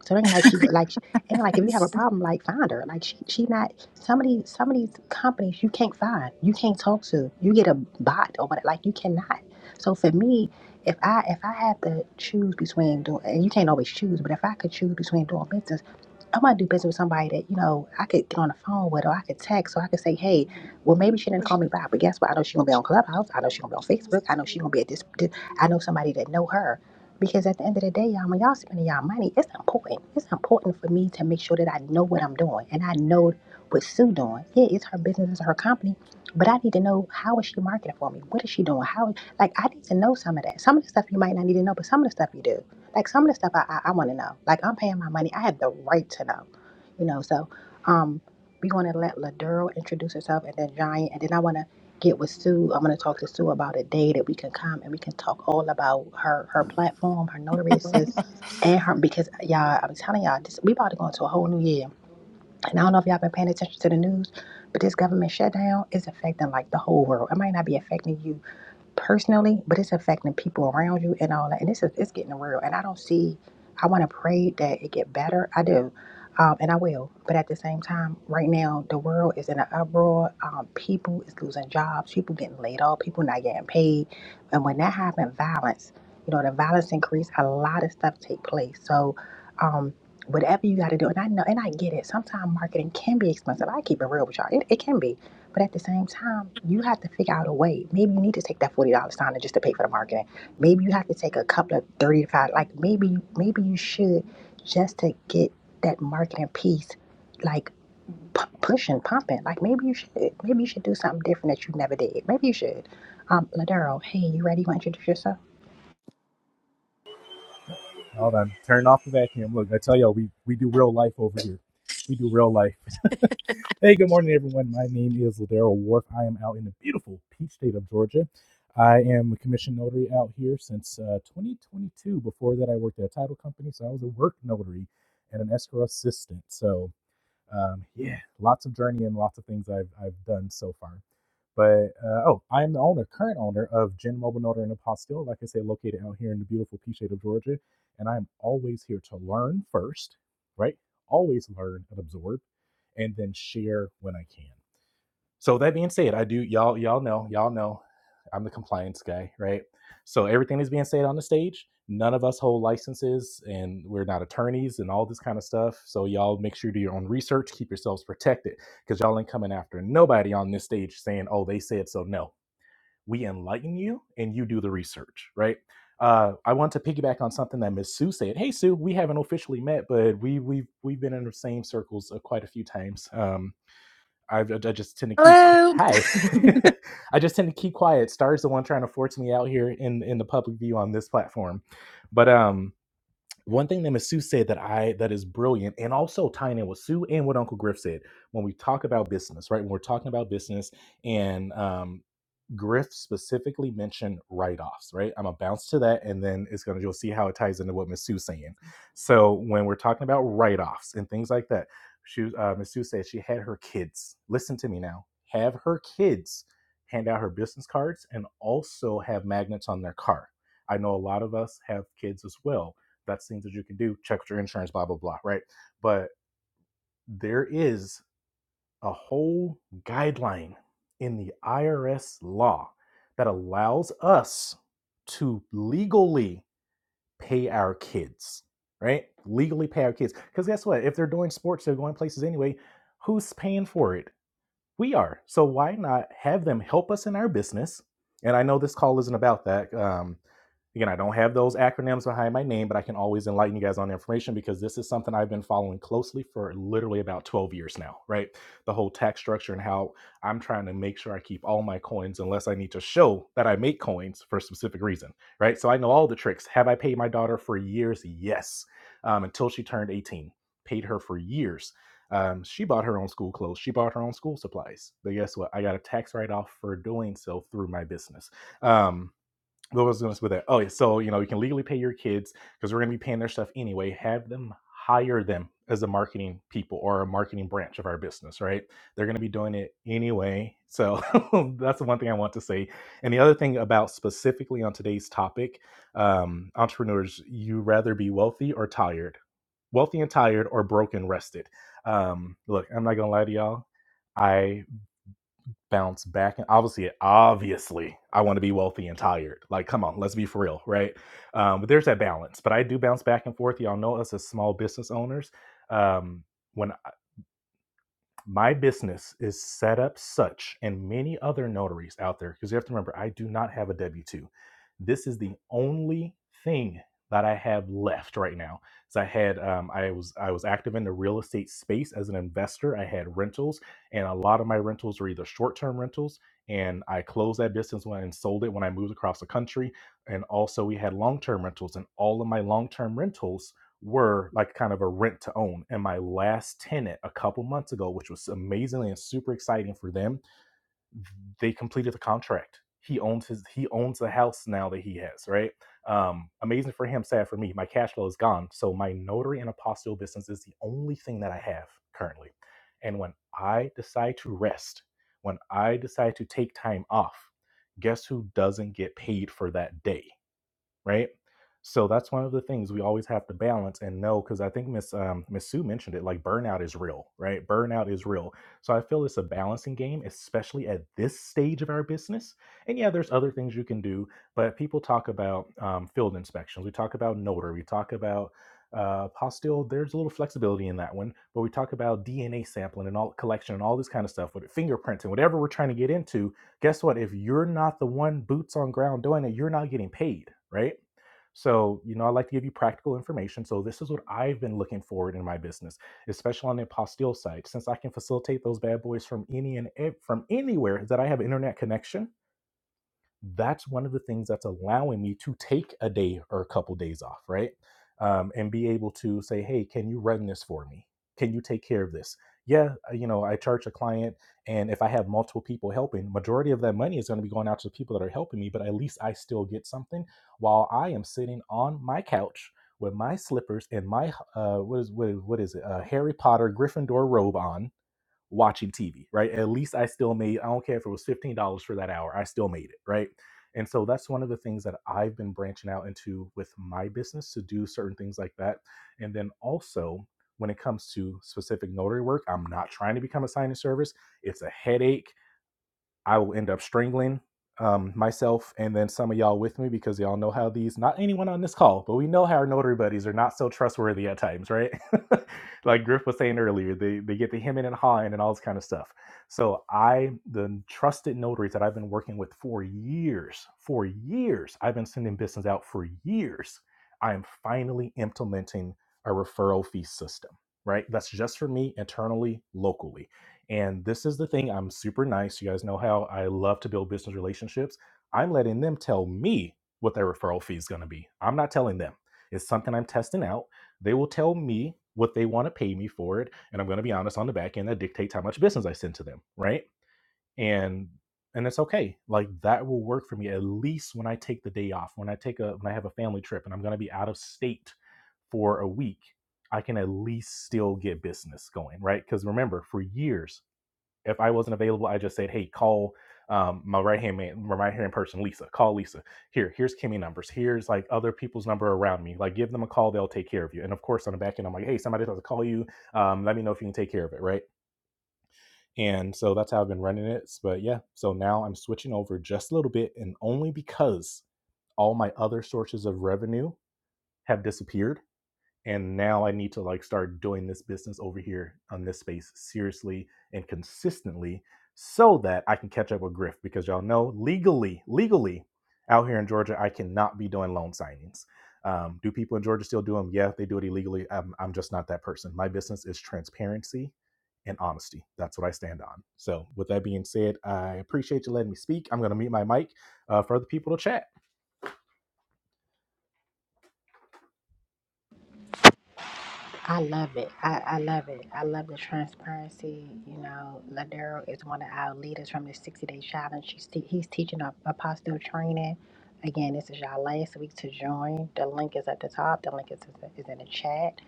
So, it ain't like she, like, and like, if you have a problem, like, find her. Like, she, she not some of these some of these companies you can't find, you can't talk to, you get a bot or what like you cannot. So for me, if I if I had to choose between doing and you can't always choose, but if I could choose between doing business, I want to do business with somebody that you know I could get on the phone with or I could text or I could say, hey, well maybe she didn't call me back, but guess what? I know she's gonna be on Clubhouse, I know she's gonna be on Facebook, I know she's gonna be at this, this I know somebody that know her. Because at the end of the day, y'all, when y'all spending y'all money, it's important. It's important for me to make sure that I know what I'm doing and I know what Sue doing? Yeah, it's her business, it's her company. But I need to know how is she marketing for me? What is she doing? How like I need to know some of that. Some of the stuff you might not need to know, but some of the stuff you do. Like some of the stuff I I, I want to know. Like I'm paying my money. I have the right to know. You know, so um we want to let Laduro introduce herself and then Giant and then I wanna get with Sue. I'm gonna talk to Sue about a day that we can come and we can talk all about her her platform, her notary assist, and her because y'all I'm telling y'all this we about to go into a whole new year and I don't know if y'all been paying attention to the news, but this government shutdown is affecting like the whole world. It might not be affecting you personally, but it's affecting people around you and all that. And it's it's getting real. And I don't see. I want to pray that it get better. I do, um, and I will. But at the same time, right now the world is in an uproar. Um, people is losing jobs. People getting laid off. People not getting paid. And when that happens, violence. You know, the violence increase. A lot of stuff take place. So. Um, Whatever you got to do, and I know, and I get it. Sometimes marketing can be expensive. I keep it real with y'all. It, it can be, but at the same time, you have to figure out a way. Maybe you need to take that forty dollars sign just to pay for the marketing. Maybe you have to take a couple of thirty to five. Like maybe maybe you should just to get that marketing piece like p- pushing, pumping. Like maybe you should. Maybe you should do something different that you never did. Maybe you should. Um, Ladero, hey, you ready? You want to introduce yourself? Hold on. Turn off the vacuum. Look, I tell y'all, we, we do real life over here. We do real life. hey, good morning, everyone. My name is Ladero Wharf. I am out in the beautiful peach state of Georgia. I am a commission notary out here since uh, 2022. Before that, I worked at a title company, so I was a work notary and an escrow assistant. So um, yeah, lots of journey and lots of things I've, I've done so far. But uh, oh, I am the owner, current owner of Gen Mobile Notary and Apostille, like I said, located out here in the beautiful pea shade of Georgia. And I am always here to learn first, right? Always learn and absorb, and then share when I can. So that being said, I do y'all y'all know y'all know I'm the compliance guy, right? So everything is being said on the stage. None of us hold licenses, and we're not attorneys and all this kind of stuff. So y'all make sure you do your own research, keep yourselves protected, because y'all ain't coming after nobody on this stage saying, "Oh, they said so." No, we enlighten you, and you do the research, right? Uh, I want to piggyback on something that Miss Sue said. Hey, Sue, we haven't officially met, but we we've we've been in the same circles uh, quite a few times. Um, I, I just tend to keep Hello. hi. I just tend to keep quiet. Star's the one trying to force me out here in in the public view on this platform, but um, one thing that Masu said that I that is brilliant, and also tying in what Sue and what Uncle Griff said when we talk about business, right? When we're talking about business, and um, Griff specifically mentioned write-offs, right? I'm gonna bounce to that, and then it's gonna you'll see how it ties into what Masu's saying. So when we're talking about write-offs and things like that, she uh, Masu said she had her kids. Listen to me now. Have her kids hand out her business cards and also have magnets on their car. I know a lot of us have kids as well that's things that you can do. Check with your insurance, blah, blah, blah, right? But there is a whole guideline in the IRS law that allows us to legally pay our kids, right? Legally pay our kids. Because guess what? If they're doing sports, they're going places anyway. Who's paying for it? We are. So why not have them help us in our business? And I know this call isn't about that. Um, again, I don't have those acronyms behind my name, but I can always enlighten you guys on the information because this is something I've been following closely for literally about 12 years now, right? The whole tax structure and how I'm trying to make sure I keep all my coins unless I need to show that I make coins for a specific reason, right? So I know all the tricks. Have I paid my daughter for years? Yes, um, until she turned 18. Paid her for years um, she bought her own school clothes. She bought her own school supplies. But guess what? I got a tax write off for doing so through my business. Um, what was going to say with that? Oh, yeah, so you know you can legally pay your kids because we're going to be paying their stuff anyway. Have them hire them as a marketing people or a marketing branch of our business, right? They're going to be doing it anyway. So that's the one thing I want to say. And the other thing about specifically on today's topic, um, entrepreneurs, you rather be wealthy or tired wealthy and tired or broken rested um look i'm not gonna lie to y'all i bounce back and obviously obviously i want to be wealthy and tired like come on let's be for real right um but there's that balance but i do bounce back and forth y'all know us as small business owners um when my business is set up such and many other notaries out there because you have to remember i do not have a w2 this is the only thing that i have left right now so i had um, i was i was active in the real estate space as an investor i had rentals and a lot of my rentals were either short-term rentals and i closed that business when and sold it when i moved across the country and also we had long-term rentals and all of my long-term rentals were like kind of a rent to own. And my last tenant a couple months ago, which was amazingly and super exciting for them, they completed the contract. He owns his he owns the house now that he has, right? Um, amazing for him, sad for me. My cash flow is gone. So my notary and apostille business is the only thing that I have currently. And when I decide to rest, when I decide to take time off, guess who doesn't get paid for that day? right? So that's one of the things we always have to balance and know because I think Miss um, Miss Sue mentioned it. Like burnout is real, right? Burnout is real. So I feel it's a balancing game, especially at this stage of our business. And yeah, there's other things you can do, but people talk about um, field inspections. We talk about notary. We talk about uh, postile. There's a little flexibility in that one, but we talk about DNA sampling and all collection and all this kind of stuff with fingerprints and whatever we're trying to get into guess what? If you're not the one boots on ground doing it, you're not getting paid, right? So, you know, I like to give you practical information. So, this is what I've been looking forward in my business, especially on the apostille side, since I can facilitate those bad boys from any and ev- from anywhere that I have internet connection that's one of the things that's allowing me to take a day or a couple days off, right? Um, and be able to say, hey, can you run this for me? Can you take care of this? Yeah, uh, you know, I charge a client, and if I have multiple people helping, majority of that money is going to be going out to the people that are helping me, but at least I still get something while I am sitting on my couch with my slippers and my uh, what is what is what is it? Uh, Harry Potter Gryffindor robe on, watching TV, right? At least I still made, I don't care if it was $15 for that hour, I still made it, right? And so that's one of the things that I've been branching out into with my business to do certain things like that. And then also, when it comes to specific notary work, I'm not trying to become a signing service. It's a headache I will end up strangling um, myself and then some of y'all with me because y'all know how these, not anyone on this call, but we know how our notary buddies are not so trustworthy at times, right? like Griff was saying earlier, they, they get the hemming and hawing and all this kind of stuff. So I, the trusted notaries that I've been working with for years, for years, I've been sending business out for years. I am finally implementing a referral fee system, right? That's just for me internally, locally. And this is the thing I'm super nice. You guys know how I love to build business relationships. I'm letting them tell me what their referral fee is going to be. I'm not telling them. It's something I'm testing out. They will tell me what they want to pay me for it. And I'm going to be honest on the back end that dictates how much business I send to them. Right. And and it's okay. Like that will work for me at least when I take the day off, when I take a when I have a family trip and I'm going to be out of state for a week, I can at least still get business going, right? Cuz remember, for years if I wasn't available, I just said, "Hey, call um, my right hand man, my right hand person, Lisa. Call Lisa. Here, here's Kimmy numbers. Here's like other people's number around me. Like, give them a call. They'll take care of you. And of course, on the back end, I'm like, "Hey, somebody has to call you. Um, let me know if you can take care of it, right?" And so that's how I've been running it. But yeah, so now I'm switching over just a little bit, and only because all my other sources of revenue have disappeared and now I need to like start doing this business over here on this space seriously and consistently so that I can catch up with Griff because y'all know legally, legally out here in Georgia, I cannot be doing loan signings. Um, do people in Georgia still do them? Yeah, they do it illegally. I'm, I'm just not that person. My business is transparency and honesty. That's what I stand on. So, with that being said, I appreciate you letting me speak. I'm going to mute my mic uh, for other people to chat. I love it. I, I love it. I love the transparency. You know, Ladero is one of our leaders from the 60 Day Challenge. She's te- he's teaching our apostle training. Again, this is y'all last week to join. The link is at the top. The link is, is in the chat.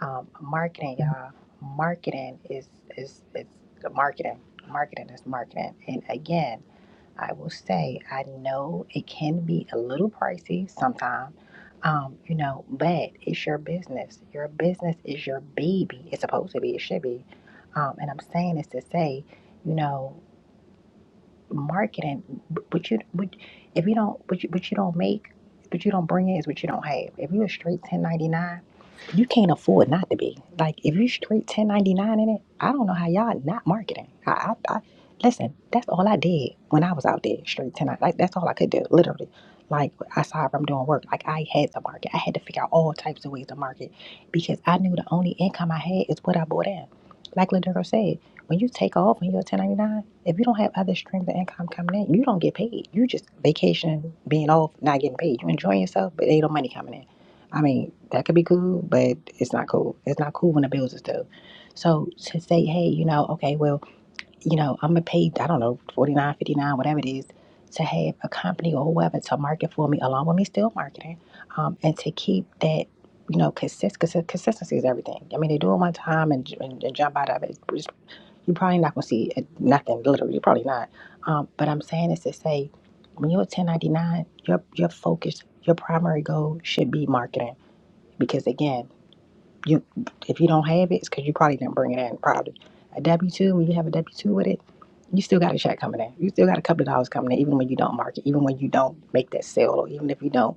Um, marketing, y'all. Marketing is is is marketing. Marketing is marketing. And again. I will say I know it can be a little pricey sometimes, um, you know, but it's your business. Your business is your baby. It's supposed to be. It should be. Um, and I'm saying this to say, you know, marketing, but you, but if you don't, but you, but you don't make, but you don't bring in is what you don't have. If you're a straight 1099, you can't afford not to be. Like if you're straight 1099 in it, I don't know how y'all not marketing. I, I, I listen. That's all I did when I was out there straight 10. Like that's all I could do, literally. Like aside from doing work, like I had to market. I had to figure out all types of ways to market because I knew the only income I had is what I bought in. Like Ladero said. When you take off when you're a 1099, if you don't have other streams of income coming in, you don't get paid. You just vacation, being off, not getting paid. You enjoying yourself, but ain't no money coming in. I mean, that could be cool, but it's not cool. It's not cool when the bills is due. So to say, hey, you know, okay, well, you know, I'm gonna pay, I don't know, 49, 59, whatever it is, to have a company or whoever to market for me, along with me still marketing, um, and to keep that you know, consist, consist, consistency is everything. I mean, they do it one time and, and, and jump out of it. It's you're probably not gonna see it- nothing. Literally, you're probably not. Um, but I'm saying this to say, when you're a 1099, your your focus, your primary goal should be marketing. Because again, you if you don't have it, it's because you probably didn't bring it in. Probably a W two. When you have a W two with it, you still got a check coming in. You still got a couple of dollars coming in, even when you don't market, even when you don't make that sale, or even if you don't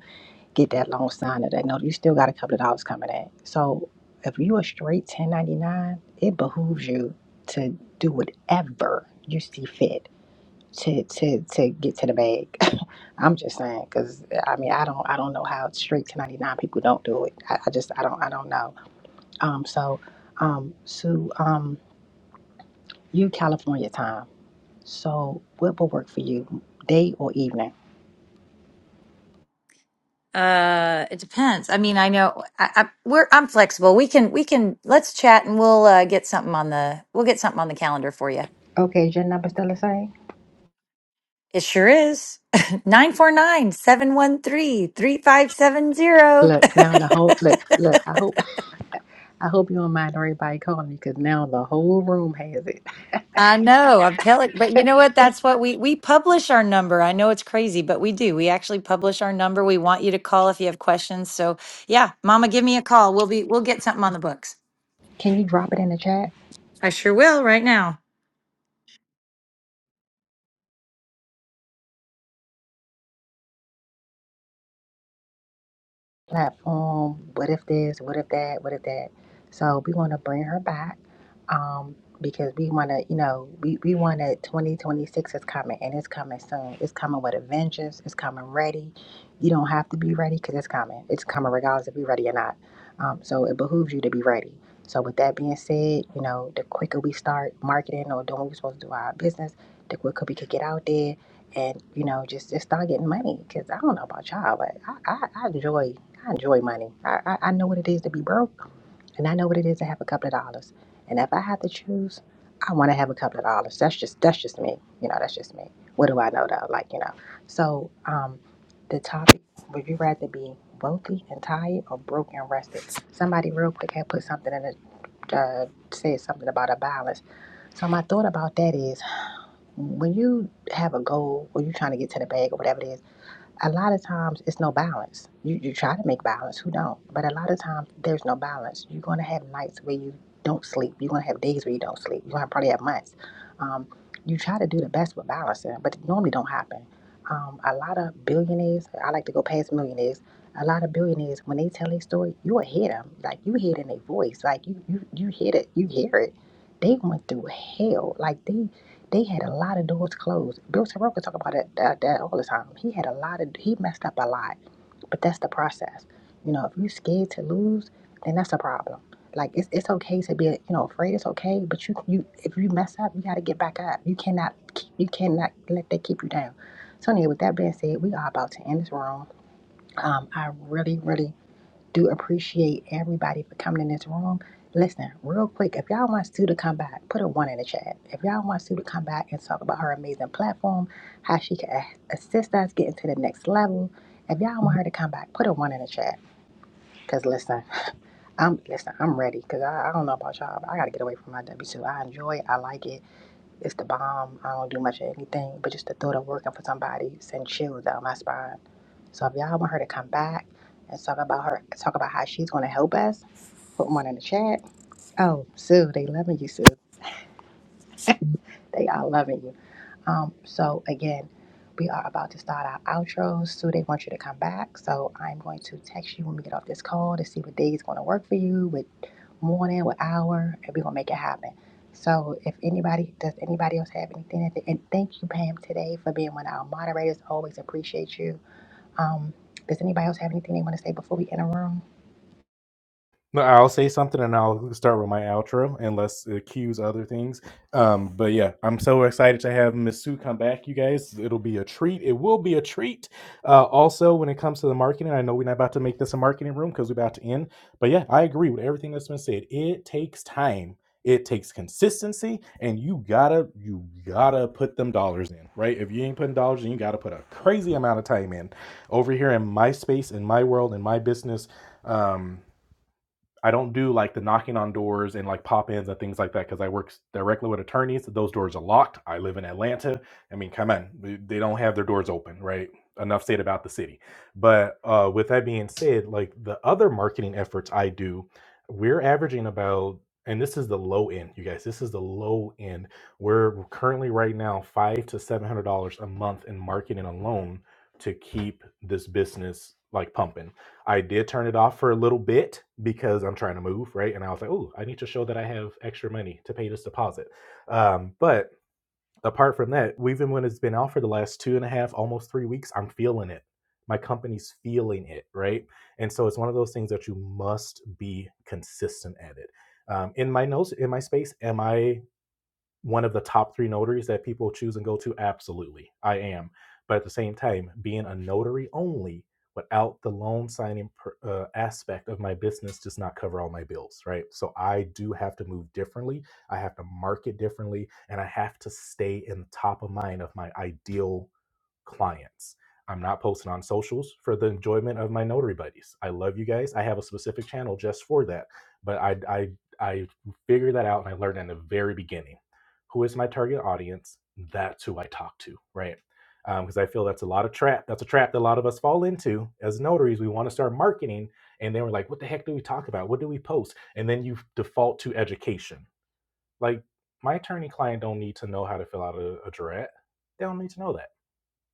get that loan signed or that note, you still got a couple of dollars coming in. So if you are straight 1099, it behooves you to do whatever you see fit to to to get to the bag. I'm just saying, because I mean, I don't I don't know how straight 1099 people don't do it. I, I just I don't I don't know. Um, so um, Sue, um, you California time. So what will work for you, day or evening? Uh, it depends. I mean, I know I, I, we're I'm flexible. We can we can let's chat and we'll uh, get something on the we'll get something on the calendar for you. Okay, is your number still the same? It sure is. nine four nine seven one three three five seven zero. Look now, in the whole look, look. I hope I hope you don't mind everybody calling me because now the whole room has it. I know, I'm telling but you know what? That's what we we publish our number. I know it's crazy, but we do. We actually publish our number. We want you to call if you have questions. So, yeah, mama, give me a call. We'll be we'll get something on the books. Can you drop it in the chat? I sure will right now. platform. What if this? What if that? What if that? So we want to bring her back um, because we want to, you know, we, we want to, 2026 is coming and it's coming soon. It's coming with a vengeance. It's coming ready. You don't have to be ready because it's coming. It's coming regardless if you're ready or not. Um, so it behooves you to be ready. So with that being said, you know, the quicker we start marketing or doing what we're supposed to do with our business, the quicker we could get out there and, you know, just, just start getting money. Because I don't know about y'all, but I, I, I enjoy I enjoy money. I, I, I know what it is to be broke, and I know what it is to have a couple of dollars. And if I have to choose, I want to have a couple of dollars. That's just that's just me. You know, that's just me. What do I know though? Like you know. So um, the topic: Would you rather be wealthy and tired, or broke and rested? Somebody real quick had put something in the uh, said something about a balance. So my thought about that is, when you have a goal, or you trying to get to the bag, or whatever it is a lot of times it's no balance. You you try to make balance, who don't? But a lot of times there's no balance. You're gonna have nights where you don't sleep. You're gonna have days where you don't sleep. You're gonna probably have months. Um, you try to do the best with balancing, but it normally don't happen. Um, a lot of billionaires, I like to go past millionaires. A lot of billionaires, when they tell their story, you will hear them. Like you hear it in their voice. Like you you you hear it. You hear it. They went through hell. Like they they had a lot of doors closed. Bill Soroka talk about that, that that all the time. He had a lot of he messed up a lot, but that's the process. You know, if you're scared to lose, then that's a problem. Like it's it's okay to be you know afraid. It's okay, but you you if you mess up, you got to get back up. You cannot keep you cannot let that keep you down. So anyway, with that being said, we are about to end this room. Um, I really really do appreciate everybody for coming in this room. Listen, real quick, if y'all want Sue to come back, put a one in the chat. If y'all want Sue to come back and talk about her amazing platform, how she can a- assist us getting to the next level, if y'all want her to come back, put a one in the chat. Cause listen, I'm listen, I'm ready. Cause I, I don't know about y'all, but I gotta get away from my W two. I enjoy it, I like it. It's the bomb. I don't do much of anything, but just the thought of working for somebody sends chills down my spine. So if y'all want her to come back and talk about her, talk about how she's going to help us, put one in the chat. Oh, Sue, they loving you, Sue. They are loving you. Um, so again, we are about to start our outros. So they want you to come back. So I'm going to text you when we get off this call to see what day is going to work for you, what morning, what hour, and we're gonna make it happen. So if anybody does anybody else have anything at the and thank you, Pam, today for being one of our moderators. Always appreciate you. Um, does anybody else have anything they want to say before we enter room? No, I'll say something and I'll start with my outro unless it cues other things. Um, but yeah, I'm so excited to have Miss Sue come back, you guys. It'll be a treat. It will be a treat. Uh, also, when it comes to the marketing, I know we're not about to make this a marketing room because we're about to end. But yeah, I agree with everything that's been said. It takes time. It takes consistency, and you gotta you gotta put them dollars in, right? If you ain't putting dollars in, you gotta put a crazy amount of time in. Over here in my space, in my world, in my business, um, I don't do like the knocking on doors and like pop ins and things like that because I work directly with attorneys. Those doors are locked. I live in Atlanta. I mean, come on, they they don't have their doors open, right? Enough said about the city. But uh, with that being said, like the other marketing efforts I do, we're averaging about, and this is the low end, you guys. This is the low end. We're currently right now five to seven hundred dollars a month in marketing alone to keep this business like pumping I did turn it off for a little bit because I'm trying to move, right? And I was like, oh, I need to show that I have extra money to pay this deposit. Um, but apart from that, even when it's been out for the last two and a half, almost three weeks, I'm feeling it. My company's feeling it, right? And so it's one of those things that you must be consistent at it. Um, in my notes, in my space, am I one of the top three notaries that people choose and go to? Absolutely, I am. But at the same time, being a notary only without the loan signing per, uh, aspect of my business does not cover all my bills, right? So I do have to move differently. I have to market differently, and I have to stay in the top of mind of my ideal clients. I'm not posting on socials for the enjoyment of my notary buddies. I love you guys. I have a specific channel just for that. But I I I figured that out and I learned in the very beginning. Who is my target audience? That's who I talk to, right? Because I feel that's a lot of trap. That's a trap that a lot of us fall into as notaries. We want to start marketing, and then we're like, "What the heck do we talk about? What do we post?" And then you default to education. Like my attorney client don't need to know how to fill out a, a jurat. They don't need to know that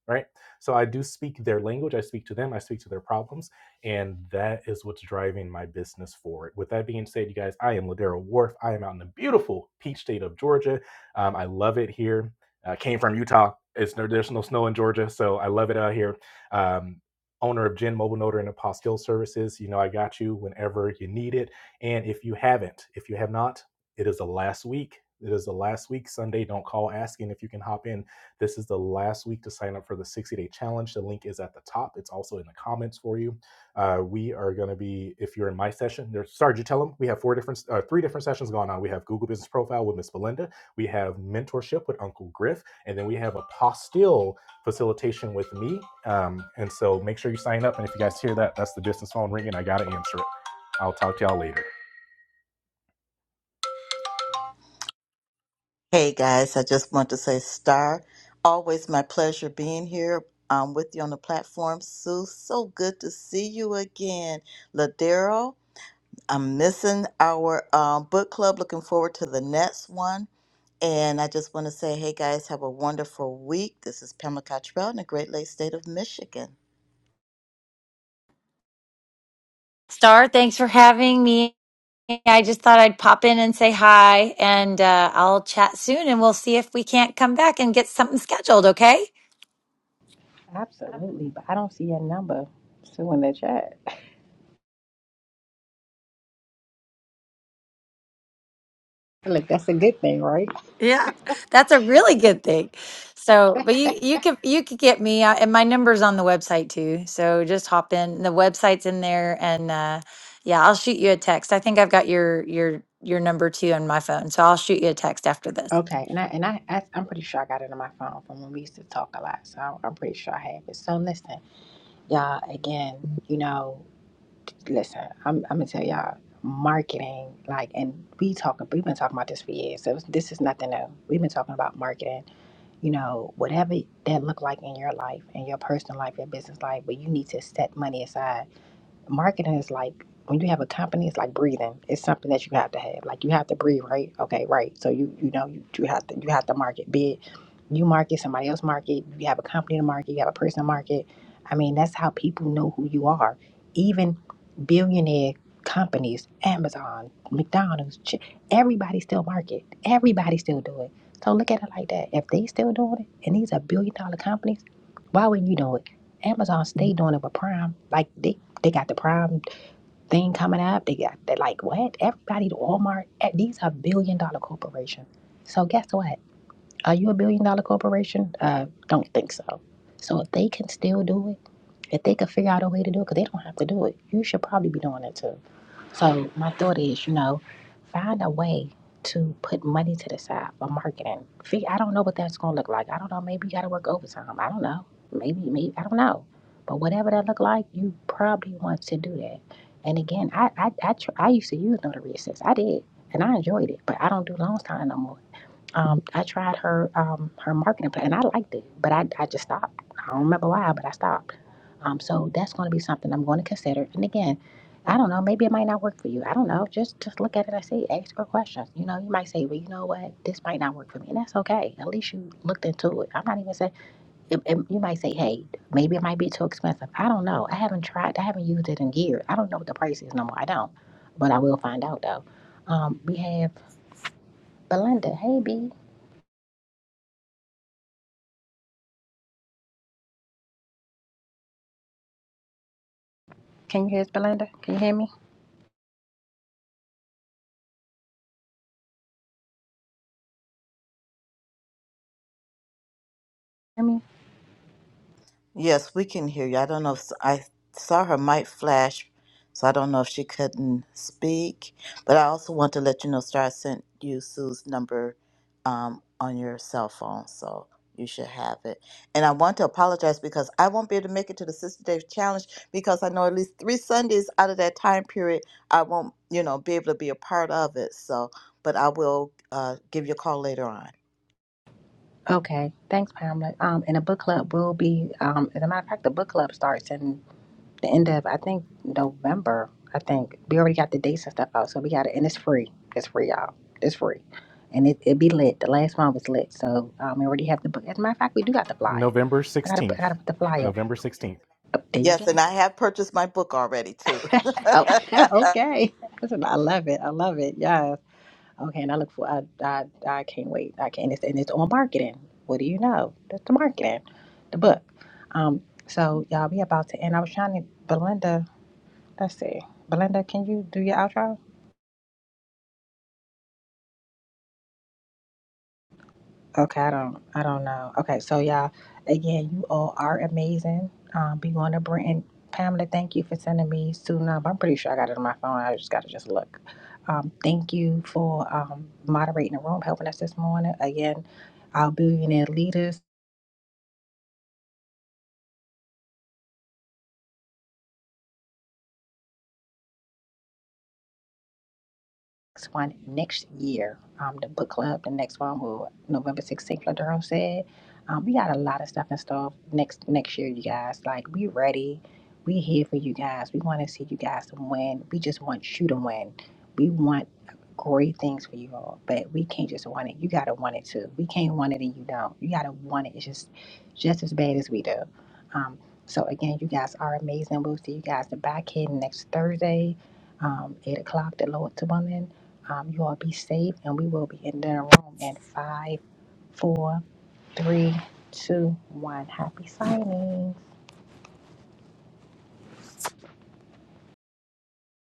right? So I do speak their language, I speak to them, I speak to their problems, and that is what's driving my business forward. With that being said, you guys, I am Ladero Wharf. I am out in the beautiful Peach State of Georgia. Um, I love it here. I came from Utah. It's no, there's no snow in Georgia, so I love it out here. Um, owner of Gen Mobile Notary and Apostille Services. You know, I got you whenever you need it. And if you haven't, if you have not, it is the last week. It is the last week Sunday. Don't call asking if you can hop in this is the last week to sign up for the 60 day challenge. The link is at the top. It's also in the comments for you. Uh, we are going to be, if you're in my session, there's Sarge, you tell them we have four different, uh, three different sessions going on. We have Google Business Profile with Miss Belinda, we have mentorship with Uncle Griff, and then we have a postil facilitation with me. Um, and so make sure you sign up. And if you guys hear that, that's the business phone ringing. I got to answer it. I'll talk to y'all later. Hey guys, I just want to say, Star, always my pleasure being here um, with you on the platform. Sue, so good to see you again. Ladero. I'm missing our uh, book club. Looking forward to the next one. And I just want to say, hey guys, have a wonderful week. This is Pamela Cottrell in the Great Lakes State of Michigan. Star, thanks for having me. I just thought I'd pop in and say hi, and uh, I'll chat soon, and we'll see if we can't come back and get something scheduled. Okay? Absolutely, but I don't see your number. So in the chat. Look, that's a good thing, right? Yeah, that's a really good thing. So, but you you could you could get me, uh, and my number's on the website too. So just hop in. The website's in there, and uh, yeah, I'll shoot you a text. I think I've got your your your number too on my phone, so I'll shoot you a text after this. Okay, and I and I, I I'm pretty sure I got it on my phone from when we used to talk a lot. So I'm, I'm pretty sure I have it. So listen, y'all. Again, you know, listen. I'm I'm gonna tell y'all marketing. Like, and we talking. We've been talking about this for years. So this is nothing new. We've been talking about marketing. You know, whatever that look like in your life, in your personal life, your business life, but you need to set money aside marketing is like when you have a company it's like breathing it's something that you have to have like you have to breathe right okay right so you you know you, you have to you have to market be it you market somebody else market you have a company to market you have a person to market i mean that's how people know who you are even billionaire companies amazon mcdonald's Chi- everybody still market everybody still do it so look at it like that if they still doing it and these are billion dollar companies why wouldn't you do it Amazon stay doing it with Prime. Like they they got the prime thing coming up. They got they like what? Everybody to Walmart. eh, These are billion dollar corporations. So guess what? Are you a billion dollar corporation? Uh, don't think so. So if they can still do it, if they can figure out a way to do it, because they don't have to do it, you should probably be doing it too. So my thought is, you know, find a way to put money to the side for marketing. Fig- I don't know what that's gonna look like. I don't know. Maybe you gotta work overtime. I don't know. Maybe, maybe I don't know. But whatever that look like, you probably want to do that. And again, I I I, tr- I used to use notary assist. I did, and I enjoyed it. But I don't do loans time no more. Um, I tried her um, her marketing plan, and I liked it, but I, I just stopped. I don't remember why, but I stopped. Um, so that's going to be something I'm going to consider. And again, I don't know. Maybe it might not work for you. I don't know. Just just look at it and see. Ask her questions. You know, you might say, well, you know what, this might not work for me, and that's okay. At least you looked into it. I'm not even saying it, it, you might say, hey, maybe it might be too expensive. I don't know. I haven't tried. I haven't used it in years. I don't know what the price is no more. I don't, but I will find out though. Um, we have Belinda. Hey, B. Can you hear us, Belinda? Can you hear me? Hear me? Yes, we can hear you. I don't know if I saw her mic flash, so I don't know if she couldn't speak. But I also want to let you know, Star, I sent you Sue's number um, on your cell phone, so you should have it. And I want to apologize because I won't be able to make it to the Sister Day Challenge because I know at least three Sundays out of that time period I won't, you know, be able to be a part of it. So, but I will uh, give you a call later on. Okay. Thanks, Pamela. Um, and the book club will be. Um, as a matter of fact, the book club starts in the end of I think November. I think we already got the dates and stuff out, so we got it, and it's free. It's free, y'all. It's free, and it it be lit. The last one was lit, so um, we already have the book. As a matter of fact, we do got the flyer. November I gotta put- 16th. I gotta put the flyer up. November 16th. Oh, there you Yes, go. and I have purchased my book already too. Oh, okay. I love it. I love it. Yes. Okay, and I look for I I, I can't wait. I can't. It's, and it's on marketing. What do you know? That's the marketing, the book. Um, so y'all, we about to end. I was trying to Belinda. Let's see, Belinda, can you do your outro? Okay, I don't I don't know. Okay, so y'all, again, you all are amazing. Um, be going to Brenton. Pamela, thank you for sending me soon up. I'm pretty sure I got it on my phone. I just got to just look. Um, thank you for um, moderating the room, helping us this morning. Again, our billionaire leaders. next one next year. Um, the book club, the next one will November 16th, like Durham said. Um, we got a lot of stuff in store next next year, you guys. Like we ready. We here for you guys. We want to see you guys to win. We just want you to win. We want great things for you all, but we can't just want it. You gotta want it too. We can't want it and you don't. You gotta want it. It's just just as bad as we do. Um, so again, you guys are amazing. We'll see you guys the back end next Thursday, um, eight o'clock, the Lord's willing um, you all be safe, and we will be in the room in five, four, three, two, one. Happy signing.